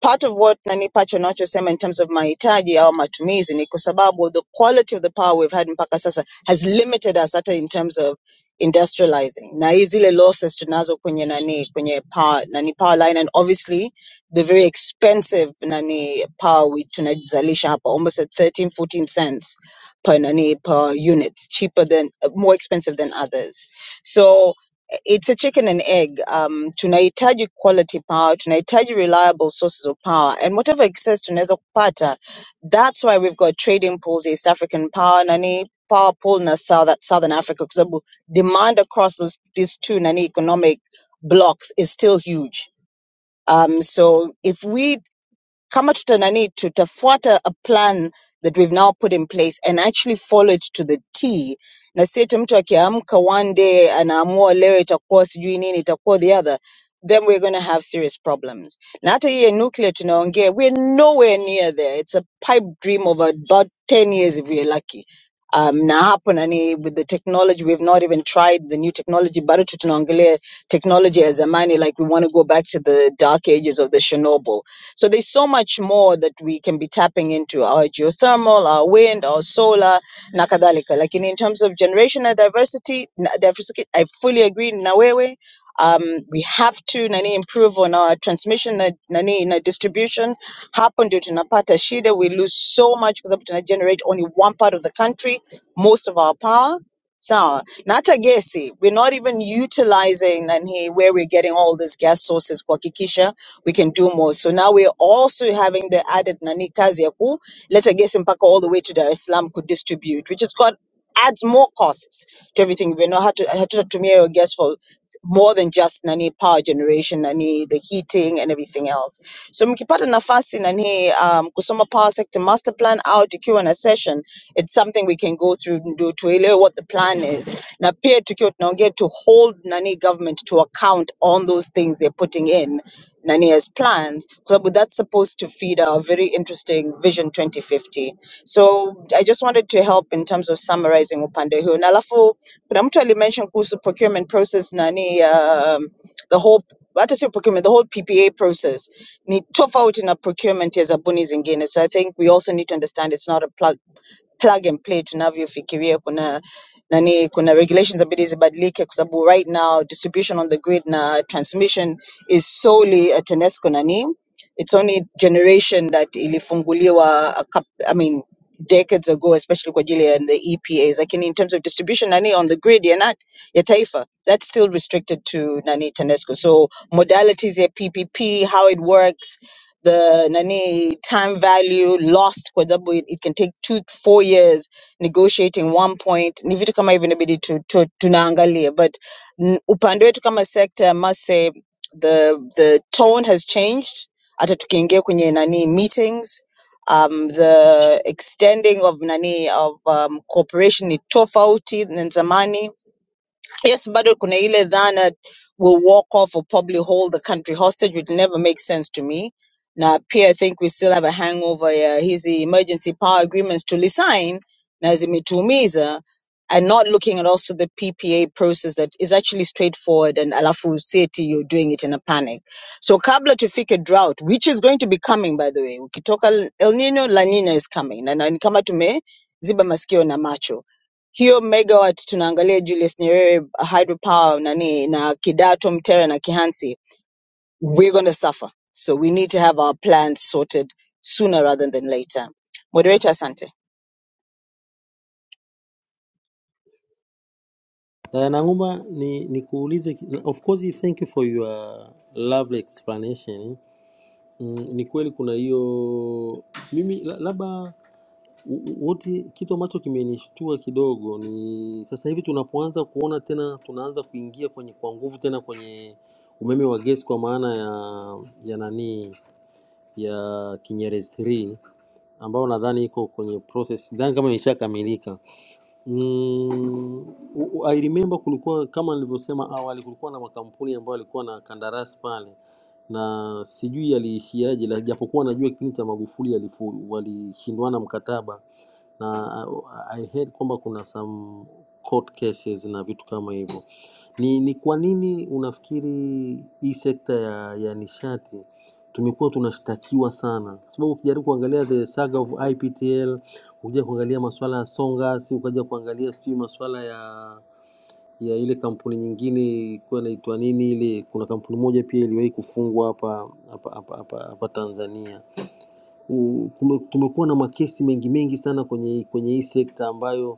S15: part of what nani Pacho anachosema in terms of mahitaji au matumizi ni kwa sababu the quality of the power we've had mpaka sasa has limited us hata in terms of industrializing na hii zile losses tunazo kwenye nani kwenye power nani power line and obviously the very expensive nani power we tunajizalisha hapa almost at 13, 14 cents per nani per units cheaper than more expensive than others so it's a chicken and egg. Um, tunahitaji quality power, tunahitaji reliable sources of power and whatever excess tunaweza kupata. That's why we've got trading pools, East African power, nani power pool na South, Southern Africa kwa sababu demand across those, these two nani economic blocks is still huge. Um, so if we kama tutanani tutafuata a plan that we've now put in place and actually follow it to the T na si eti mtu akiamka one day anaamua leo itakuwa sijui nini itakuwa the other then we're going to have serious problems na hata hii ya nuclear tunaongea we're nowhere near there it's a pipe dream of about 10 years if we're lucky um, na hapo nani with the technology we've not even tried the new technology bado tu tunaongelea technology ya zamani like we want to go back to the dark ages of the chernobyl so there's so much more that we can be tapping into our geothermal, our wind, our solar, nakadalika. Like in, in terms of generational diversity, na- diversity, I fully agree. Nawewe, um, we have to nani improve on our transmission na nani na distribution. Happen due to napata shida, we lose so much because to generate only one part of the country, most of our power. So not a gesi. We're not even utilizing nani where we're getting all these gas sources. Kwa we can do more. So now we're also having the added nani kazi ya kuleta gesi mpaka all the way to Dar es Salaam could distribute, which has got adds more costs to everything. We know how to hatutatumia hiyo gas for s- more than just nani power generation, nani the heating and everything else. So mkipata nafasi nani um, kusoma power sector master plan out ikiwa na session, it's something we can go through and do tuelewe what the plan is. Na pia tukiwa tunaongea to hold nani government to account on those things they're putting in Nania's plans, so but that's supposed to feed our very interesting Vision 2050. So I just wanted to help in terms of summarizing upande huu. Na alafu kuna mtu alimention kuhusu procurement process nani um, the whole hata sio procurement, the whole PPA process ni tofauti na procurement ya zabuni zingine. So I think we also need to understand it's not a plug and play tunavyofikiria kuna nani kuna regulations inabidi zibadilike kwa sababu right now distribution on the grid na transmission is solely a TANESCO nani it's only generation that ilifunguliwa a coup I mean decades ago especially kwa ajili ya the EPAs lakini in terms of distribution nani on the grid ya, na, ya taifa that's still restricted to nani TANESCO so modalities ya PPP how it works the nani time value lost kwa sababu it it can take two to four years negotiating one point ni vitu kama hivyo inabidi tu, tu, tunaangalia but n- upande wetu kama sector I must say the the tone has changed hata tukiingia kwenye nani meetings um, the extending of nani of um, cooperation ni tofauti na zamani Yes, bado kuna ile dhana will walk off or probably hold the country hostage, which never makes sense to me. Na pia I think we still have a hangover ya hizi emergency power agreements tulisign na zimetuumiza and not looking at also the PPA process that is actually straightforward and alafu sieti you're doing it in a panic. So kabla tufike drought, which is going to be coming by the way, ukitoka El Nino, La Nina is coming. Na, na ni kama tumeziba masikio na macho hiyo megawatt tunaangalia Julius Nyerere hydropower nani na Kidato, Mtera na Kihansi, we're going to suffer. So we need to have our plans sorted sooner rather than later. Moderator, asante.
S14: Uh, Nanguma ni nikuulize, ki- of course thank you for your lovely explanation. Mm, ni kweli kuna hiyo mimi la- labda U- u- Uti, kitu ambacho kimenishtua kidogo ni sasa hivi tunapoanza kuona tena, tunaanza kuingia kwenye kwa nguvu tena kwenye umeme wa gesi kwa maana ya ya nani ya Kinyerezi 3 ambayo nadhani iko kwenye process, sidhani kama imeshakamilika. Mm, u- u- I remember kulikuwa kama nilivyosema awali, kulikuwa na makampuni ambayo yalikuwa na kandarasi pale na sijui yaliishiaje, la- japokuwa najua kipindi cha Magufuli yalifu- walishindwana mkataba na I heard kwamba kuna some court cases na vitu kama hivyo. Ni, ni kwa nini unafikiri hii sekta ya, ya nishati tumekuwa tunashtakiwa sana? Kwa sababu ukijaribu kuangalia the saga of IPTL, ukija kuangalia masuala ya Songas, ukaja kuangalia sijui masuala ya ya ile kampuni nyingine ilikuwa inaitwa nini ile, kuna kampuni moja pia iliwahi kufungwa hapa hapa hapa hapa hapa Tanzania Mm, tume- tumekuwa na makesi mengi mengi sana kwenye kwenye hii sekta ambayo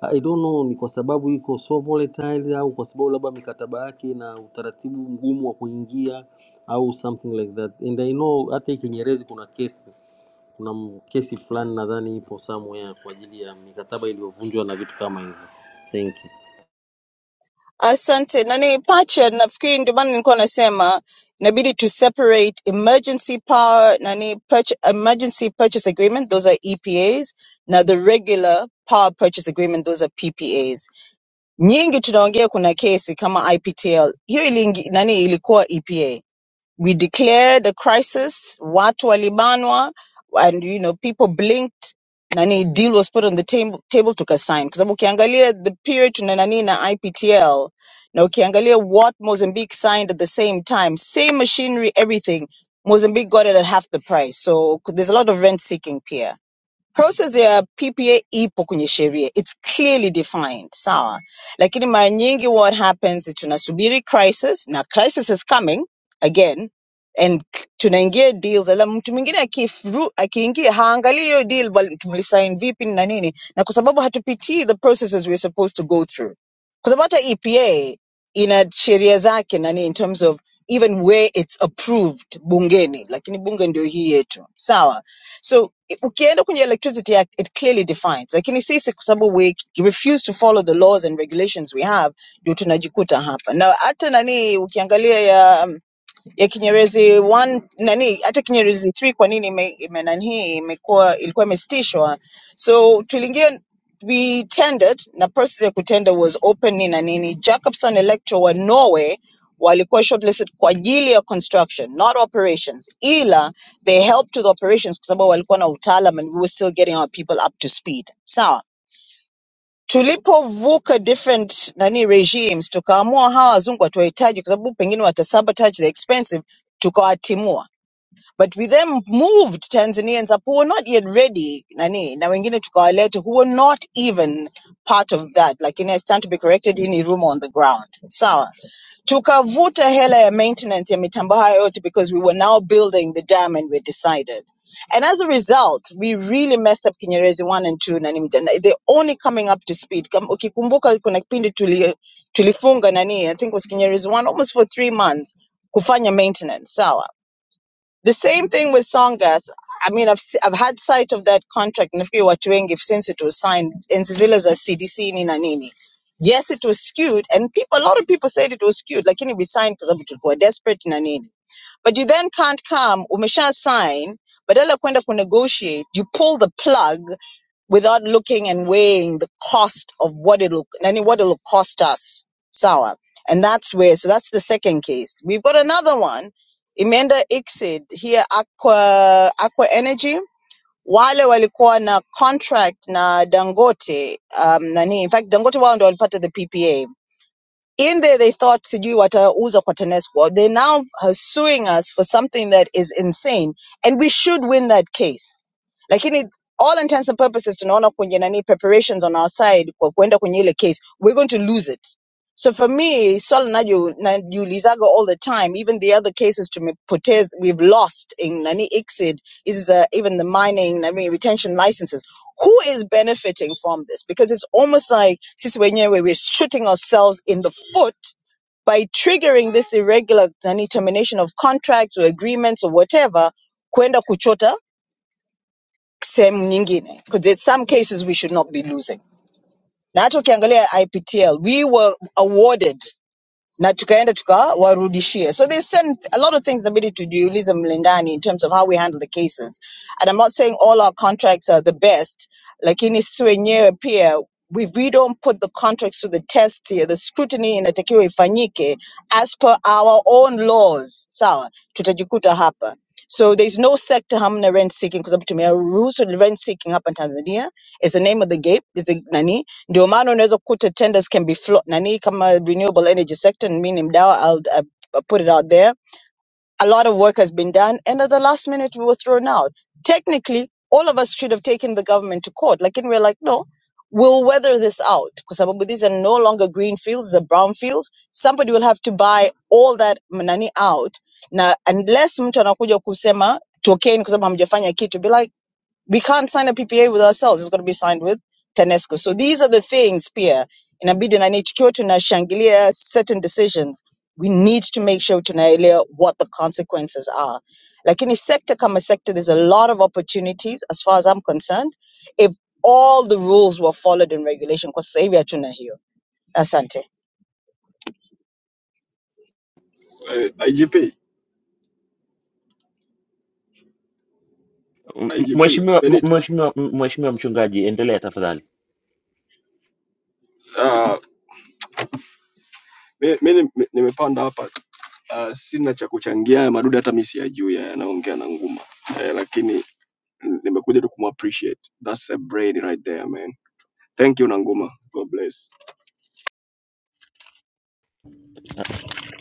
S14: I don't know ni kwa sababu iko so volatile au kwa sababu labda mikataba yake na utaratibu mgumu wa kuingia au something like that. And I know hata hii Kinyerezi kuna kesi, kuna m- kesi fulani nadhani ipo somewhere kwa ajili ya mikataba iliyovunjwa na vitu kama hivyo. Thank you.
S15: Asante. Nani pacha, nafikiri ndio maana nilikuwa nasema inabidi to separate emergency power nani purch emergency purchase agreement those are EPAs Now the regular power purchase agreement those are PPAs nyingi tunaongea kuna kesi kama IPTL hiyo ilingi, nani ilikuwa EPA we declared a crisis watu walibanwa and you know people blinked nani deal was put on the table, table tukasign kwa sababu ukiangalia the period tuna nani na IPTL na ukiangalia what Mozambique signed at the same time same machinery everything Mozambique got it at half the price so there's a lot of rent seeking here Process ya PPA ipo kwenye sheria. It's clearly defined, sawa. Lakini mara nyingi what happens is tunasubiri crisis na crisis is coming again and k- tunaingia deals ala mtu mwingine akifu- akiingia haangalii hiyo deal bali tulisign vipi na nini na kwa sababu hatupitii the processes we're supposed to go through kwa sababu hata EPA ina sheria zake nani in terms of even where it's approved bungeni lakini bunge ndio hii yetu sawa so i- ukienda kwenye Electricity Act, it clearly defines, lakini sisi kwa sababu we refuse to follow the laws and regulations we have, ndio tunajikuta hapa. Na hata nani ukiangalia ya Kinyerezi 1 nani hata Kinyerezi 3 kwa nini ime, ime nani imekuwa ilikuwa imesitishwa so tuliingia we tendered na process ya kutenda was open na nini Jacobson Electro wa Norway walikuwa shortlisted kwa ajili ya construction not operations ila they helped with operations kwa sababu walikuwa na utaalam and we were still getting our people up to speed sawa tulipovuka different nani regimes tukaamua hawa wazungu hatuwahitaji kwa sababu pengine wata sabotage the expensive tukawatimua but we then moved tanzanians up who were not yet ready nani na wengine tukawaleta who were not even part of that like lakini i stand to be corrected in ni rumor on the ground sawa tukavuta hela ya maintenance ya mitambo hayo yote because we were now building the dam and we decided and as a result we really messed up kinyerezi 1 and 2 na ni they're only coming up to speed Kam- ukikumbuka kuna kipindi tuli, tulifunga nani i think it was kinyerezi 1 almost for three months kufanya maintenance sawa the same thing with Songas. I mean, I've s- I've had sight of that contract nafikiri watu wengi since it was signed enzi zile za CDC nini na nini. Yes, it was skewed, and people a lot of people said it was skewed, lakini we signed kwa sababu tulikuwa desperate na nini. But you then can't come, umesha sign, badala ya kwenda kunegotiate, you pull the plug without looking and weighing the cost of what it'll and what it'll cost us. Sour. And that's where so that's the second case. We've got another one. Emenda Ixid here Aqua Aqua Energy. Wale walikuwa na contract na Dangote um, nani. In fact, Dangote wao ndio walipata the PPA in there they thought sijui watauza kwa TANESCO. They're now uh, suing us for something that is insane, and we should win that case. Lakini all intents and purposes tunaona kwenye nani preparations on our side kwa kuenda kwenye ile case, we're going to lose it. So for me, swali naju- najiulizaga all the time, even the other cases tumepoteza, we've lost in nani ICSID, is uh, even the mining, nani retention licenses who is benefiting from this? Because it's almost like Siswenye, where we're shooting ourselves in the foot by triggering this irregular nani, termination of contracts or agreements or whatever, kwenda kuchota sehemu nyingine. Because there's some cases we should not be losing. Na hata ukiangalia IPTL, we were awarded na tukaenda tukawarudishia so they sent a lot of things inabidi tujiulize mlindani in terms of how we handle the cases and i'm not saying all our contracts are the best lakini sisi wenyewe pia we, we don't put the contracts to the test here the scrutiny inatakiwa ifanyike as per our own laws sawa tutajikuta hapa so there's no sector hamna rent seeking kwa sababu tumeruhusu rent seeking hapa tanzania it's the name of the game it's a, nani ndio maana unaweza kukuta tenders can be flo nani kama renewable energy sector mi ni mdao I'll, I'll uh, put it out there a lot of work has been done and at the last minute we were thrown out technically all of us should have taken the government to court Like, and we're like no we'll weather this out because these are no longer green fields these are brown fields somebody will have to buy all that nani out na unless mtu anakuja kusema tokeni kwa sababu hamjafanya kitu be like we can't sign a PPA with ourselves. It's got to be signed with TANESCO. So these are the things pia inabidi na nikiwa tunashangilia certain decisions, we need to make sure tunaelewa what the consequences are. Lakini sector kama sector, there's a lot of opportunities as far as I'm concerned if all the rules were followed in regulation kwa sasa hivi hatuna hiyo. Asante.
S16: eh, na IGP,
S7: M-
S16: na
S7: m-
S16: IGP
S7: Mheshimiwa, m-
S16: Benito.
S7: mheshimiwa, m- mheshimiwa mchungaji, endelea tafadhali.
S16: Ah, mi mi nime- nimepanda hapa ah, sina cha kuchangia haya madude, hata mi siyajui haya yanaongea na nguma eh, lakini mm, nimekuja tu kumappreciate. That's a brain right there man. Thank you Nanguma. God bless.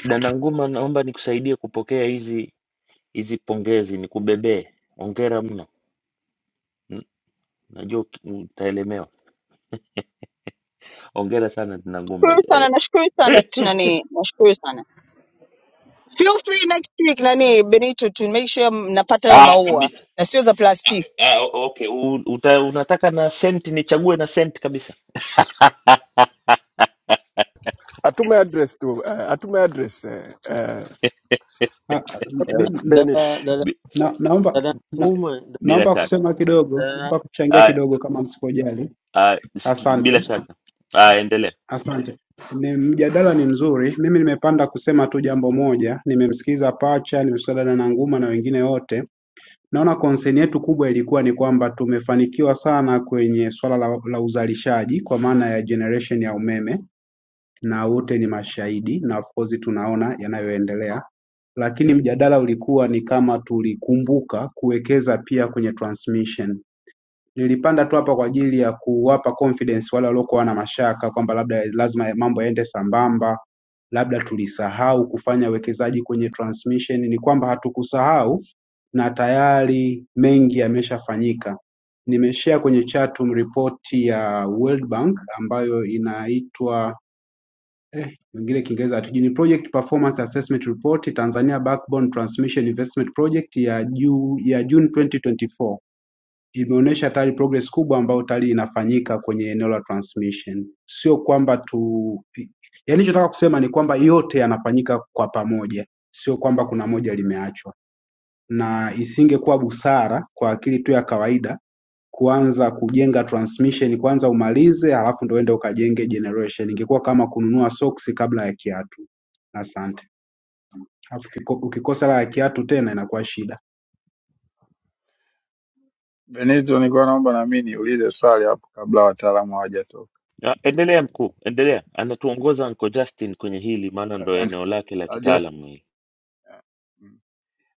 S7: Dada Nguma, naomba nikusaidie kupokea hizi hizi pongezi, nikubebee. Hongera mno. Mm, Najua uki- utaelemewa. Hongera sana Dada Nguma.
S15: Nashukuru
S7: Eh,
S15: sana, nashukuru sana tunani, nashukuru sana. Feel free next week nani Benito to make sure mnapata hayo
S7: ah,
S15: maua
S7: kabisa.
S15: na sio za plastiki.
S7: Ah, o- okay. U, uta, unataka na senti, nichague na senti kabisa.
S16: Atume address tu, eh, atume address eh, eh,
S17: Ah, ah,
S16: eh,
S17: mimi
S16: Benito.
S14: Dada dada
S7: Bi-
S17: na, naomba
S14: dada
S17: na,
S14: Nguma,
S7: bila
S17: naomba
S7: shaka.
S17: kusema kidogo,
S14: dada
S17: naomba kuchangia
S7: Ah,
S17: kidogo kama msipojali.
S7: ah, s- bila
S17: Asante,
S7: shaka. Ah, endelea.
S17: asante. Ni mjadala ni mzuri. Mimi nimepanda kusema tu jambo moja. Nimemsikiza Pacha, nimemsikiza dada Nanguma na wengine wote. Naona concern yetu kubwa ilikuwa ni kwamba tumefanikiwa sana kwenye swala la, la uzalishaji kwa maana ya generation ya umeme na wote ni mashahidi na of course tunaona yanayoendelea lakini mjadala ulikuwa ni kama tulikumbuka kuwekeza pia kwenye transmission. Nilipanda tu hapa kwa ajili ya kuwapa confidence wale waliokuwa na mashaka kwamba labda lazima mambo yaende sambamba, labda tulisahau kufanya uwekezaji kwenye transmission. Ni kwamba hatukusahau na tayari mengi yameshafanyika. Nimeshare kwenye chatroom ripoti ya World Bank ambayo inaitwa eh, wengine Kiingereza hatujui, ni Project Performance Assessment Report Tanzania Backbone Transmission Investment Project ya juu ya June 2024 imeonyesha tayari progress kubwa ambayo tayari inafanyika kwenye eneo la transmission. Sio kwamba tu, yaani ninachotaka kusema ni kwamba yote yanafanyika kwa pamoja, sio kwamba kuna moja limeachwa, na isingekuwa busara kwa akili tu ya kawaida kuanza kujenga transmission kwanza umalize halafu ndo uende ukajenge generation. Ingekuwa kama kununua soksi kabla ya kiatu. Asante. Alafu kiko- ukikosa la ya kiatu tena inakuwa shida.
S18: Benito, nilikuwa naomba na mimi niulize swali hapo kabla wataalamu hawajatoka.
S7: Ah, Endelea mkuu, endelea. Anatuongoza Uncle Justin kwenye hili, maana ndo
S18: Asante.
S7: eneo lake la
S18: Uh, just,
S7: kitaalamu hili.
S18: uh, mm,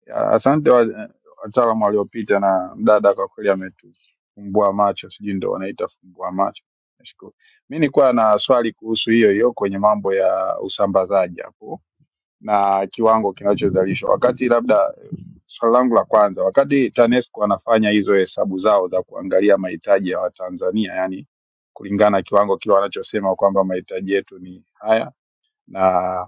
S18: yeah, asante wa- eh, wataalamu waliopita na mdada kwa kweli ametufumbua macho, sijui ndo wanaita fumbua macho. Nashukuru. Mi nilikuwa na swali kuhusu hiyo hiyo kwenye mambo ya usambazaji hapo na kiwango kinachozalishwa wakati labda Swali langu la kwanza, wakati TANESCO wanafanya hizo hesabu zao za kuangalia mahitaji ya Watanzania, yani kulingana na kiwango kile wanachosema kwamba mahitaji yetu ni haya na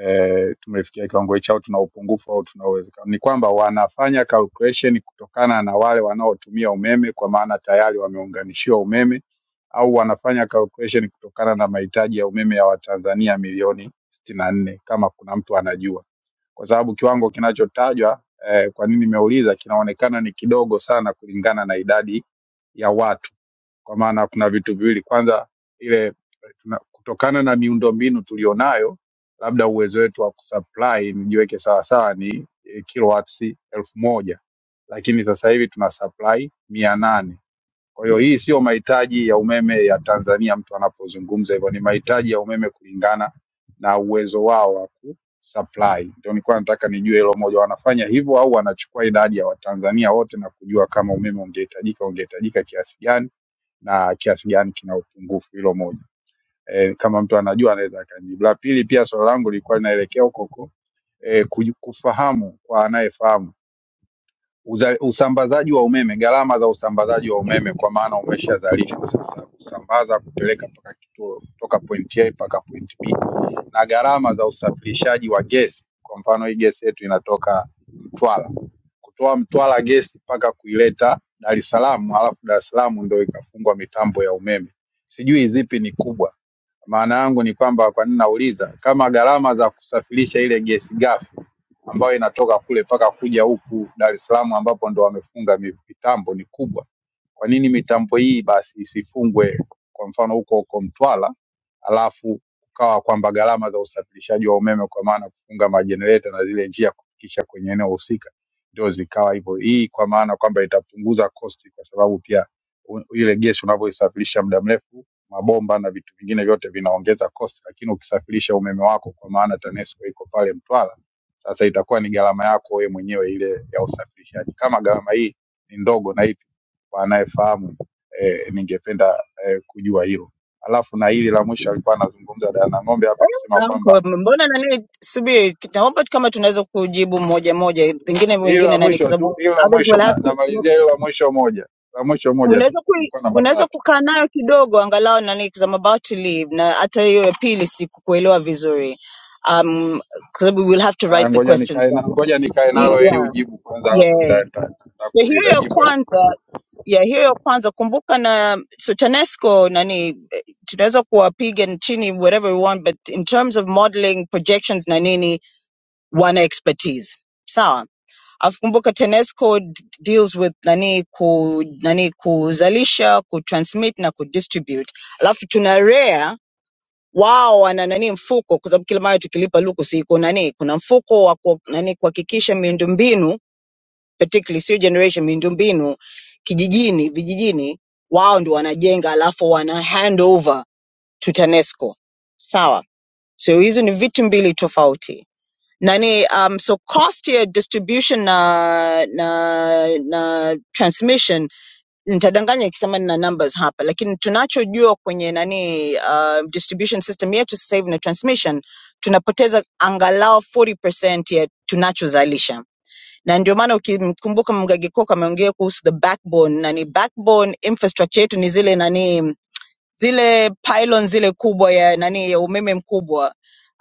S18: e, tumefikia kiwango hichi au tuna upungufu au tuna uwezekano, ni kwamba wanafanya calculation kutokana na wale wanaotumia umeme, kwa maana tayari wameunganishiwa umeme, au wanafanya calculation kutokana na mahitaji ya umeme ya Watanzania milioni sitini na nne kama kuna mtu anajua kwa sababu kiwango kinachotajwa eh, kwa nini nimeuliza, kinaonekana ni kidogo sana kulingana na idadi ya watu, kwa maana kuna vitu viwili. Kwanza ile tuna- kutokana na miundombinu tulionayo, labda uwezo wetu wa kusupply, nijiweke sawasawa, ni eh, kilowatts elfu moja lakini sasa hivi tuna supply mia nane kwa hiyo hii sio mahitaji ya umeme ya Tanzania mtu anapozungumza hivyo, ni mahitaji ya umeme kulingana na uwezo wao wa kusupply. Ndio nilikuwa nataka nijue hilo moja, wanafanya hivyo au wanachukua idadi ya Watanzania wote na kujua kama umeme ungehitajika ungehitajika kiasi gani na kiasi gani kina upungufu. Hilo moja e, kama mtu anajua anaweza akanijibu. La pili, pia swali langu lilikuwa linaelekea huko huko e, kuj- kufahamu kwa anayefahamu Uza- Usambazaji wa umeme, gharama za usambazaji wa umeme, kwa maana umeshazalishwa sasa, kusambaza kupeleka mpaka kituo kutoka point A mpaka point B, na gharama za usafirishaji wa gesi. Kwa mfano, hii gesi yetu inatoka Mtwara, kutoa Mtwara gesi mpaka kuileta Dar es Salaam, halafu Dar es Salaam ndio ikafungwa mitambo ya umeme. Sijui zipi ni kubwa. Maana yangu ni kwamba, kwa nini nauliza, kama gharama za kusafirisha ile gesi ghafi ambayo inatoka kule mpaka kuja huku Dar es Salaam ambapo ndo wamefunga mi- mitambo ni kubwa, kwa nini mitambo hii basi isifungwe, kwa mfano huko huko Mtwara, alafu ukawa kwamba gharama za usafirishaji wa umeme kwa maana kufunga majenereta na zile njia kufikisha kwenye eneo husika ndio zikawa hivyo. Hii kwa maana kwamba itapunguza kosti, kwa sababu pia u- ile gesi unavyoisafirisha muda mrefu mabomba na vitu vingine vyote vinaongeza cost, lakini ukisafirisha umeme wako kwa maana TANESCO iko pale Mtwara, sasa itakuwa ni gharama yako wewe mwenyewe ile ya usafirishaji. Kama gharama hii ni ndogo na ipi kwa anayefahamu eh, ningependa eh, kujua hilo. Alafu na hili la mwisho alikuwa anazungumza Dana Ng'ombe hapa kusema kwamba
S15: Uncle, mbona nani, subiri, naomba kama tunaweza kujibu moja moja, pengine
S18: hilo la
S15: wengine nani, kwa
S18: mwisho
S15: sababu
S18: tu, hilo la
S15: others
S18: mwisho
S15: will
S18: na,
S15: have to,
S18: namalizia hilo la mwisho moja, la mwisho moja tu,
S15: unaweza ku,
S18: nilikuwa na
S15: unaweza
S18: matatu.
S15: kukaa nayo kidogo angalau nani, because I'm about to leave, na hata hiyo ya pili sikukuelewa vizuri um, kwa sababu we will have to
S18: Haya,
S15: write the
S18: ngoja
S15: questions
S18: nikae na
S15: down.
S18: ngoja nikae
S15: Hi-
S18: nalo ili
S15: Yeah,
S18: ujibu kwanza, alafu
S15: yeah.
S18: nita- nita-
S15: So hiyo
S18: nitakuuliza
S15: ya
S18: jibu.
S15: kwanza ya hiyo ya kwanza kumbuka na so TANESCO nani eh, tunaweza kuwapiga chini whatever we want but in terms of modeling projections na nini wana expertise sawa alafu kumbuka TANESCO d- deals with nani ku nani kuzalisha kutransmit na kudistribute alafu tuna REA wao wana nani mfuko kwa sababu kila mara tukilipa lukusi iko nani kuna mfuko wa ku, nani kuhakikisha miundombinu particularly sio generation miundombinu kijijini vijijini wao ndio wanajenga alafu wana hand over to TANESCO sawa so hizo ni vitu mbili tofauti nani um so cost ya distribution na na na transmission nitadanganya ikisema nina numbers hapa lakini tunachojua kwenye nani uh, distribution system yetu sasa hivi na transmission tunapoteza angalau 40% ya tunachozalisha na ndio maana ukimkumbuka mgage Cook ameongea kuhusu the backbone nani backbone infrastructure yetu ni zile nani zile pylon zile kubwa ya nani ya umeme mkubwa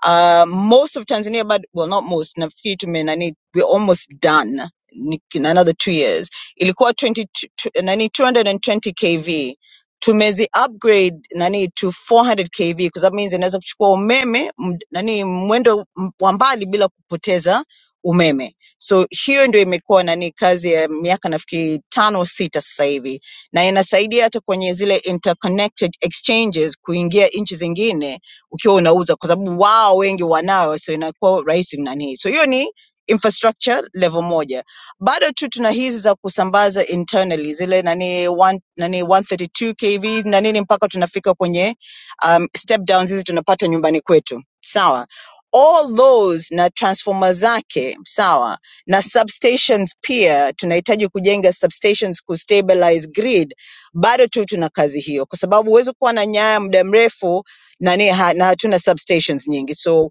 S15: uh, most of tanzania but well not most nafikiri tume nani we're almost done Ni- in another two years ilikuwa 20, tu- tu- nani 220 kv tumezi upgrade nani to 400 kv because that means inaweza kuchukua umeme m- nani mwendo m- wa mbali bila kupoteza umeme so hiyo ndio imekuwa nani kazi ya miaka nafikiri tano sita sasa hivi na inasaidia hata kwenye zile interconnected exchanges kuingia nchi zingine ukiwa unauza, kwa sababu wao wengi wanayo, so inakuwa rahisi nani. So hiyo ni infrastructure level moja. Bado tu tuna hizi za kusambaza internally zile nani, one, nani 132 kV na nini mpaka tunafika kwenye um, step downs hizi tunapata nyumbani kwetu, sawa all those na transformer zake sawa na substations pia tunahitaji kujenga substations kustabilize grid, bado tu tuna kazi hiyo, kwa sababu huwezi kuwa na nyaya muda mrefu nani, ha- na hatuna substations nyingi so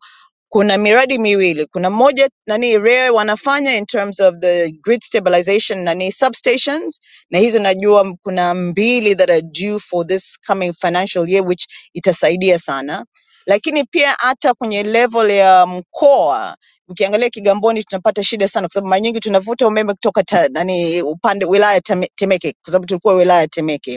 S15: kuna miradi miwili, kuna moja nani REA wanafanya in terms of the grid stabilization nani substations, na hizo najua m- kuna mbili that are due for this coming financial year which itasaidia sana, lakini pia hata kwenye level ya mkoa Ukiangalia Kigamboni tunapata shida sana, kwa sababu mara nyingi tunavuta umeme kutoka ta, nani upande wilaya ya Teme- Temeke, kwa sababu tulikuwa wilaya ya Temeke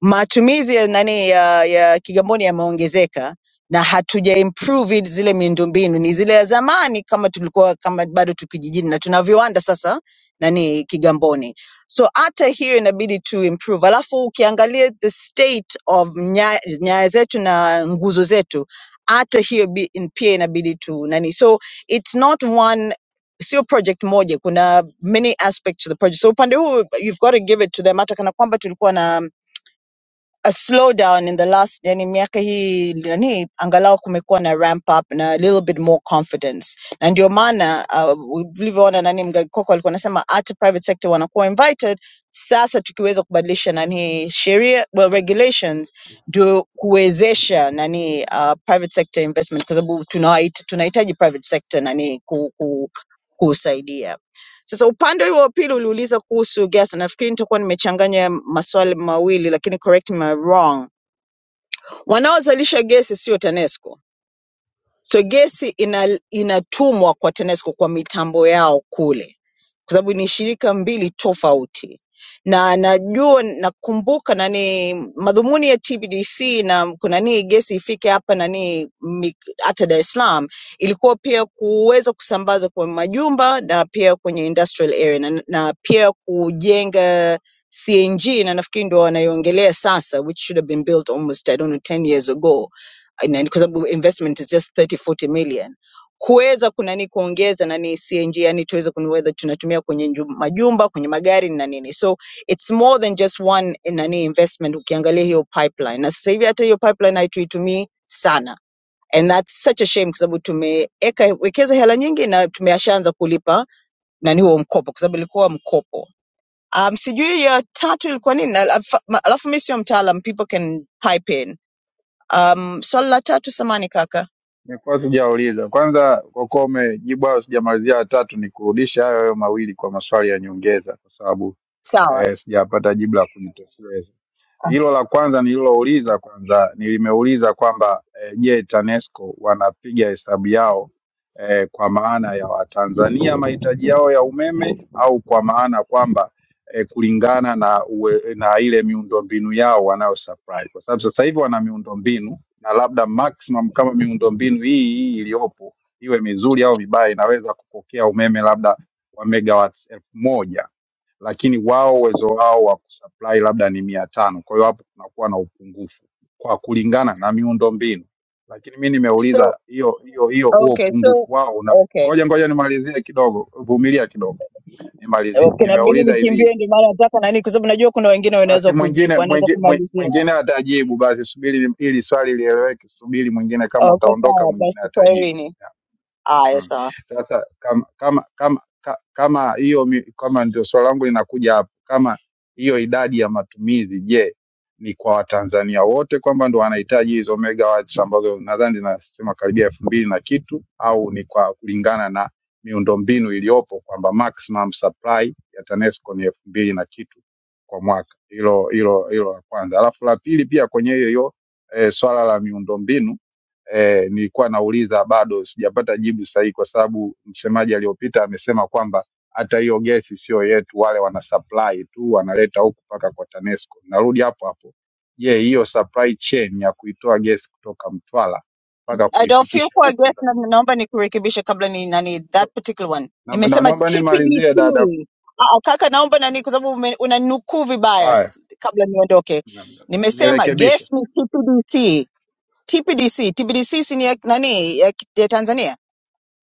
S15: matumizi ya nani ya, ya Kigamboni yameongezeka na hatuja improve zile miundombinu, ni zile ya zamani kama tulikuwa kama bado tukijijini na tuna viwanda sasa nani Kigamboni, so hata hiyo inabidi tu improve. Alafu ukiangalia the state of nya- nyaya zetu na nguzo zetu, hata hiyo bi- in- pia inabidi tu nani, so it's not one sio project moja, kuna many aspects to the project. So upande huu you've got to give it to them, hata kana kwamba tulikuwa na a slowdown in the last yani miaka hii yani angalau kumekuwa na ramp up na a little bit more confidence na ndio maana uh, ulivyoona nani mgakoko alikuwa anasema hata private sector wanakuwa invited sasa tukiweza kubadilisha nani sheria well, regulations ndio kuwezesha nani uh, private sector investment kwa sababu tunawaita- tunahitaji private sector nani ku, ku, kusaidia Sasa upande huo wa pili uliuliza kuhusu gesi, nafikiri nitakuwa nimechanganya maswali mawili, lakini correct me if I'm wrong. Wanaozalisha gesi sio TANESCO, so gesi ina, inatumwa kwa TANESCO kwa mitambo yao kule kwa sababu ni shirika mbili tofauti na najua nakumbuka nani madhumuni ya TPDC na kunani gesi ifike hapa nani mi- hata Dar es Salaam ilikuwa pia kuweza kusambazwa kwa majumba na pia kwenye industrial area na, na pia kujenga CNG na nafikiri ndio wanaiongelea sasa which should have been built almost I don't know 10 years ago na ni kwa investment is just thirty forty million kuweza kunani kuongeza nani CNG yani tuweze kununua that tunatumia kwenye nju- majumba kwenye magari na nini so it's more than just one eh, nani investment ukiangalia hiyo pipeline na sasa hivi hata hiyo pipeline haituitumii sana and that's such a shame kwa sababu tumeweka wekeza hela nyingi na tumeshaanza kulipa nani huo mkopo kwa sababu ilikuwa mkopo um, sijui ya tatu ilikuwa nini na alafu alafu mi sio mtaalam people can pipe in um, swali la tatu samani kaka
S18: Nilikuwa sijauliza kwanza, kwa kuwa umejibu hayo sijamalizia. Ya tatu ni kurudisha hayo hayo mawili kwa maswali ya nyongeza, kwa sababu
S15: sawa
S18: eh, sijapata jibu la kujitosheleza. Hilo la kwanza nililouliza kwanza nilimeuliza kwamba eh, je, TANESCO wanapiga hesabu yao eh, kwa maana ya Watanzania mahitaji yao ya umeme au kwa maana kwamba eh, kulingana na uwe, na ile miundombinu yao wanayo supply, kwa sababu sasa hivi wana miundombinu na labda maximum kama miundombinu hii hii iliyopo iwe mizuri au mibaya, inaweza kupokea umeme labda wa megawatts elfu moja lakini wao uwezo wao wa kusupply labda ni mia tano. Kwa hiyo hapo kunakuwa na upungufu kwa kulingana na miundombinu. Lakini mi
S15: so
S18: nimeuliza hiyo hiyo hiyo huo
S15: okay
S18: upungufu
S15: so
S18: wao una
S15: okay
S18: ngoja ngoja nimalizie kidogo, vumilia kidogo nimalizie.
S15: Okay, inabidi
S18: Nimeuliza hivi
S15: nikimbie, ndio maana nataka nani, kwa sababu najua kuna wengine
S18: basi
S15: wanaweza
S18: mwingine
S15: kujibu, wanaweza
S18: mwingi- mwi-
S15: kumalizia.
S18: mwingine atajibu, basi subiri ili swali lieleweke, subiri mwingine, kama
S15: Oh, Okay,
S18: utaondoka
S15: sawa
S18: mwingine
S15: basi,
S18: atajibu.
S15: kwaherini. Aya,
S18: Mm.
S15: sawa.
S18: Sasa kama kama kama ka- kama hiyo mi- kama ndio swali langu linakuja hapo, kama hiyo idadi ya matumizi, je, ni kwa Watanzania wote kwamba ndo wanahitaji hizo megawatts ambazo nadhani zinasema karibia elfu mbili na kitu, au ni kwa kulingana na miundombinu iliyopo kwamba maximum supply ya TANESCO ni elfu mbili na kitu kwa mwaka? Hilo hilo hilo la kwanza, alafu la pili pia kwenye hiyo hiyo eh, swala la miundombinu eh, nilikuwa nauliza bado sijapata jibu sahihi, kwa sababu msemaji aliyopita amesema kwamba hata hiyo gesi sio yetu, wale wana supply tu wanaleta huku mpaka kwa TANESCO. Narudi hapo hapo, je, hiyo supply chain ya kuitoa gesi kutoka Mtwara mpaka
S15: I don't feel
S18: kuifikisha
S15: poor, I guess,
S18: huku
S15: na naomba nikurekebishe kabla ni nani, that particular one
S18: na- na-
S15: nimesema
S18: naomba
S15: TPDC.
S18: nimalizie dada.
S15: Ah, ah, kaka, naomba nani, kwa sababu ume- unaninukuu vibaya
S18: Haya,
S15: kabla niondoke. Nimesema
S18: nirekebishe,
S15: guess ni TPDC. TPDC, TPDC si ni ya nani ya, ya Tanzania?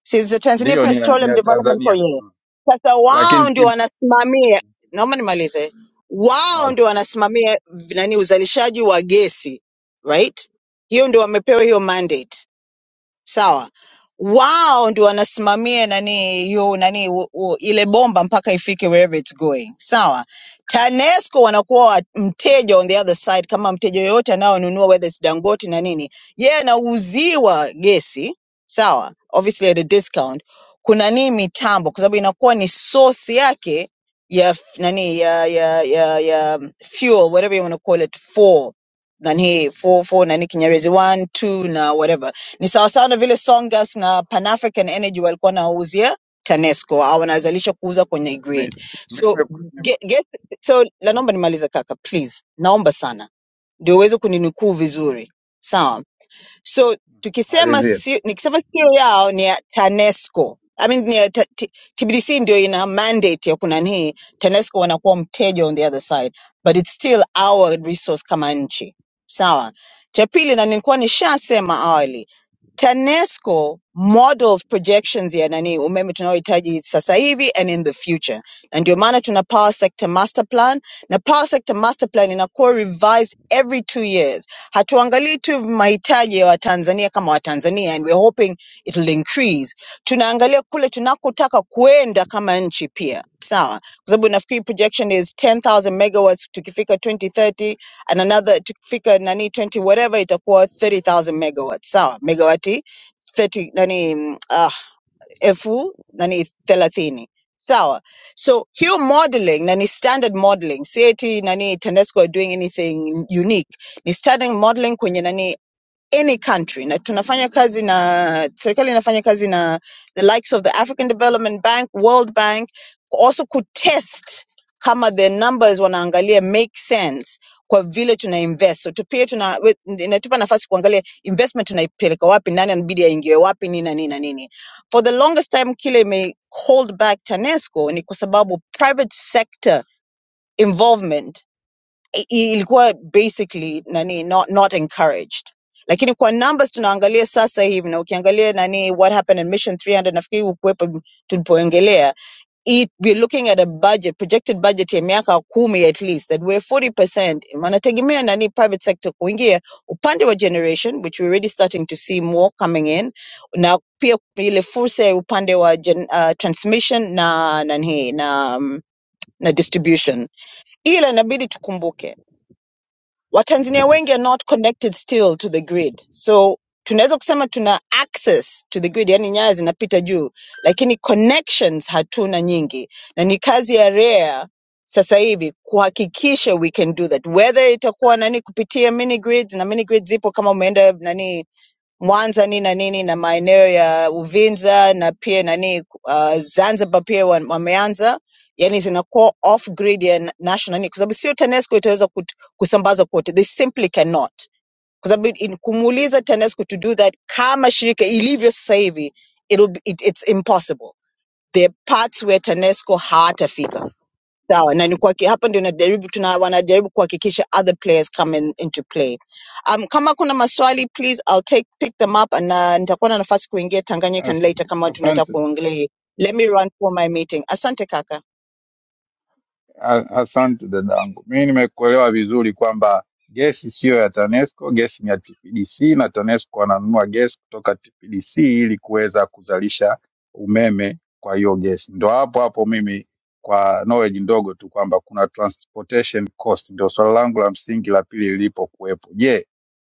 S15: Sisi Tanzania
S18: ndio ni ya ni
S15: Petroleum
S18: ya
S15: Development
S18: Tanzania,
S15: Corporation.
S18: Mm.
S15: Sasa
S18: lakini
S15: wao ndio
S18: tip...
S15: wanasimamia, naomba nimalize, wao ndio
S18: okay.
S15: wanasimamia v- nani, uzalishaji wa gesi right? Hiyo ndio wamepewa hiyo mandate sawa wao ndio wanasimamia nani hiyo nani u, u, ile bomba mpaka ifike wherever it's going sawa tanesco wanakuwa wa- mteja on the other side kama mteja yoyote anayonunua whether it's dangote na nini yeye anauziwa gesi sawa obviously at a discount kuna nini mitambo kwa sababu inakuwa ni source yake ya f- nani ya ya ya, ya um, fuel whatever you want to call it for nani for for nani kinyerezi 1 2 na whatever Ni sawasawa na vile Songas na Pan African Energy walikuwa wanawauzia TANESCO au wanazalisha kuuza kwenye
S18: mi,
S15: grid.
S18: mi,
S15: So
S18: mi,
S15: get, get, so la
S18: mi,
S15: naomba nimalize kaka please. Naomba sana. Ndio uweze kuninukuu vizuri. Sawa? So tukisema
S18: malizie.
S15: si, nikisema sio yao ni ya TANESCO. I mean, ni ya ta, t, T B D C ndio ina mandate ya kunanii, TANESCO wanakuwa mteja on the other side, but it's still our resource kama nchi. Sawa. Cha pili, na nilikuwa nishasema awali, TANESCO models projections ya nani umeme tunaohitaji sasa hivi and in the future, na ndio maana tuna power sector master plan, na power sector master plan inakuwa revised every two years Hatuangalii tu mahitaji ya Watanzania kama Watanzania and we're hoping it will increase. Tunaangalia kule tunakotaka kuenda kama nchi pia. Sawa. Kwa sababu nafikiri projection is 10,000 megawatts tukifika 2030 and another tukifika nani 20 whatever itakuwa 30,000 megawatts. Sawa. Megawati 30 nani mm, uh, elfu nani thelathini sawa so hiyo modeling na ni standard modeling si eti nani tanesco are doing anything unique ni standard modeling kwenye nani any country na tunafanya kazi na serikali inafanya kazi na the likes of the African Development Bank, World Bank also could test kama the numbers wanaangalia make sense kwa vile tuna invest. So tu- pia tuna we- inatupa nafasi kuangalia investment tunaipeleka wapi, nani anabidi aingie wapi, nini na nini na nini. For the longest time kile ime hold back TANESCO ni kwa sababu private sector involvement i- i- ilikuwa basically nani not not encouraged lakini kwa numbers tunaangalia sasa hivi na ukiangalia nani what happened in mission 300 nafikiri ukuwepo m- tulipoongelea it we're looking at a budget projected budget ya miaka kumi at least that we're 40% wanategemea nani private sector kuingia upande wa generation which we're already starting to see more coming in na pia ile fursa ya upande wa gen, uh, transmission na nani na mm, na distribution ila inabidi tukumbuke Watanzania wengi are not connected still to the grid. So tunaweza kusema tuna access to the grid, yani nyaya zinapita juu, lakini connections hatuna nyingi, na ni kazi ya REA sasa hivi kuhakikisha we can do that, whether itakuwa nani kupitia mini grids na mini grids zipo kama umeenda nani Mwanza ni na nini na maeneo ya Uvinza na pia nani uh, Zanzibar pia wa- wameanza yani zinakuwa off grid ya na- national ni kwa sababu sio TANESCO itaweza kut- kusambaza kote, they simply cannot, kwa sababu in- kumuuliza TANESCO to do that kama shirika ilivyo sasa hivi it'll be, it, it's impossible. There are parts where TANESCO hatafika sawa na ni kuhaki- hapa ndio najaribu tuna wanajaribu kuhakikisha other players come in, into play um, kama kuna maswali please I'll take pick them up and uh, nitakuwa na nafasi kuingia Tanganyika
S18: As-
S15: later kama
S18: Asante.
S15: tunataka kuongelea let me run for my meeting asante kaka
S18: A- Asante dadangu, mi nimekuelewa vizuri kwamba gesi siyo ya TANESCO, gesi ni ya TPDC na TANESCO wananunua gesi kutoka TPDC ili kuweza kuzalisha umeme kwa hiyo gesi. Ndo hapo hapo mimi kwa knowledge ndogo tu kwamba kuna transportation cost, ndio swala langu la msingi la pili lilipokuwepo. Je,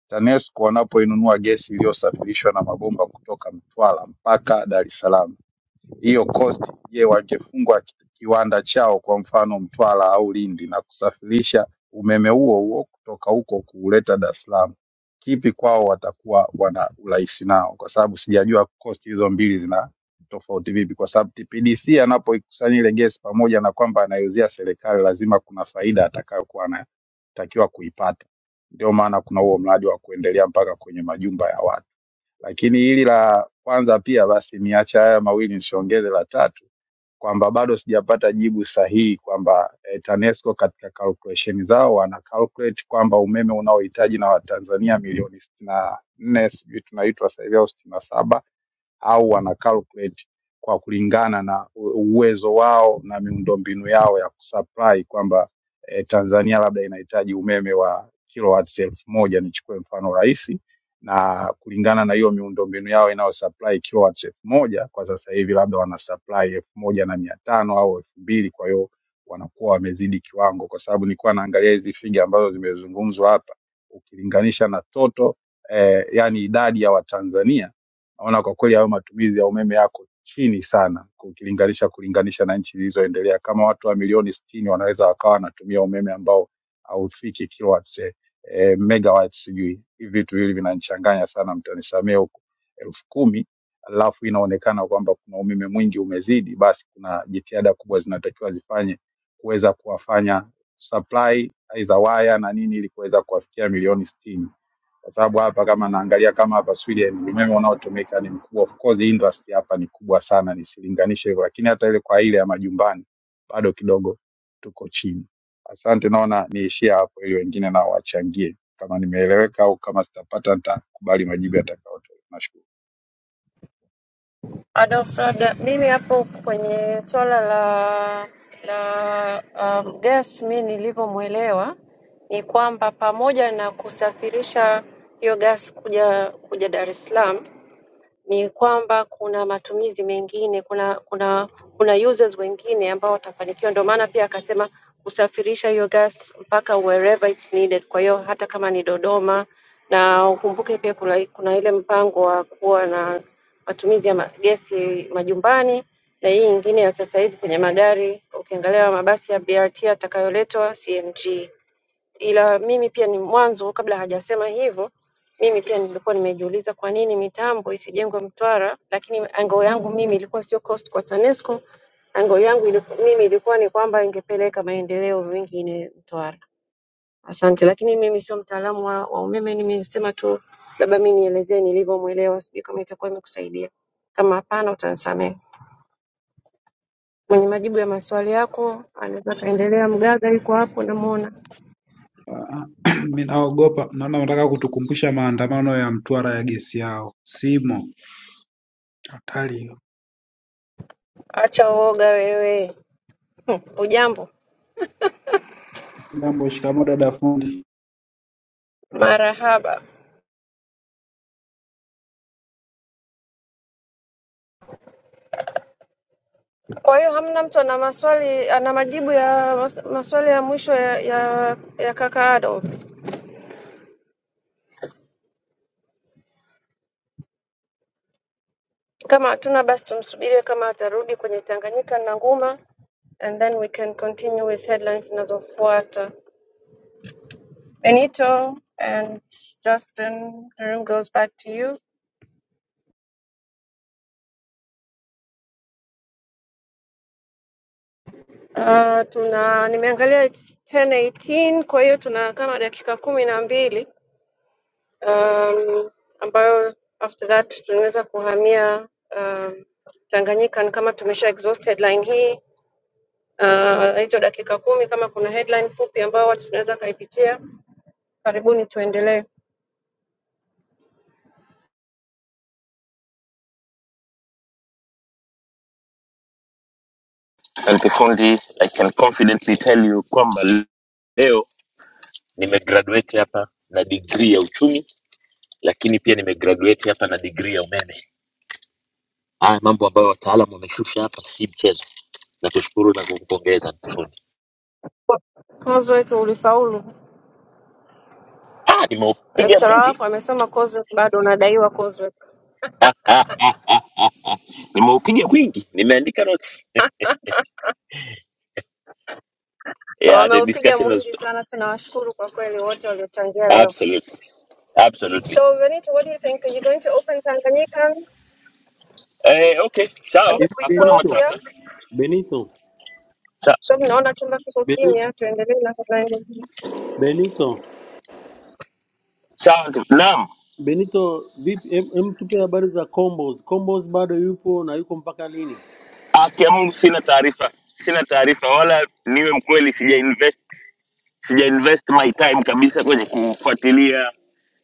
S18: TANESCO wanapoinunua gesi iliyosafirishwa na mabomba kutoka Mtwara mpaka Dar es Salaam hiyo kosti. Je, wangefungwa ki- kiwanda chao kwa mfano Mtwara au Lindi na kusafirisha umeme huo huo kutoka huko kuuleta Dar es Salaam, kipi kwao watakuwa wana urahisi nao? Kwa sababu sijajua kosti hizo mbili zina tofauti vipi, kwa sababu TPDC anapoikusanya ile gesi, pamoja na kwamba anaiuzia serikali, lazima kuna faida atakayokuwa anatakiwa kuipata. Ndio maana kuna huo mradi wa kuendelea mpaka kwenye majumba ya watu. Lakini hili la kwanza pia basi niache haya mawili nisiongeze la tatu kwamba bado sijapata jibu sahihi kwamba eh, TANESCO katika calculation zao wana calculate kwamba umeme unaohitaji na Watanzania milioni sitini na nne sijui tunaitwa sasa hivi au sitini na saba au wana calculate kwa kulingana na u- uwezo wao na miundombinu yao ya kusupply kwamba eh, Tanzania labda inahitaji umeme wa kilowatts elfu moja nichukue mfano rahisi, na kulingana na hiyo miundombinu yao inayosupply kilowatts elfu moja kwa sasa hivi labda wana supply elfu moja na mia tano au elfu mbili kwa hiyo wanakuwa wamezidi kiwango, kwa sababu nilikuwa naangalia hizi figa ambazo zimezungumzwa hapa ukilinganisha na toto eh, yani idadi ya Watanzania naona kwa kweli hayo matumizi ya umeme yako chini sana ukilinganisha kulinganisha na nchi zilizoendelea. Kama watu wa milioni sitini wanaweza wakawa wanatumia umeme ambao haufiki kilowatts eh, eh, megawatts sijui. Hivi vitu hivi vinanichanganya sana, mtanisamee huko. elfu kumi alafu inaonekana kwamba kuna umeme mwingi umezidi, basi kuna jitihada kubwa zinatakiwa zifanye kuweza kuwafanya supply aidha waya na nini ili kuweza kuwafikia milioni sitini kwa sababu hapa kama naangalia kama hapa Sweden umeme unaotumika ni mkubwa. Of course industry hapa ni kubwa sana, nisilinganishe hivyo, lakini hata ile kwa ile ya majumbani bado kidogo tuko chini. Asante, naona niishie hapo ili wengine nao wachangie. Kama nimeeleweka au kama sitapata, nitakubali majibu yatakayotolewa. Nashukuru.
S4: Adolf, labda mimi hapo kwenye swala la la um, gas, mi nilivyomwelewa ni kwamba pamoja na kusafirisha hiyo gas kuja kuja Dar es Salaam ni kwamba kuna matumizi mengine, kuna kuna kuna users wengine ambao watafanikiwa. Ndio maana pia akasema kusafirisha hiyo gas mpaka wherever it's needed. Kwa hiyo hata kama ni Dodoma, na ukumbuke pia kuna, kuna ile mpango wa kuwa na matumizi ya ma- gesi majumbani na hii ingine ya sasa hivi kwenye magari, ukiangalia mabasi ya BRT yatakayoletwa CNG ila mimi pia ni mwanzo, kabla hajasema hivyo, mimi pia nilikuwa nimejiuliza kwa nini mitambo isijengwe Mtwara, lakini angle yangu mimi ilikuwa sio cost kwa TANESCO. Angle yangu iliku, mimi ilikuwa ni kwamba ingepeleka maendeleo mengine Mtwara. Asante, lakini mimi sio mtaalamu wa, wa umeme, nimesema tu labda mi nielezee nilivyomwelewa, sijui kama itakuwa imekusaidia. Kama hapana, utanisamehe. Mwenye majibu ya maswali yako anaweza kaendelea. Mgaga yuko hapo, namuona.
S17: Ah, Mimi naogopa, naona wanataka kutukumbusha maandamano ya Mtwara ya gesi yao. Simo, hatari hiyo.
S4: Acha uoga wewe. Hujambo,
S17: Jambo, shikamo dada fundi.
S4: marahaba. Kwa hiyo hamna mtu ana maswali ana majibu ya mas- maswali ya mwisho ya, ya, ya kaka Adolf? Kama hatuna basi tumsubirie kama atarudi kwenye Tanganyika na Nguma, and then we can continue with headlines zinazofuata. Benito and Justin, the room goes back to you. Uh, tuna nimeangalia it's 10:18 kwa hiyo tuna kama dakika kumi na mbili um, ambayo after that tunaweza kuhamia um, Tanganyika. Ni kama tumesha exhaust headline hii uh, hizo dakika kumi, kama kuna headline fupi ambayo watu tunaweza kaipitia, karibuni tuendelee.
S7: Asante fundi, I can confidently tell you kwamba leo nimegraduate hapa na degree ya uchumi, lakini pia nimegraduate hapa na degree ya umeme. Haya mambo ambayo wataalamu wameshusha hapa si mchezo. Nakushukuru na kukupongeza Anti fundi.
S4: Coursework ulifaulu.
S7: Ah, nimeupiga
S4: Lecturer
S7: mwingi
S4: wako amesema coursework bado unadaiwa coursework.
S7: nimeupiga mwingi, nimeandika notes. Yeah, the
S4: Wameupiga
S7: discussion was
S4: mwingi sana, tunawashukuru kwa kweli wote waliochangia leo.
S7: absolutely, absolutely.
S4: So Benito, what do you think? Are you going to open Tanganyika
S7: Eh, okay,
S4: and
S7: sawa,
S4: then
S14: hivi
S4: we
S7: hakuna
S4: close
S14: Benito,
S4: here?
S7: matata.
S14: Benito,
S7: Sa
S4: Kwa sababu naona chumba kiko
S14: Benito,
S4: kimya, tuendelee na headline.
S14: Benito.
S7: sawa, ndugu- naam.
S14: Benito vipi? Hem, hem tupe habari za Combos. Combos bado yupo na yuko mpaka lini?
S7: Haki ya Mungu sina taarifa, sina taarifa wala niwe mkweli, sija invest, sija invest my time kabisa kwenye kufuatilia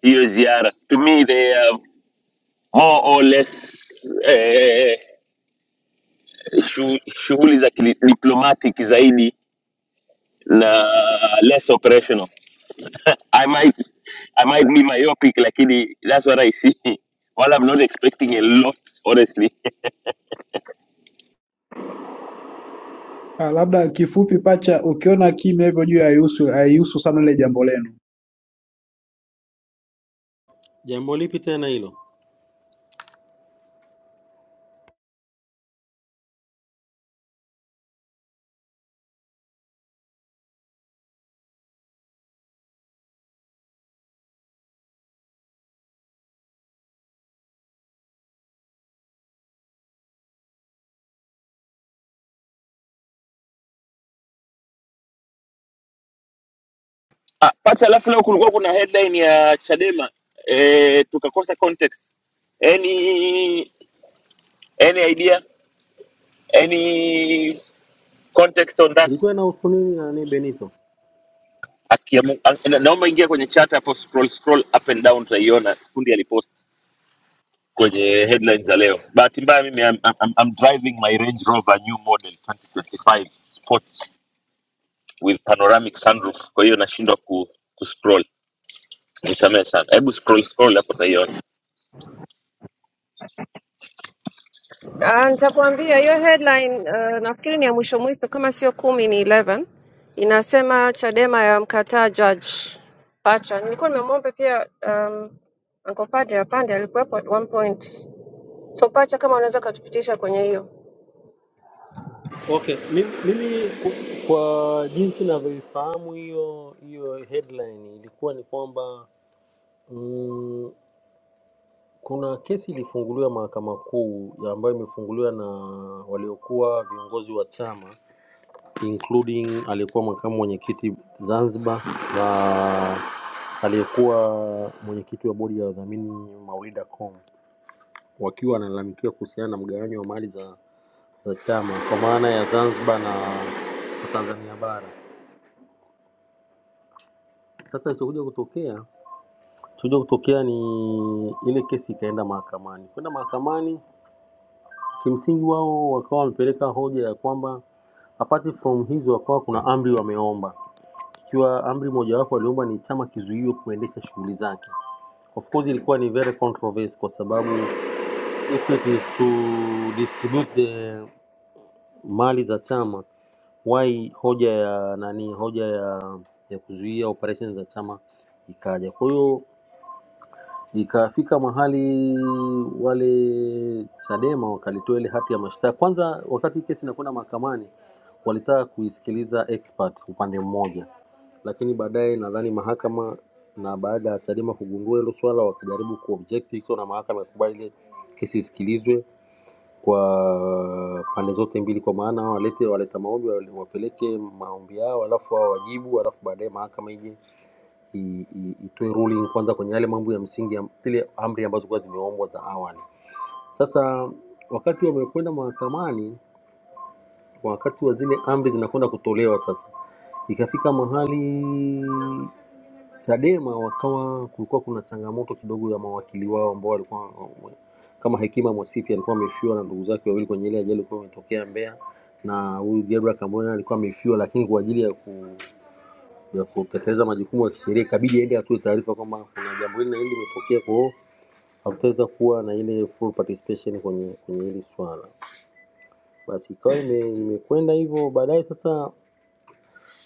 S7: hiyo ziara. To me they are more or less eh, shu, shughuli za diplomatic zaidi na less operational. I might, I might be myopic, lakini that's what I see. While I'm not expecting a lot, honestly.
S17: Ah, labda kifupi pacha, ukiona kimya hivyo juu haihusu haihusu sana ile jambo lenu.
S14: Jambo lipi tena hilo?
S7: Ah, pata alafu leo kulikuwa kuna headline ya Chadema eh, tukakosa context. Any any idea? Any context on that?
S14: Ilikuwa inahusu nini nani Benito?
S7: Akiamu, na- naomba ingia kwenye chat hapo scroll scroll up and down utaiona fundi alipost kwenye headlines za leo. Bahati mbaya mimi I'm, I'm, I'm driving my Range Rover new model 2025 sports with panoramic sunroof, kwa hiyo nashindwa ku, ku scroll. Nisamehe sana. Hebu scroll scroll hapo utaiona.
S4: Ah, Nitakuambia hiyo headline uh, nafikiri ni ya mwisho mwisho, kama sio kumi ni 11 inasema Chadema ya mkataa judge Pacha. Nilikuwa nimemwomba pia um, Uncle Padre apande, alikuwepo at one point. So Pacha, kama unaweza ukatupitisha kwenye hiyo.
S14: Okay, mimi, mimi ku- kwa jinsi ninavyoifahamu hiyo hiyo headline ilikuwa ni kwamba mm, kuna kesi ilifunguliwa mahakama kuu ya ambayo imefunguliwa na waliokuwa viongozi wa chama including aliyekuwa makamu mwenyekiti Zanzibar na aliyekuwa mwenyekiti wa bodi ya wadhamini Maulida Kombo wakiwa wanalalamikia kuhusiana na mgawanyo wa mali za, za chama kwa maana ya Zanzibar na na Tanzania bara. Sasa ilichokuja kutokea kuja kutokea ni ile kesi ikaenda mahakamani. Kwenda mahakamani, kimsingi wao wakawa wamepeleka hoja ya kwamba apart from hizo, wakawa kuna amri wameomba ikiwa amri mojawapo aliomba ni chama kizuiwe kuendesha shughuli zake. Of course ilikuwa ni very controversial kwa sababu if it is to distribute the mali za chama why hoja ya nani, hoja ya ya kuzuia operation za chama ikaja. Kwa hiyo ikafika mahali wale Chadema wakalitoa ile hati ya mashtaka. Kwanza wakati kesi inakwenda mahakamani, walitaka kuisikiliza expert upande mmoja lakini baadaye nadhani mahakama na baada ya Chadema kugundua hilo swala wakajaribu kuobject hicho, na mahakama ikubali ile kesi isikilizwe kwa pande zote mbili, kwa maana hao walete waleta maombi wale- wapeleke maombi yao, alafu hao wajibu, alafu baadaye mahakama ije i- i- itoe ruling kwanza kwenye yale mambo ya msingi ya zile amri ambazo kwa zimeombwa za awali. Sasa wakati wamekwenda mahakamani, wakati wa zile amri zinakwenda kutolewa sasa, ikafika mahali Chadema wakawa kulikuwa kuna changamoto kidogo ya mawakili wao ambao walikuwa kama Hekima Mwasipi alikuwa amefiwa na ndugu zake wawili kwenye ile ajali ilikuwa imetokea Mbeya, na huyu Gabriel Kambona alikuwa amefiwa, lakini kwa ajili ya ku ya kutekeleza majukumu ya kisheria ikabidi aende atoe taarifa kwamba kuna jambo hili na hili limetokea, kwa hiyo hakutaweza kuwa na ile full participation kwenye kwenye hili swala. Basi ikawa ime- imekwenda hivyo, baadaye sasa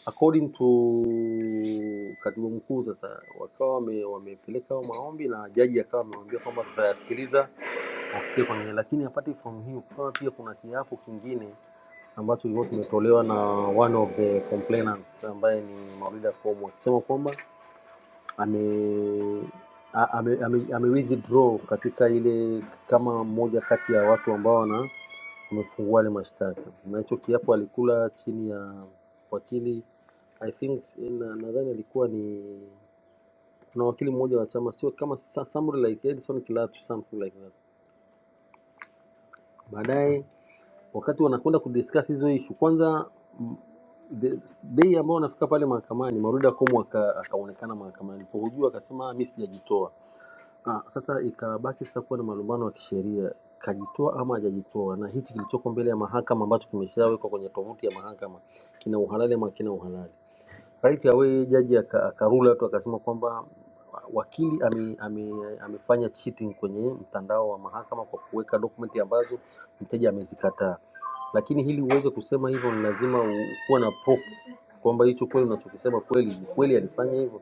S14: according to katibu mkuu sasa wakawa wame, wamepeleka hayo maombi na jaji akawa amewambia kwamba tutayasikiliza afikie kwenye lakini apart from hiyo kukawa pia kuna kiapo kingine ambacho ilikuwa kimetolewa na one of the complainants ambaye ni Maulida Kombo akisema kwamba ame a- ame, ame, ame withdraw katika ile kama mmoja kati ya watu ambao wana wamefungua ile mashtaka, na hicho kiapo alikula chini ya wakili I think na- nadhani alikuwa ni kuna wakili mmoja wa chama sio kama sa- somebody like Edison Kilatu something like that. Baadaye wakati wanakwenda kudiscuss hizo issue, kwanza mm, the- day ambao wanafika pale mahakamani, Maurudi Akomu aka- akaonekana mahakamani, alipohojiwa akasema "Ah, mimi sijajitoa Ah, sasa ikabaki sasa kuwa na malumbano ya kisheria, kajitoa ama hajajitoa, na hichi kilichoko mbele ya mahakama ambacho kimeshawekwa kwenye tovuti ya mahakama kina uhalali ama kina uhalali. Right away jaji aka- akarula tu akasema kwamba wakili ame, ame, amefanya cheating kwenye mtandao wa mahakama kwa kuweka dokumenti ambazo mteja amezikataa lakini ili uweze kusema hivyo ni lazima u- kuwa na proof kwamba hicho kweli unachokisema kweli ni kweli alifanya hivyo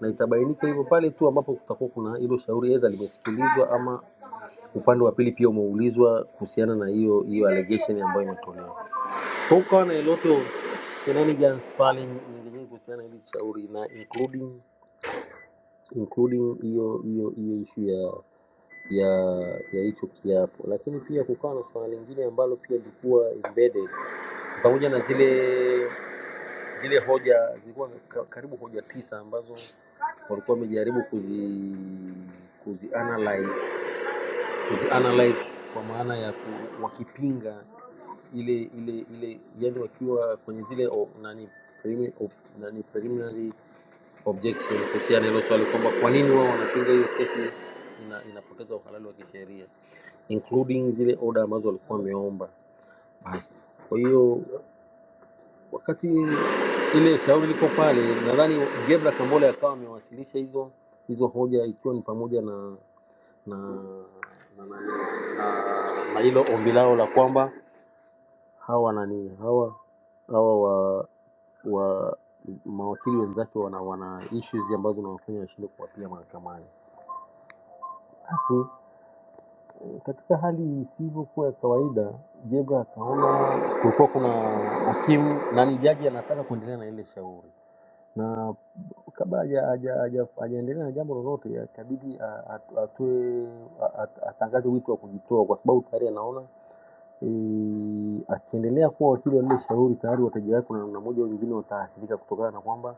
S14: na itabainika hivyo pale tu ambapo kutakuwa kuna hilo shauri aidha limesikilizwa ama upande wa pili pia umeulizwa kuhusiana na hiyo hiyo allegation ambayo imetolewa kwa hiyo kukawa na iloto shenanigans pale nyingi nyingi kuhusiana na hili shauri na including including hiyo hiyo hiyo issue ya ya ya hicho kiapo lakini pia kukawa na swala lingine ambalo pia lilikuwa embedded pamoja na zile zile hoja zilikuwa ka- karibu hoja tisa ambazo walikuwa wamejaribu kuzi kuzi analyze, kuzi analyze kwa maana ya ku, wakipinga ile ile ile yani wakiwa kwenye zile o, nani, preliminary, o, nani preliminary objection kuhusiana na hilo swali kwamba kwa nini wao wanapinga hiyo kesi ina, inapoteza uhalali wa kisheria including zile oda ambazo walikuwa wameomba basi kwa hiyo Wakati ile shauri liko pale, nadhani Gebra Kambole akawa amewasilisha hizo hizo hoja, ikiwa ni pamoja na na na, na, na, na hilo ombi lao la kwamba hawa nani hawa hawa wa wa mawakili wenzake wana wana issues ambazo zinawafanya washindwe kuwapia mahakamani. Basi katika hali isivyokuwa ya kawaida, Jebra akaona kulikuwa kuna hakimu nani, jaji anataka kuendelea na ile shauri na kabla haja- haja- haja- hajaendelea na jambo lolote itabidi a- a- atoe a- a- atangaze wito wa kujitoa kwa sababu tayari anaona e, akiendelea kuwa wakili wa lile shauri tayari wateja wake na namna moja au nyingine wataathirika kutokana na kwamba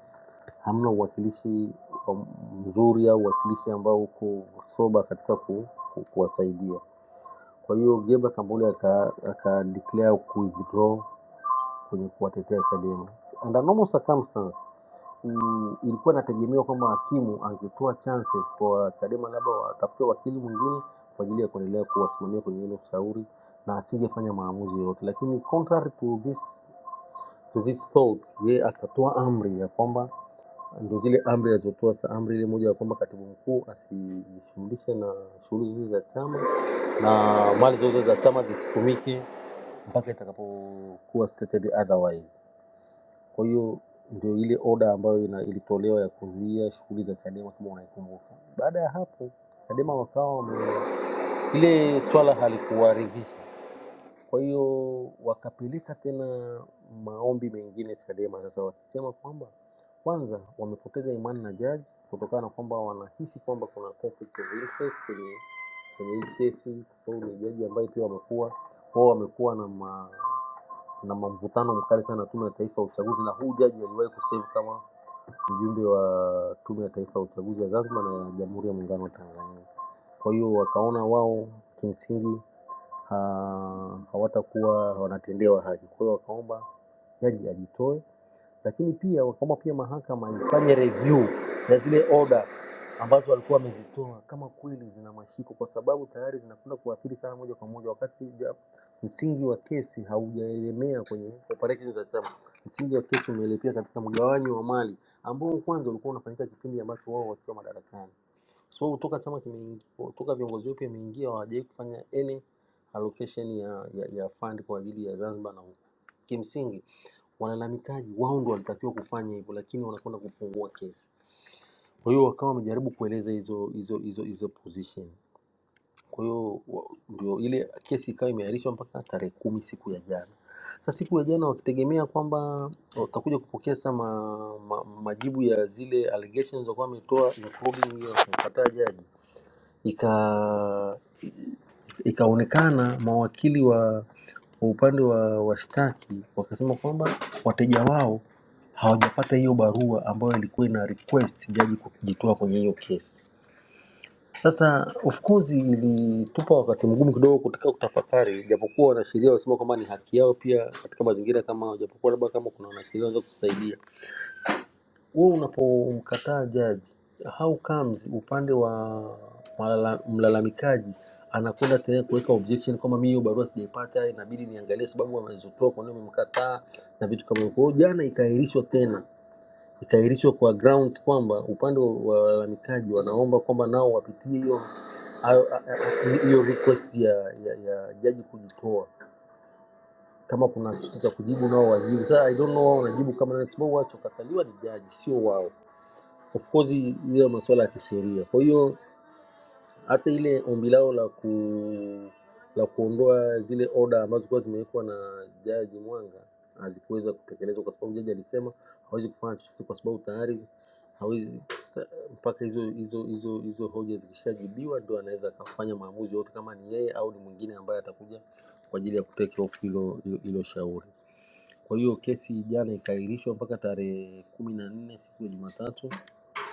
S14: hamna uwakilishi wa- mzuri au uwakilishi ambao uko soba katika ku, ku, kuwasaidia. Kwa hiyo Geba Kambole aka, aka declare ku withdraw kwenye kuwatetea Chadema under normal circumstance ku- ilikuwa inategemewa kwamba hakimu angetoa chances kwa Chadema labda watafute wakili mwingine kwa ajili ya kuendelea kuwasimamia kwenye ile ushauri na asingefanya maamuzi yoyote, lakini contrary to this to this thought, yeye akatoa amri ya kwamba ndio zile amri alizotoa sa amri ile moja ya kwamba katibu mkuu asijishughulishe na shughuli zote za chama na mali zote za chama zisitumike mpaka itakapokuwa stated otherwise. Kwa hiyo ndio ile oda ambayo ina- ilitolewa ya kuzuia shughuli za Chadema kama unaikumbuka. Baada ya hapo Chadema wakawa wame- ile swala halikuwaridhisha, kwa hiyo wakapeleka tena maombi mengine Chadema, sasa wakisema kwamba kwanza wamepoteza imani na jaji kutokana na kwamba wanahisi kwamba kuna conflict of interest kwenye kwenye hii kesi, kwa sababu ni jaji ambaye pia wamekuwa wao wamekuwa na ma, na mvutano mkali sana na Tume ya Taifa ya Uchaguzi, na huu jaji aliwahi kuserve kama mjumbe wa Tume ya Taifa ya Uchaguzi ya Zanzibar na ya Jamhuri ya Muungano wa Tanzania. Kwa hiyo wakaona wao kimsingi ha- hawatakuwa wanatendewa haki, kwa hiyo wakaomba jaji ajitoe, lakini pia wakaomba pia mahakama ifanye review ya zile order ambazo walikuwa wamezitoa kama kweli zina mashiko, kwa sababu tayari zinakwenda kuathiri sana moja kwa moja, wakati ja- msingi wa kesi haujaelemea kwenye operations za chama. Msingi wa kesi umeelekea katika mgawanyo wa mali ambao kwanza ulikuwa unafanyika kipindi ambacho wao wakiwa madarakani, kwa sababu toka chama kimeingia, toka viongozi wapya wameingia, hawajawahi kufanya any allocation ya, ya, ya fund kwa ajili ya Zanzibar na huko. Kimsingi walalamikaji wao ndio walitakiwa kufanya hivyo, lakini wanakwenda kufungua kesi. Kwa hiyo wakawa wamejaribu kueleza hizo hizo hizo hizo position. Kwa hiyo wa- ndio ile kesi ikawa imeahirishwa mpaka tarehe kumi siku ya jana. Sasa siku ya jana wakitegemea kwamba watakuja kupokea sasa ma, ma, majibu ya zile allegations walikuwa wametoa ya fraud hiyo wakampataa jaji, ika ikaonekana mawakili wa, wa upande wa washtaki wakasema kwamba wateja wao hawajapata hiyo barua ambayo ilikuwa ina request jaji kujitoa kwenye hiyo kesi. Sasa of course ilitupa wakati mgumu kidogo kutaka kutafakari, japokuwa wanasheria wanasema kwamba ni haki yao pia katika mazingira kama hayo, japokuwa labda kama kuna wanasheria wanaweza kusaidia. Wewe unapomkataa jaji, how comes upande wa malala- mlalamikaji anakwenda tena kuweka objection kwamba mimi hiyo barua sijaipata, inabidi niangalie sababu wanazotoa kwa nini wamemkataa na vitu kama hivyo. Kwa hiyo jana ikaahirishwa tena ikaahirishwa kwa grounds kwamba upande wa walalamikaji wanaomba kwamba nao wapitie hiyo hayo- a- a- a- hiyo request ya, ya, ya jaji kujitoa kama kuna kitu cha kujibu nao wajibu. Sasa I don't know wao wanajibu kama nani, kwa sababu wachokataliwa ni jaji, sio wao. Of course hiyo masuala ya kisheria. Kwa hiyo hata ile ombi lao la ku la kuondoa zile oda ambazo zilikuwa zimewekwa na jaji Mwanga hazikuweza kutekelezwa kwa sababu jaji alisema hawezi kufanya chochote kwa sababu tayari hawezi ta- mpaka hizo hizo hizo hizo hoja zikishajibiwa ndio anaweza akafanya maamuzi yote kama ni yeye au ni mwingine ambaye atakuja kwa ajili ya kutake off hilo hilo hilo shauri. Kwa hiyo kesi jana ikaahirishwa mpaka tarehe kumi na nne siku ya Jumatatu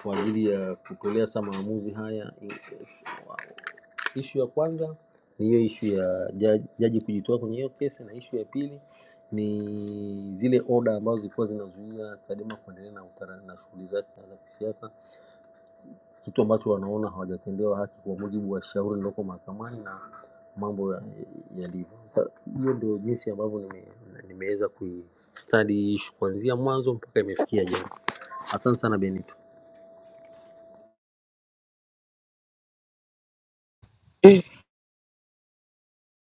S14: kwa ajili ya kutolea sasa maamuzi haya. Ishu ya kwanza ni hiyo ishu ya jaji, jaji kujitoa kwenye hiyo kesi, na ishu ya pili ni zile oda ambazo zilikuwa zinazuia Chadema kuendelea na, utara- na shughuli zake za kisiasa kitu ambacho wanaona hawajatendewa haki kwa mujibu wa shauri lililoko mahakamani na mambo ya- yalivyo. Sa- Hiyo ndio jinsi ambavyo nime, nimeweza kuistadi hii issue kuanzia mwanzo mpaka imefikia jana. Asante sana Benito.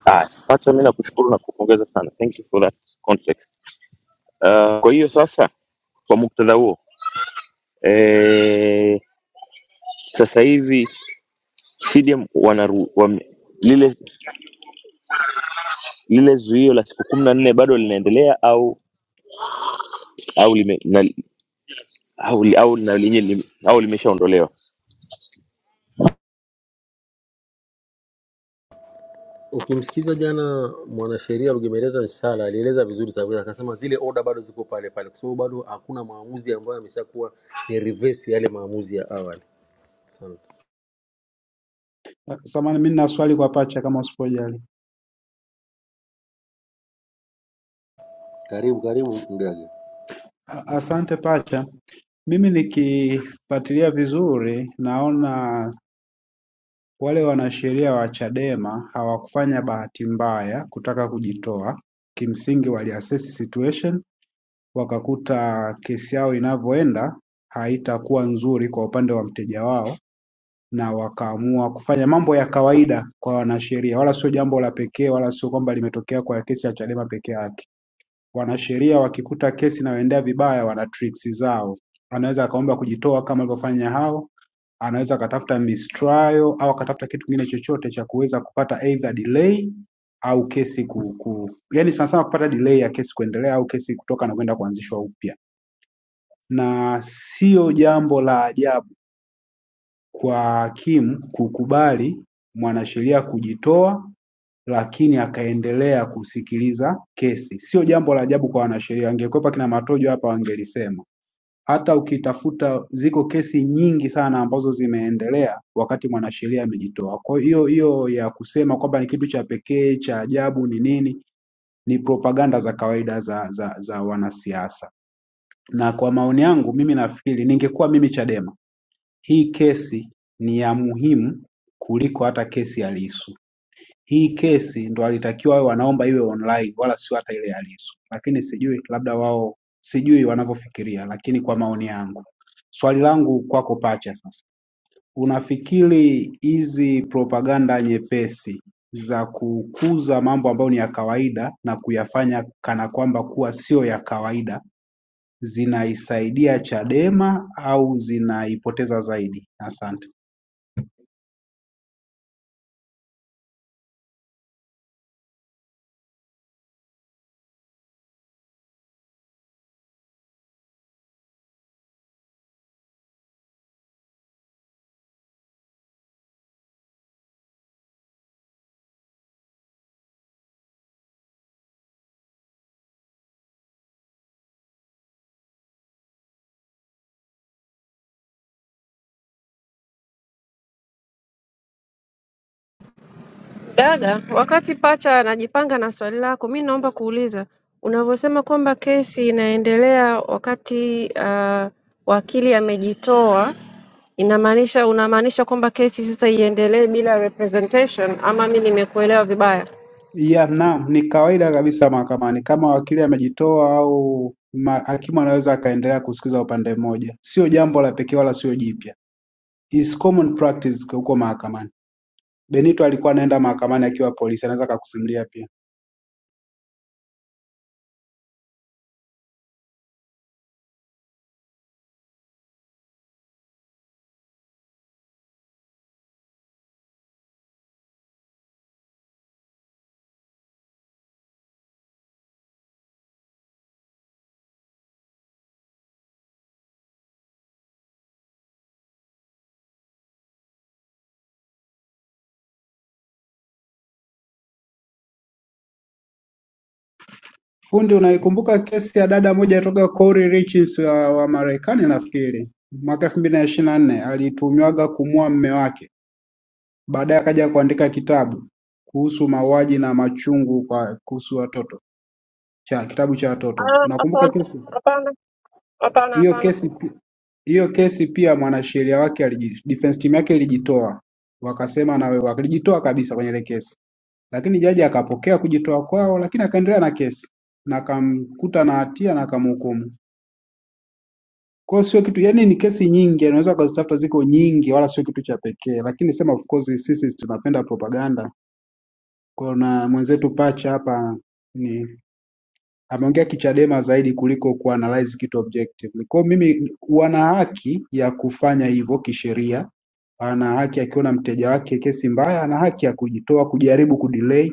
S7: Ah, Pacha, mi nakushukuru na kupongeza sana. Thank you for that context. Uh, kwa hiyo sasa, kwa muktadha huo eh, sasa hivi CDM wanaru, wame, lile lile zuio la siku kumi na nne bado linaendelea au au lime, na, au, au, na, lenye lime- au limeshaondolewa?
S14: Ukimsikiza jana mwanasheria Rugemeleza Nshala alieleza vizuri sababu, yake. akasema zile oda bado ziko pale pale, kwa sababu bado hakuna maamuzi ambayo yameshakuwa ni reverse yale maamuzi ya awali. Asante.
S17: Ah, Samahani, mimi nina swali kwa pacha kama usipojali.
S14: Karibu karibu Mgaga.
S17: Ah, Asante pacha. mimi nikifuatilia vizuri naona wale wanasheria wa Chadema hawakufanya bahati mbaya kutaka kujitoa. Kimsingi waliassess situation, wakakuta kesi yao inavyoenda haitakuwa nzuri kwa upande wa mteja wao, na wakaamua kufanya mambo ya kawaida kwa wanasheria, wala sio jambo la pekee, wala sio kwamba limetokea kwa kesi ya Chadema peke yake. Wanasheria wakikuta kesi inayoendea vibaya, wana tricks zao, anaweza akaomba kujitoa kama alivyofanya hao anaweza akatafuta mistrial au akatafuta kitu kingine chochote cha kuweza kupata either delay au kesi ku, ku yani sana sana kupata delay ya kesi kuendelea au kesi kutoka na kwenda kuanzishwa upya, na sio jambo la ajabu kwa hakimu kukubali mwanasheria kujitoa lakini akaendelea kusikiliza kesi. Sio jambo la ajabu kwa wanasheria, wangekwepa kina Matojo hapa wangelisema. Hata ukitafuta ziko kesi nyingi sana ambazo zimeendelea wakati mwanasheria amejitoa. Kwa hiyo hiyo ya kusema kwamba ni kitu cha pekee cha ajabu ni nini, ni propaganda za kawaida za, za, za wanasiasa. Na kwa maoni yangu mimi nafikiri, ningekuwa mimi Chadema, hii kesi ni ya muhimu kuliko hata kesi ya Lissu hii kesi ndo alitakiwa wawe wanaomba iwe online wala sio hata ile ya Lissu, lakini sijui labda wao sijui wanavyofikiria, lakini kwa maoni yangu, swali langu kwako Pacha sasa, unafikiri hizi propaganda nyepesi za kukuza mambo ambayo ni ya kawaida na kuyafanya kana kwamba kuwa sio ya kawaida zinaisaidia Chadema au zinaipoteza zaidi? Asante.
S4: Dada, wakati pacha anajipanga na swali lako, mi naomba kuuliza unavyosema kwamba kesi inaendelea wakati uh, wakili amejitoa, inamaanisha unamaanisha kwamba kesi sasa iendelee bila representation, ama mi nimekuelewa vibaya?
S17: Ya, naam, ni kawaida kabisa mahakamani. Kama wakili amejitoa au ma, hakimu anaweza akaendelea kusikiza upande mmoja, sio jambo la pekee wala sio jipya, is common practice kwa huko mahakamani. Benito alikuwa anaenda mahakamani akiwa polisi, anaweza akakusimulia pia. Fundi, unaikumbuka kesi ya dada moja toka Corey Richards wa, wa Marekani nafikiri mwaka elfu mbili na ishirini na nne alitumiwaga kumua mme wake, baadaye akaja kuandika kitabu kuhusu mauaji na machungu kwa kuhusu watoto. cha kitabu cha watoto.
S4: Ah,
S17: Unakumbuka
S4: Hapana,
S17: kesi
S4: hapana, hapana,
S17: hiyo?
S4: hapana.
S17: Kesi pi- hiyo kesi pia mwanasheria wake aliji, defense team yake ilijitoa, wakasema na wewe, walijitoa kabisa kwenye ile kesi, lakini jaji akapokea kujitoa kwao, lakini akaendelea na kesi na akamkuta na hatia na akamhukumu. Kwa hiyo sio kitu, yani ni kesi nyingi, unaweza ukazitafuta, ziko nyingi, wala sio kitu cha pekee, lakini sema of course sisi tunapenda propaganda. Kuna mwenzetu Pacha hapa ni ameongea kichadema zaidi kuliko kuanalyze kitu objectively. Kwa hiyo mimi wana haki ya kufanya hivyo kisheria, ana haki akiona mteja wake kesi mbaya, ana haki ya kujitoa, kujaribu kudelay,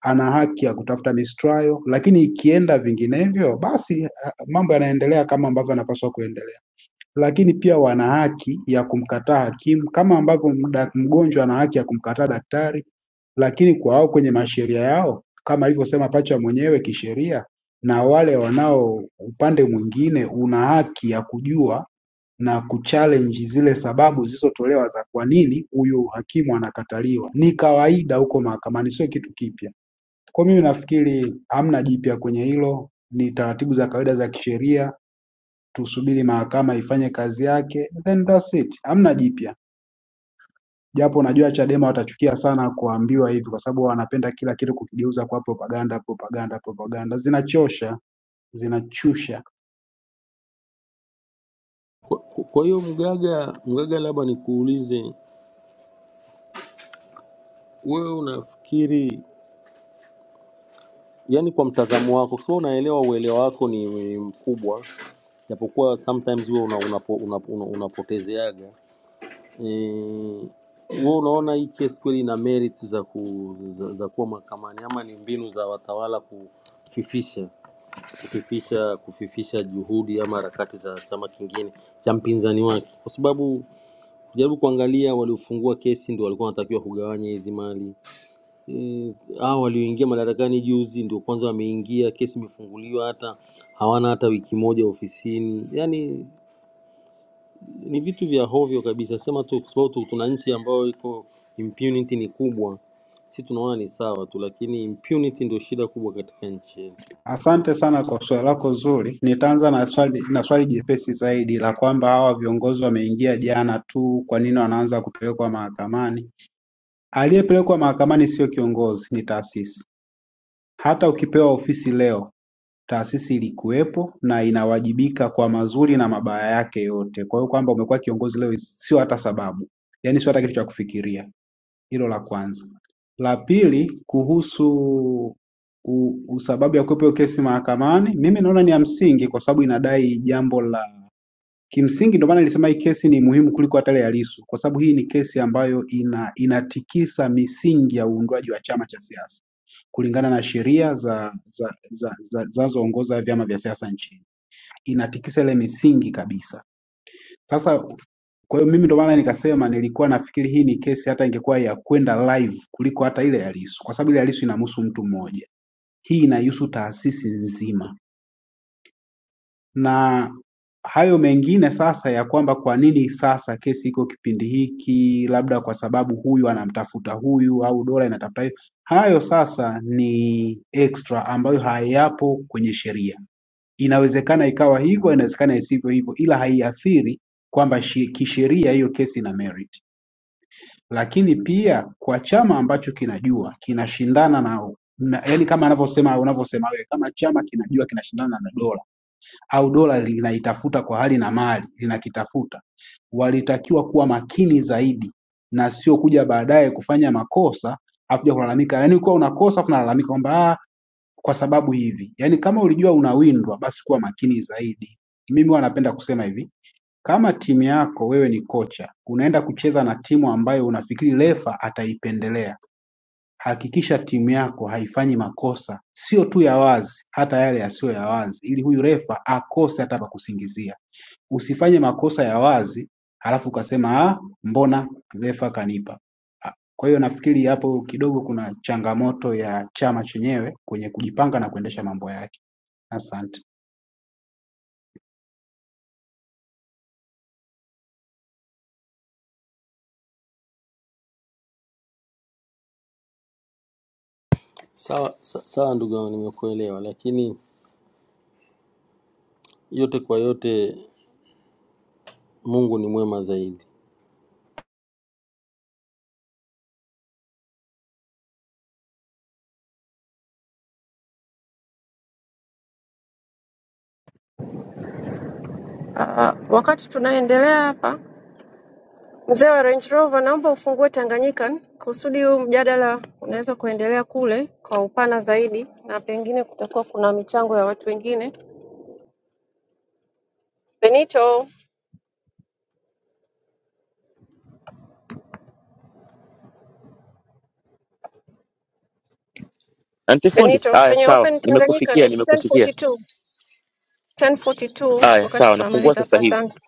S17: ana haki ya kutafuta mistrial, lakini ikienda vinginevyo, basi ah, mambo yanaendelea kama ambavyo yanapaswa kuendelea. Lakini pia wana haki ya kumkataa hakimu kama ambavyo mda- mgonjwa ana haki ya kumkataa daktari lakini kwa wao kwenye masheria yao kama alivyosema pacha mwenyewe kisheria, na wale wanao upande mwingine, una haki ya kujua na kuchallenge zile sababu zilizotolewa za kwa nini huyu hakimu anakataliwa. Ni kawaida huko mahakamani, sio kitu kipya. Kwa mimi nafikiri hamna jipya kwenye hilo, ni taratibu za kawaida za kisheria. Tusubiri mahakama ifanye kazi yake, then that's it, hamna jipya. Japo najua Chadema watachukia sana kuambiwa hivi kwa sababu wanapenda kila kitu kukigeuza kuwa propaganda propaganda propaganda. Zinachosha, zinachusha.
S14: Kwa kwa- kwa hiyo Mgaga, Mgaga, labda nikuulize Wewe unafikiri yani, kwa mtazamo wako, kwa sababu unaelewa uelewa wako ni ni mkubwa, japokuwa sometimes wewe una, unapo, una, una, unapotezeaga eh, wewe unaona hii kesi kweli ina merits za, ku, za, za kuwa mahakamani ama ni mbinu za watawala kufifisha kufifisha kufifisha juhudi ama harakati za chama kingine cha mpinzani wake, kwa sababu kujaribu kuangalia waliofungua kesi ndio walikuwa wanatakiwa kugawanya hizi mali Eh, hao walioingia madarakani juzi ndio kwanza wameingia, kesi imefunguliwa, hata hawana hata wiki moja ofisini. Yaani ni vitu vya hovyo kabisa, sema tu kwa sababu tu- tuna nchi ambayo iko impunity ni kubwa, si tunaona ni sawa tu, lakini impunity ndio shida kubwa katika nchi yetu.
S17: Asante sana kwa swali lako zuri. Nitaanza na swali na swali jepesi zaidi la kwamba hawa viongozi wameingia jana tu, kwa nini wanaanza kupelekwa mahakamani? Aliyepelekwa mahakamani sio kiongozi, ni taasisi. Hata ukipewa ofisi leo taasisi ilikuwepo na inawajibika kwa mazuri na mabaya yake yote. Kwa hiyo kwamba umekuwa kiongozi leo sio hata sababu, yaani sio hata kitu cha kufikiria. Hilo la kwanza. La pili, kuhusu u, u sababu ya kuwepo hiyo kesi mahakamani, mimi naona ni ya msingi kwa sababu inadai jambo la Kimsingi ndio maana nilisema hii kesi ni muhimu kuliko hata ile ya Lissu kwa sababu hii ni kesi ambayo ina inatikisa misingi ya uundwaji wa chama cha siasa kulingana na sheria za za za za- zinazoongoza vyama vya siasa nchini. Inatikisa ile misingi kabisa. Sasa kwa hiyo mimi ndio maana nikasema nilikuwa nafikiri hii ni kesi hata ingekuwa ya kwenda live kuliko hata ile ya Lissu kwa sababu ile ya Lissu inamhusu mtu mmoja. Hii inahusu taasisi nzima. na hayo mengine sasa ya kwamba kwa nini sasa kesi iko kipindi hiki, labda kwa sababu huyu anamtafuta huyu au dola inatafuta hiyo, hayo sasa ni extra ambayo hayapo kwenye sheria. Inawezekana ikawa hivyo, inawezekana isivyo hivyo, ila haiathiri kwamba shi- kisheria hiyo kesi ina merit. Lakini pia kwa chama ambacho kinajua kinashindana na, na yani kama anavyosema unavyosema wewe, kama chama kinajua kinashindana na dola au dola linaitafuta kwa hali na mali linakitafuta walitakiwa kuwa makini zaidi na sio kuja baadaye kufanya makosa afu kuja kulalamika yaani ukiwa unakosa afu nalalamika kwamba "Ah, kwa sababu hivi yaani kama ulijua unawindwa basi kuwa makini zaidi mimi huwa napenda kusema hivi kama timu yako wewe ni kocha unaenda kucheza na timu ambayo unafikiri refa ataipendelea Hakikisha timu yako haifanyi makosa sio tu ya wazi, hata yale yasiyo ya wazi, ili huyu refa akose hata pa kusingizia. Usifanye makosa ya wazi halafu ukasema ah, mbona refa kanipa. Ah, Kwa hiyo nafikiri hapo kidogo kuna changamoto ya chama chenyewe kwenye kujipanga na kuendesha mambo yake. Asante.
S14: Sawa, sa- sawa ndugu yangu, nimekuelewa, lakini yote kwa yote Mungu ni mwema zaidi.
S4: Ah, Wakati tunaendelea hapa Mzee wa Range Rover naomba ufungue Tanganyika kusudi huu mjadala unaweza kuendelea kule kwa upana zaidi na pengine kutakuwa kuna michango ya watu wengine. Benito,
S7: Antifundi,
S4: Benito,
S7: haya
S4: can you
S7: sawa,
S4: open Tanganyika?
S7: nimekufikia
S4: It's
S7: nimekusikia.
S4: 10:42. 10:42
S7: Haya
S4: wakati
S7: sawa, nafungua
S4: tunamaliza hapa
S7: sasa hivi.
S4: asante.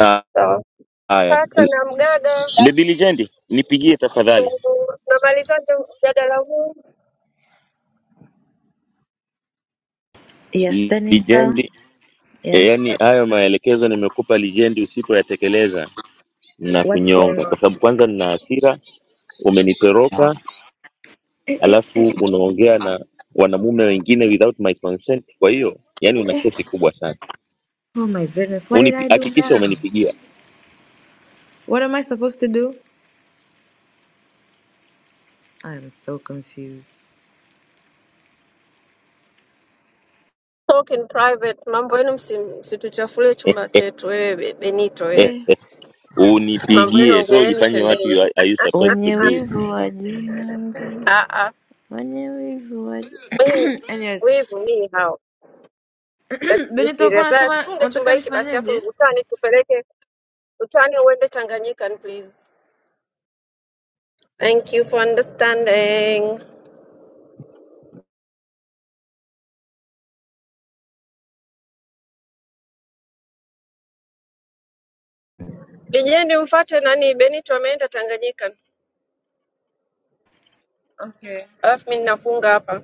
S7: Ah,
S4: Sawa.
S7: Haya,
S4: Pacha na Mgaga
S7: Baby Lijendi, nipigie tafadhali.
S4: tunamalizaje mjadala huu?
S19: Yes, Benita.
S7: Lijendi E, yaani
S19: Yes.
S7: hayo maelekezo nimekupa lijendi, usipoyatekeleza na
S19: What's going
S7: kunyonga,
S19: on?
S7: kwa sababu kwanza nina hasira, umenitoroka, alafu unaongea na wanamume wengine without my consent. Kwa hiyo yani una kesi kubwa sana.
S19: Oh my goodness. What did
S7: Unipi,
S19: I do
S7: hakikisha
S19: now?
S7: umenipigia
S19: What am I supposed to do? I am so confused.
S4: Talk in private. Mambo yenu msi- msituchafulie chumba chetu. Wewe Be- Benito wewe.
S19: Eh.
S4: Mambo yenu
S7: unipigie, so
S4: ongeleni
S7: ujifanye what
S4: pembeni.
S7: you are, are you supposed to
S19: Wenye
S7: do.
S19: wivu wa jinyonge.
S4: Ah, ah.
S19: Wenye wivu wa
S4: Mimi-
S19: Anyways.
S4: we me how that's
S19: Benita uko
S4: mysterious. Na
S19: unasema
S4: tufunge chumba
S19: unataka
S4: hiki basi, afu
S19: nifanyeje?
S4: utani tupeleke utani, uende Tanganyika please. Thank you for understanding. Lijendi mfate nani Benito ameenda Tanganyika,
S19: Okay.
S4: alafu mimi ninafunga hapa.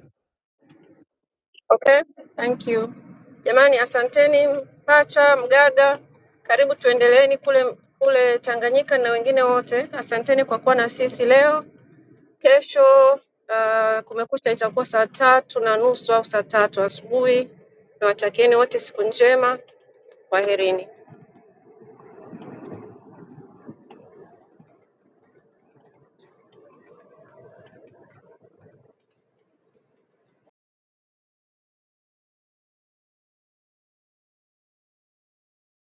S4: Okay, thank you jamani, asanteni Mpacha, Mgaga, karibu tuendeleeni kule kule Tanganyika na wengine wote. Asanteni kwa kuwa na sisi leo. Kesho ah, kumekucha itakuwa saa tatu na nusu au saa tatu asubuhi. Nawatakieni wote siku njema, kwaherini.